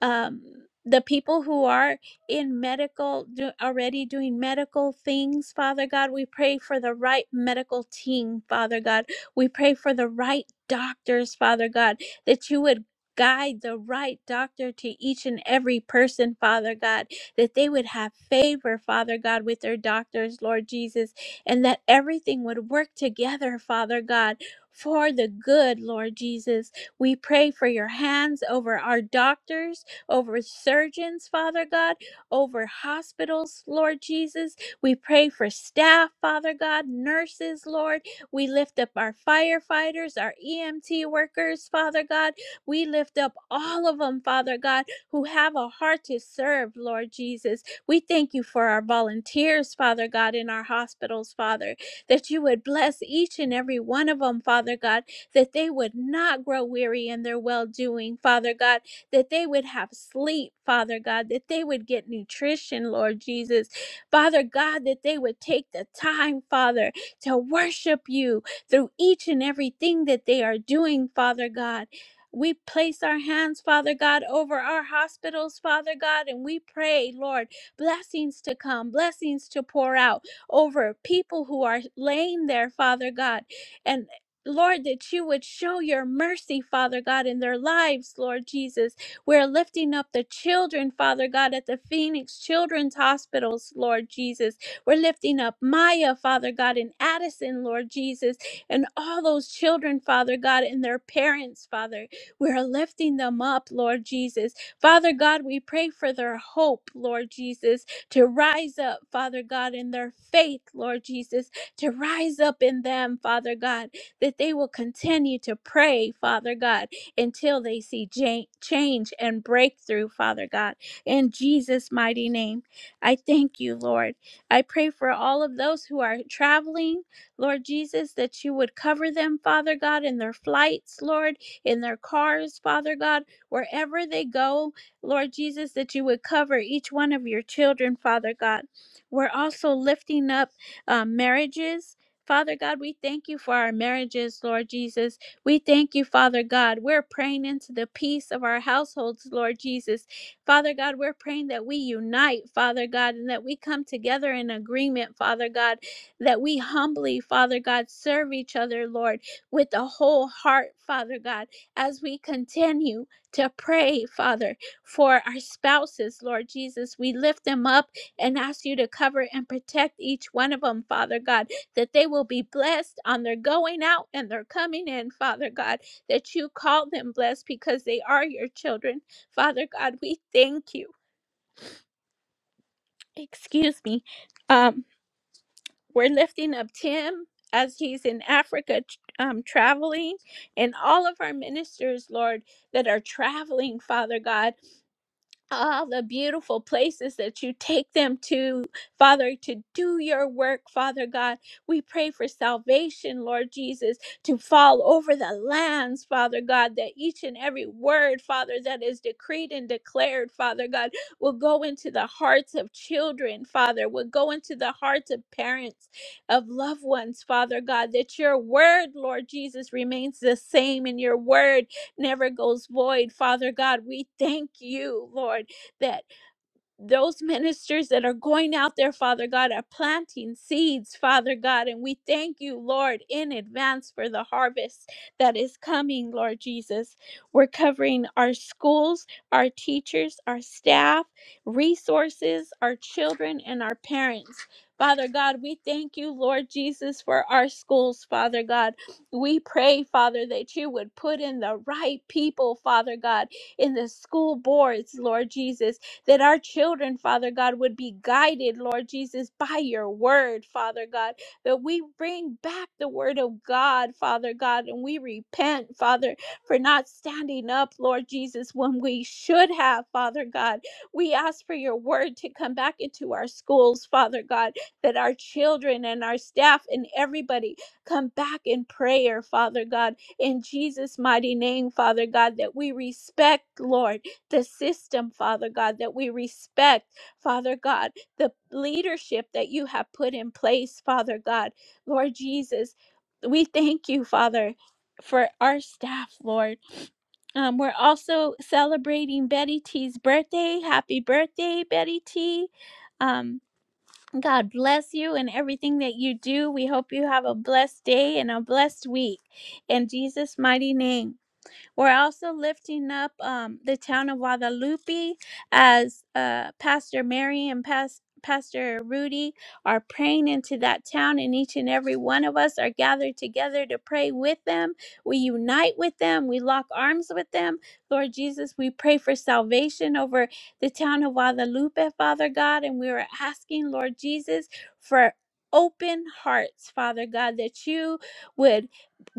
um, the people who are in medical do, already doing medical things father god we pray for the right medical team father god we pray for the right doctors father god that you would guide the right doctor to each and every person father god that they would have favor father god with their doctors lord jesus and that everything would work together father god for the good lord jesus we pray for your hands over our doctors over surgeons, Father God, over hospitals, Lord Jesus. We pray for staff, Father God, nurses, Lord. We lift up our firefighters, our EMT workers, Father God. We lift up all of them, Father God, who have a heart to serve, Lord Jesus. We thank you for our volunteers, Father God, in our hospitals, Father, that you would bless each and every one of them, Father God, that they would not grow weary in their well doing, Father God that they would have sleep, Father God, that they would get nutrition, Lord Jesus. Father God, that they would take the time, Father, to worship you through each and everything that they are doing, Father God. We place our hands, Father God, over our hospitals, Father God, and we pray, Lord, blessings to come, blessings to pour out over people who are laying there, Father God. And Lord, that you would show your mercy, Father God, in their lives, Lord Jesus, we're lifting up the children, Father God, at the Phoenix Children's Hospitals, Lord Jesus. We're lifting up Maya, Father God, in Addison, Lord Jesus, and all those children, Father God, and their parents, Father. We're lifting them up, Lord Jesus. Father God, we pray for their hope, Lord Jesus, to rise up, Father God, in their faith, Lord Jesus, to rise up in them, Father God, that they will continue to pray, Father God, until they see ja- change and breakthrough, Father God. In Jesus' mighty name, I thank you, Lord. I pray for all of those who are traveling, Lord Jesus, that you would cover them, Father God, in their flights, Lord, in their cars, Father God, wherever they go, Lord Jesus, that you would cover each one of your children, Father God. We're also lifting up um, marriages. Father God, we thank you for our marriages, Lord Jesus. We thank you, Father God. We're praying into the peace of our households, Lord Jesus. Father God, we're praying that we unite, Father God, and that we come together in agreement, Father God, that we humbly, Father God, serve each other, Lord, with a whole heart, Father God, as we continue to pray, Father, for our spouses, Lord Jesus. We lift them up and ask you to cover and protect each one of them, Father God that they will be blessed on their going out and their coming in, Father God, that you call them blessed because they are your children. Father God, we thank you. Excuse me. Um, we're lifting up Tim as he's in Africa um, traveling and all of our ministers, Lord, that are traveling, Father God. all the beautiful places that you take them to, Father, to do your work, Father God. We pray for salvation, Lord Jesus, to fall over the lands, Father God, that each and every word, Father, that is decreed and declared, Father God, will go into the hearts of children, Father, will go into the hearts of parents, of loved ones, Father God, that your word, Lord Jesus, remains the same in your word never goes void. Father God, we thank you, Lord, that those ministers that are going out there, Father God, are planting seeds, Father God. And we thank you, Lord, in advance for the harvest that is coming, Lord Jesus. We're covering our schools, our teachers, our staff, resources, our children, and our parents. Father God, we thank you, Lord Jesus, for our schools, Father God. We pray, Father, that you would put in the right people, Father God, in the school boards, Lord Jesus that our children, Father God, would be guided, Lord Jesus, by your word, Father God, that we bring back the word of God, Father God, and we repent, Father, for not standing up, Lord Jesus, when we should have, Father God. We ask for your word to come back into our schools, Father God, that our children and our staff and everybody come back in prayer, Father God, in Jesus' mighty name, Father God, that we respect, Lord the system, Father God, that we respect, Father God, the leadership that you have put in place, Father God. Lord Jesus, we thank you, Father, for our staff, Lord. Um, we're also celebrating Betty T's birthday. Happy birthday, Betty T. Um, God bless you and everything that you do. We hope you have a blessed day and a blessed week. In Jesus' mighty name. We're also lifting up um, the town of Guadalupe as uh, Pastor Mary and Pas- Pastor Rudy are praying into that town, and each and every one of us are gathered together to pray with them. We unite with them, we lock arms with them. Lord Jesus, we pray for salvation over the town of Guadalupe, Father God, and we are asking, Lord Jesus, for open hearts, Father God, that you would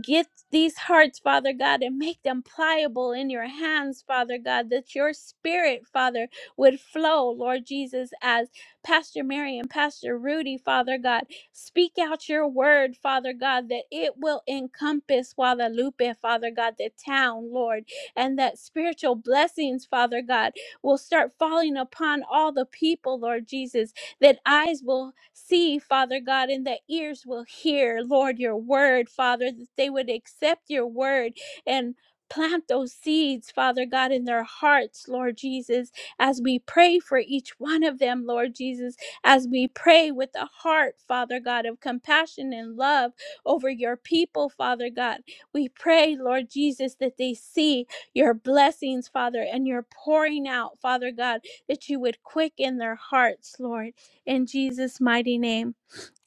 get these hearts, Father God, and make them pliable in your hands, Father God, that your spirit, Father, would flow, Lord Jesus, as Pastor Mary and Pastor Rudy, Father God, speak out your word, Father God, that it will encompass Guadalupe, Father God, the town, Lord, and that spiritual blessings, Father God, will start falling upon all the people, Lord Jesus that eyes will see, Father God, and that ears will hear, Lord, your word, Father, that they would accept your word and plant those seeds, Father God, in their hearts, Lord Jesus, as we pray for each one of them, Lord Jesus, as we pray with a heart, Father God, of compassion and love over your people, Father God. We pray, Lord Jesus, that they see your blessings, Father, and your pouring out, Father God, that you would quicken their hearts, Lord in Jesus' mighty name.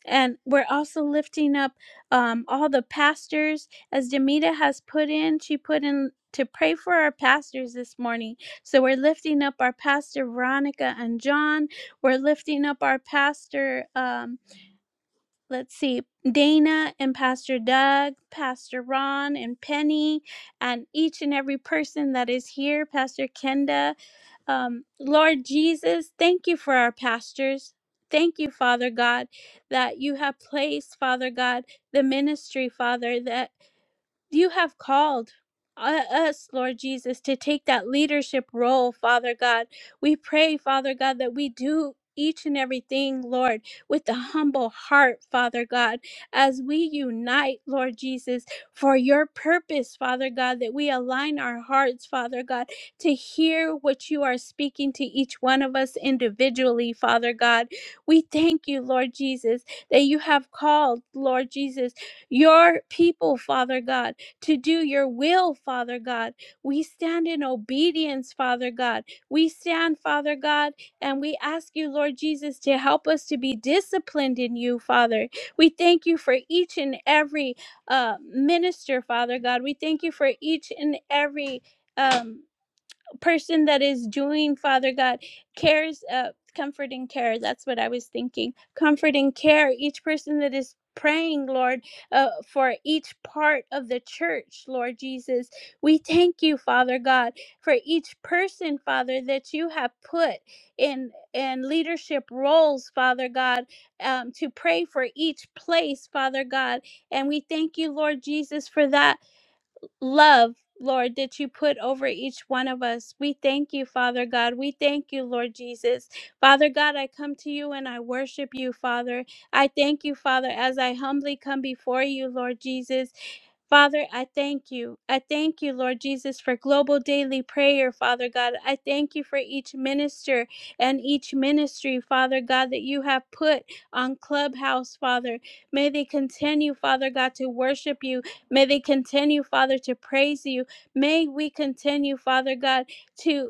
And we're also lifting up um, all the pastors as Demita has put in. She put in to pray for our pastors this morning. So we're lifting up our pastor Veronica and John. We're lifting up our pastor. um, let's see, Dana and Pastor Doug, Pastor Ron and Penny, and each and every person that is here, Pastor Kenda. Um, Lord Jesus, thank you for our pastors. Thank you, Father God, that you have placed, Father God, the ministry, Father, that you have called uh, us, Lord Jesus, to take that leadership role, Father God. We pray, Father God, that we do each and everything, Lord, with a humble heart, Father God, as we unite, Lord Jesus, for your purpose, Father God, that we align our hearts, Father God, to hear what you are speaking to each one of us individually, Father God. We thank you, Lord Jesus, that you have called, Lord Jesus, your people, Father God to do your will, Father God. We stand in obedience, Father God. We stand, Father God, and we ask you, Lord Jesus, to help us to be disciplined in you, Father. We thank you for each and every uh, minister, Father God. We thank you for each and every. Um, person that is doing, Father God, cares, uh, comfort and care. That's what I was thinking. Comfort and care. Each person that is praying, Lord, uh, for each part of the church, Lord Jesus. We thank you, Father God, for each person, Father, that you have put in in leadership roles, Father God, um, to pray for each place, Father God. And we thank you, Lord Jesus, for that love, Lord, that you put over each one of us. We thank you, Father God. We thank you, Lord Jesus. Father God, I come to you and I worship you, Father. I thank you, Father, as I humbly come before you, Lord Jesus. Father, I thank you. I thank you, Lord Jesus, for global daily prayer, Father God. I thank you for each minister and each ministry, Father God, that you have put on Clubhouse, Father. May they continue, Father God, to worship you May they continue, Father, to praise you. May we continue, Father God, to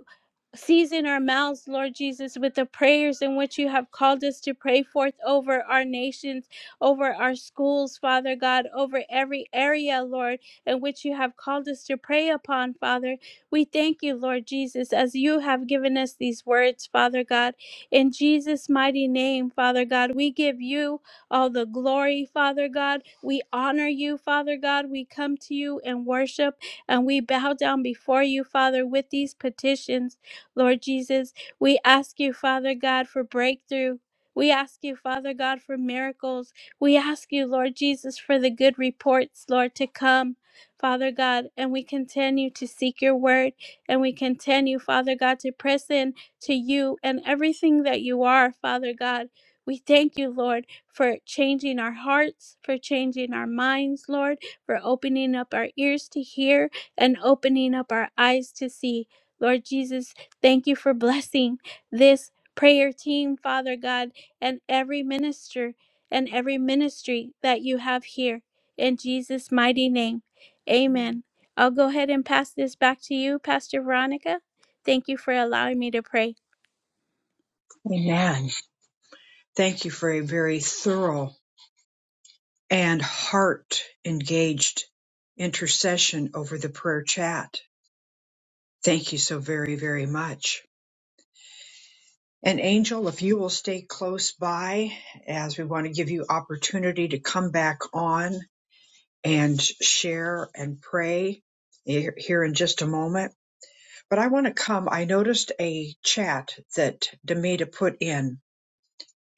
Season our mouths, Lord Jesus, with the prayers in which you have called us to pray forth over our nations, over our schools, Father God, over every area, Lord, in which you have called us to pray upon, Father. We thank you, Lord Jesus, as you have given us these words, Father God. In Jesus' mighty name, Father God, we give you all the glory, Father God. We honor you, Father God. We come to you in worship and we bow down before you, Father, with these petitions. Lord Jesus. We ask you, Father God, for breakthrough. We ask you, Father God, for miracles. We ask you, Lord Jesus, for the good reports, Lord, to come, Father God. And we continue to seek your word. And we continue, Father God, to press in to you and everything that you are, Father God. We thank you, Lord, for changing our hearts, for changing our minds, Lord, for opening up our ears to hear and opening up our eyes to see. Lord Jesus, Thank you for blessing this prayer team, Father God, and every minister and every ministry that you have here. In Jesus' mighty name, amen. I'll go ahead and pass this back to you, Pastor Veronica. Thank you for allowing me to pray. Amen. Thank you for a very thorough and heart engaged intercession over the prayer chat. Thank you so very, very much. And Angel, if you will stay close by as we want to give you opportunity to come back on and share and pray here in just a moment. But I want to come. I noticed a chat that Demita put in.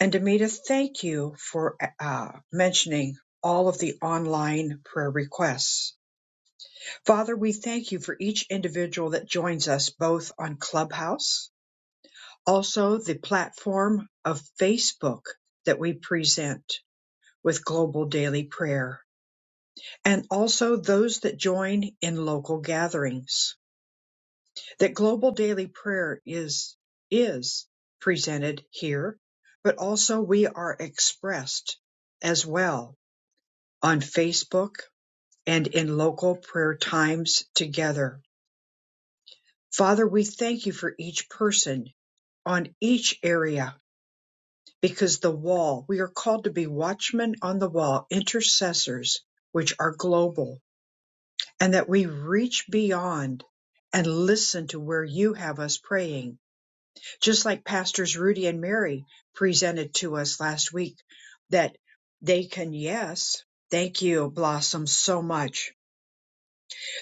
And Demita, thank you for uh, mentioning all of the online prayer requests. Father, we thank you for each individual that joins us both on Clubhouse, also the platform of Facebook that we present with Global Daily Prayer, and also those that join in local gatherings. that global daily prayer is is presented here, but also we are expressed as well on Facebook and in local prayer times together. Father, we thank you for each person on each area because the wall, we are called to be watchmen on the wall, intercessors, which are global, and that we reach beyond and listen to where you have us praying just like pastors Rudy and Mary presented to us last week, that they can, yes, thank you, Blossom, so much,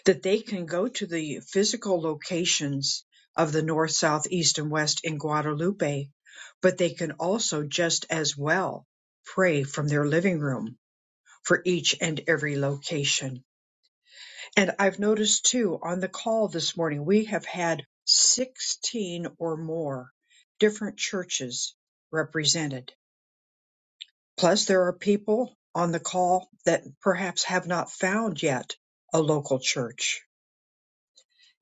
that they can go to the physical locations of the north, south, east, and west in Guadalupe, but they can also just as well pray from their living room for each and every location and I've noticed too on the call this morning, we have had 16 or more different churches represented. Plus, there are people on the call that perhaps have not found yet a local church,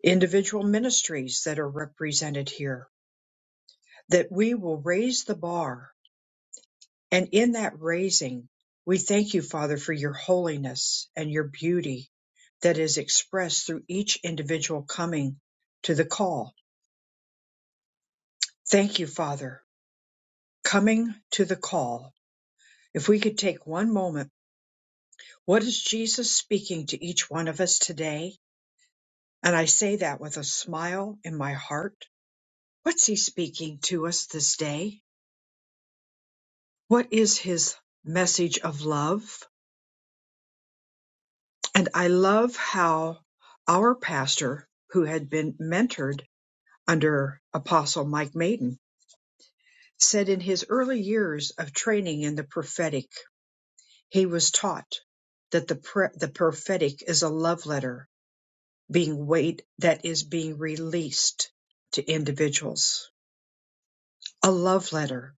individual ministries that are represented here, that we will raise the bar. And in that raising, we thank you, Father, for your holiness and your beauty that is expressed through each individual coming to the call Thank you, Father. Coming to the call, if we could take one moment, what is Jesus speaking to each one of us today? And I say that with a smile in my heart. What's he speaking to us this day? What is his message of love? And I love how our pastor, who had been mentored under Apostle Mike Maiden, said in his early years of training in the prophetic He was taught that the pre- the prophetic is a love letter being weight that is being released to individuals. A love letter.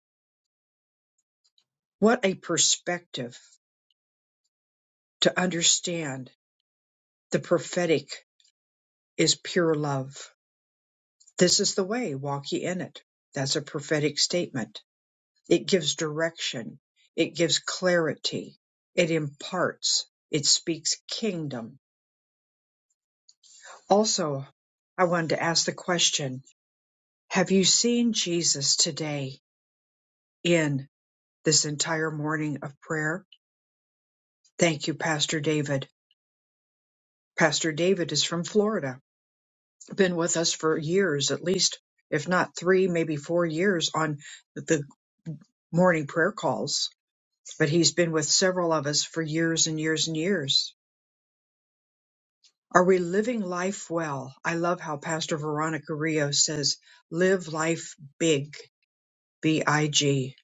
What a perspective to understand the prophetic is pure love. This is the way, walk ye in it. That's a prophetic statement. It gives direction. It gives clarity. It imparts. It speaks kingdom. Also, I wanted to ask the question Have you seen Jesus today in this entire morning of prayer? Thank you, Pastor David. Pastor David is from Florida, been with us for years, at least, if not three, maybe four years on the morning prayer calls. But he's been with several of us for years and years and years. Are we living life well? I love how Pastor Veronica Rios says, live life big, B I G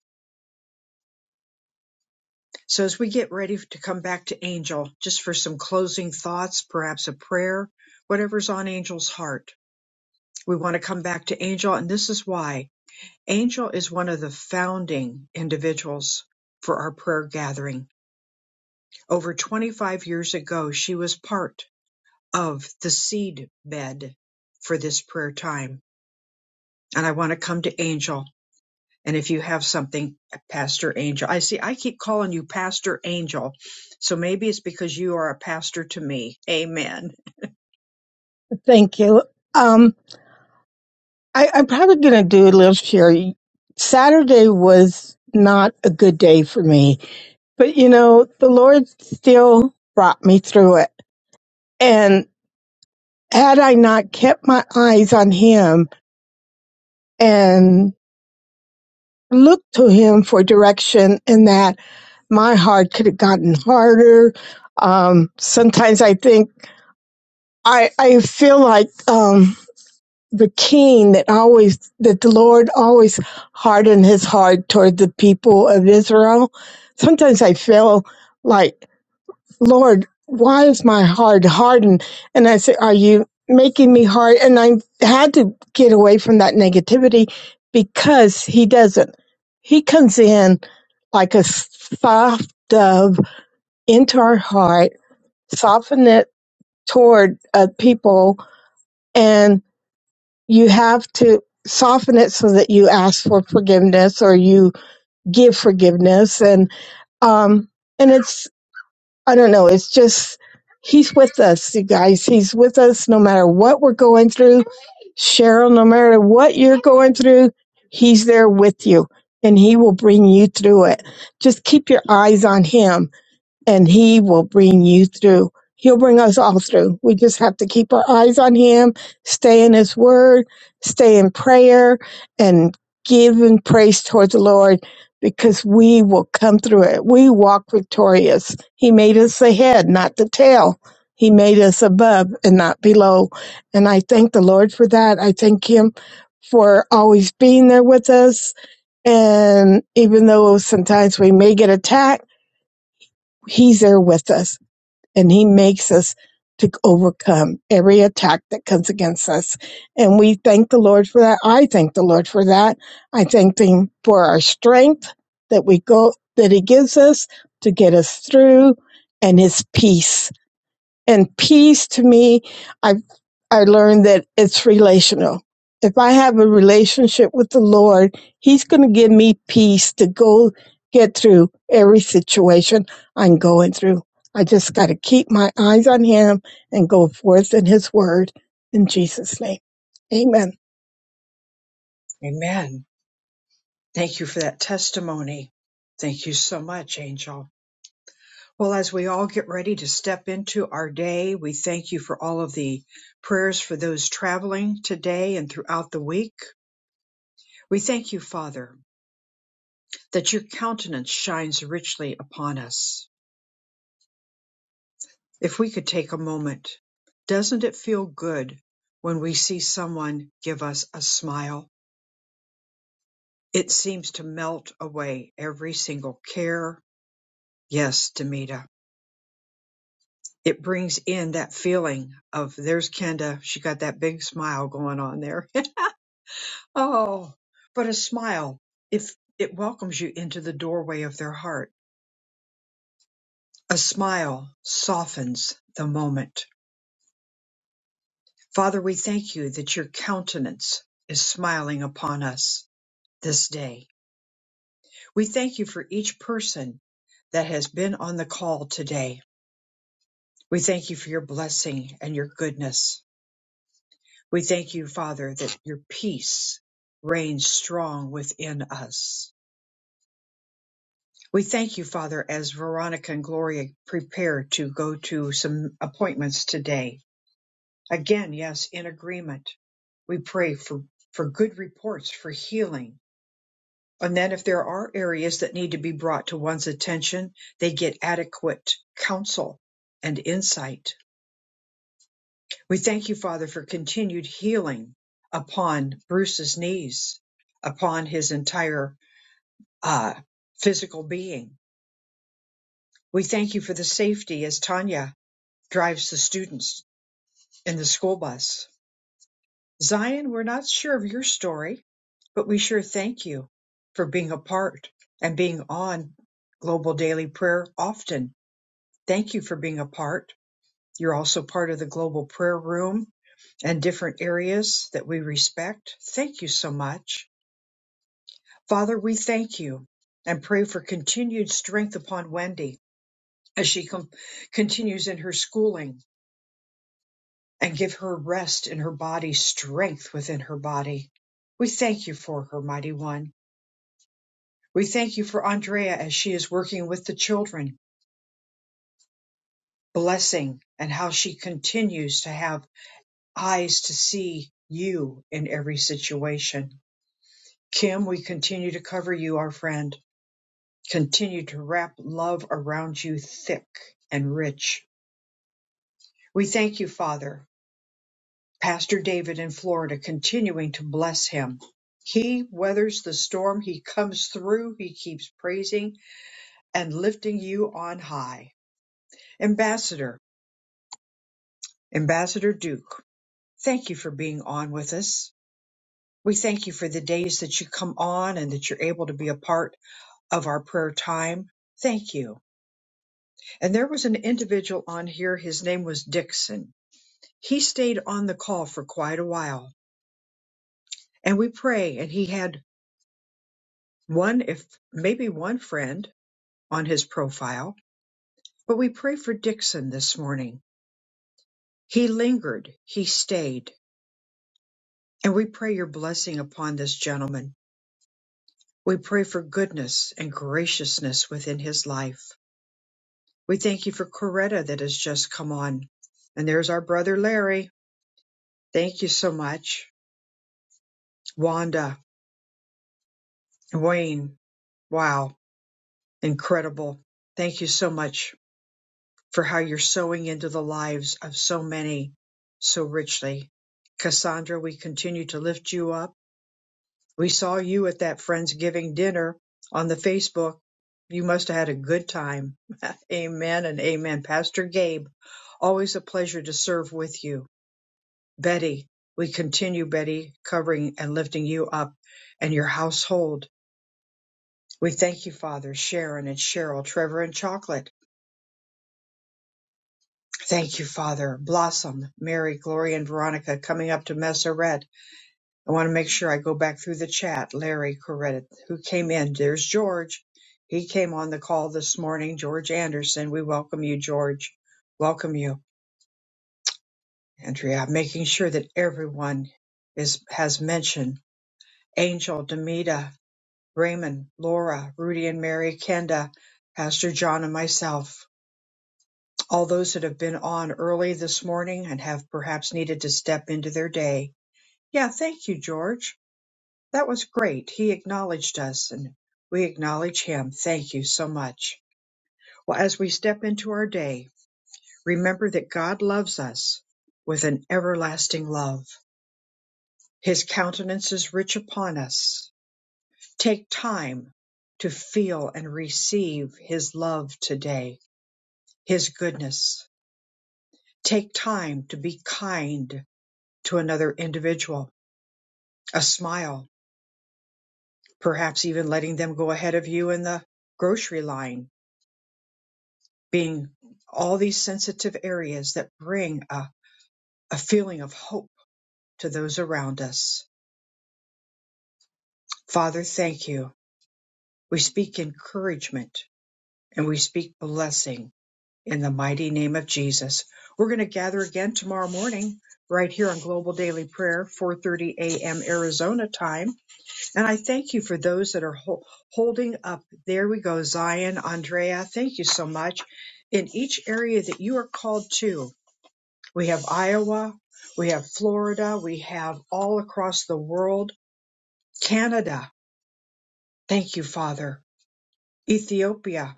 So, as we get ready to come back to Angel, just for some closing thoughts, perhaps a prayer, whatever's on Angel's heart, we want to come back to Angel. And this is why Angel is one of the founding individuals for our prayer gathering. Over 25 years ago, she was part of the seed bed for this prayer time. And I want to come to Angel. And if you have something, Pastor Angel, I see I keep calling you Pastor Angel. So maybe it's because you are a pastor to me. Amen. Thank you. Um, I, I'm probably going to do a little share. Saturday was not a good day for me, but you know, the Lord still brought me through it. And had I not kept my eyes on Him and looked to Him for direction in that, my heart could have gotten harder. Um, sometimes I think I I feel like um, the king that always that the Lord always hardened his heart toward the people of Israel. Sometimes I feel like Lord, why is my heart hardened? And I say, Are you making me hard? And I had to get away from that negativity because he doesn't. He comes in like a soft dove into our heart, soften it toward uh, people, and you have to soften it so that you ask for forgiveness or you give forgiveness. And um, and it's I don't know, it's just he's with us, you guys. He's with us no matter what we're going through. Cheryl, no matter what you're going through, he's there with you, and he will bring you through it. Just keep your eyes on him and he will bring you through. He'll bring us all through. We just have to keep our eyes on him, stay in his word, stay in prayer, and give and praise towards the Lord because we will come through it. We walk victorious. He made us the head, not the tail. He made us above and not below. And I thank the Lord for that. I thank him for always being there with us. And even though sometimes we may get attacked, He's there with us and he makes us to overcome every attack that comes against us. And we thank the Lord for that. I thank the Lord for that. I thank him for our strength that we go, that he gives us to get us through and his peace. And peace to me, I. I learned that it's relational. If I have a relationship with the Lord, He's going to give me peace to go get through every situation I'm going through. I just got to keep my eyes on Him and go forth in His word in Jesus' name. Amen. Amen. Thank you for that testimony. Thank you so much, Angel. Well, as we all get ready to step into our day, we thank you for all of the prayers for those traveling today and throughout the week. We thank you, Father, that your countenance shines richly upon us. If we could take a moment, doesn't it feel good when we see someone give us a smile? It seems to melt away every single care. Yes, Demita. It brings in that feeling of there's Kenda. She got that big smile going on there. oh, but a smile, if it welcomes you into the doorway of their heart, a smile softens the moment. Father, we thank you that your countenance is smiling upon us this day. We thank you for each person that has been on the call today. We thank you for your blessing and your goodness. We thank you, Father, that your peace reigns strong within us. We thank you, Father, as Veronica and Gloria prepare to go to some appointments today. Again, yes, in agreement. We pray for, for good reports, for healing, And then if there are areas that need to be brought to one's attention, they get adequate counsel and insight. We thank you, Father, for continued healing upon Bruce's knees, upon his entire uh, physical being. We thank you for the safety as Tanya drives the students in the school bus. Zion, we're not sure of your story, but we sure thank you for being a part and being on Global Daily Prayer often Thank you for being a part. You're also part of the global prayer room and different areas that we respect. Thank you so much. Father, we thank you and pray for continued strength upon Wendy as she com- continues in her schooling and give her rest in her body, strength within her body. We thank you for her, mighty one. We thank you for Andrea as she is working with the children, blessing, and how she continues to have eyes to see you in every situation. Kim, we continue to cover you, our friend. Continue to wrap love around you thick and rich. We thank you, Father. Pastor David in Florida, continuing to bless him. He weathers the storm. He comes through. He keeps praising and lifting you on high. Ambassador, Ambassador Duke, thank you for being on with us. We thank you for the days that you come on and that you're able to be a part of our prayer time. Thank you. And there was an individual on here. His name was Dixon. He stayed on the call for quite a while and we pray. And he had one, if maybe one friend on his profile, but we pray for Dixon this morning. He lingered. He stayed. And we pray your blessing upon this gentleman. We pray for goodness and graciousness within his life. We thank you for Coretta that has just come on. And there's our brother Larry. Thank you so much, Wanda, Wayne. Wow, incredible. Thank you so much for how you're sowing into the lives of so many so richly. Cassandra, we continue to lift you up. We saw you at that Friendsgiving dinner on the Facebook. You must have had a good time. amen and amen. Pastor Gabe, always a pleasure to serve with you. Betty, we continue, Betty, covering and lifting you up and your household We thank you, Father, Sharon and Cheryl, Trevor and Chocolate. Thank you, Father, Blossom, Mary, Gloria, and Veronica coming up to Messeret. I want to make sure I go back through the chat. Larry Coretta, who came in. There's George. He came on the call this morning. George Anderson. We welcome you, George. Welcome you, Andrea. Making sure that everyone is has mentioned. Angel, Demita, Raymond, Laura, Rudy and Mary, Kenda, Pastor John and myself. all those that have been on early this morning and have perhaps needed to step into their day. Yeah, thank you, George. That was great. He acknowledged us and we acknowledge him. Thank you so much. Well, as we step into our day, remember that God loves us with an everlasting love. His countenance is rich upon us. Take time to feel and receive his love today, his goodness. Take time to be kind to another individual, a smile, perhaps even letting them go ahead of you in the grocery line, being all these sensitive areas that bring a, a feeling of hope to those around us. Father, thank you. We speak encouragement and we speak blessing in the mighty name of Jesus. We're going to gather again tomorrow morning right here on Global Daily Prayer, 4:30 a.m. Arizona time. And I thank you for those that are hol- holding up. There we go, Zion, Andrea. Thank you so much. In each area that you are called to, we have Iowa, we have Florida, we have all across the world, Canada. Thank you, Father. Ethiopia.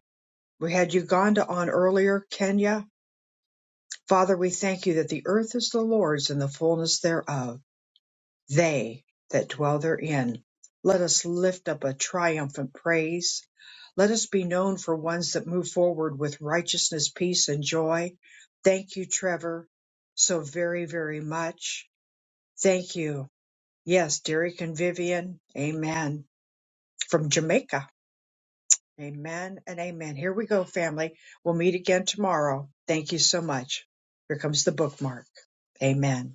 We had Uganda on earlier, Kenya. Father, we thank you that the earth is the Lord's and the fullness thereof they that dwell therein. Let us lift up a triumphant praise. Let us be known for ones that move forward with righteousness, peace, and joy. Thank you, Trevor, so very, very much. Thank you. Yes, Derek and Vivian, amen. From Jamaica, amen and amen. Here we go, family. We'll meet again tomorrow. Thank you so much. Here comes the bookmark. Amen.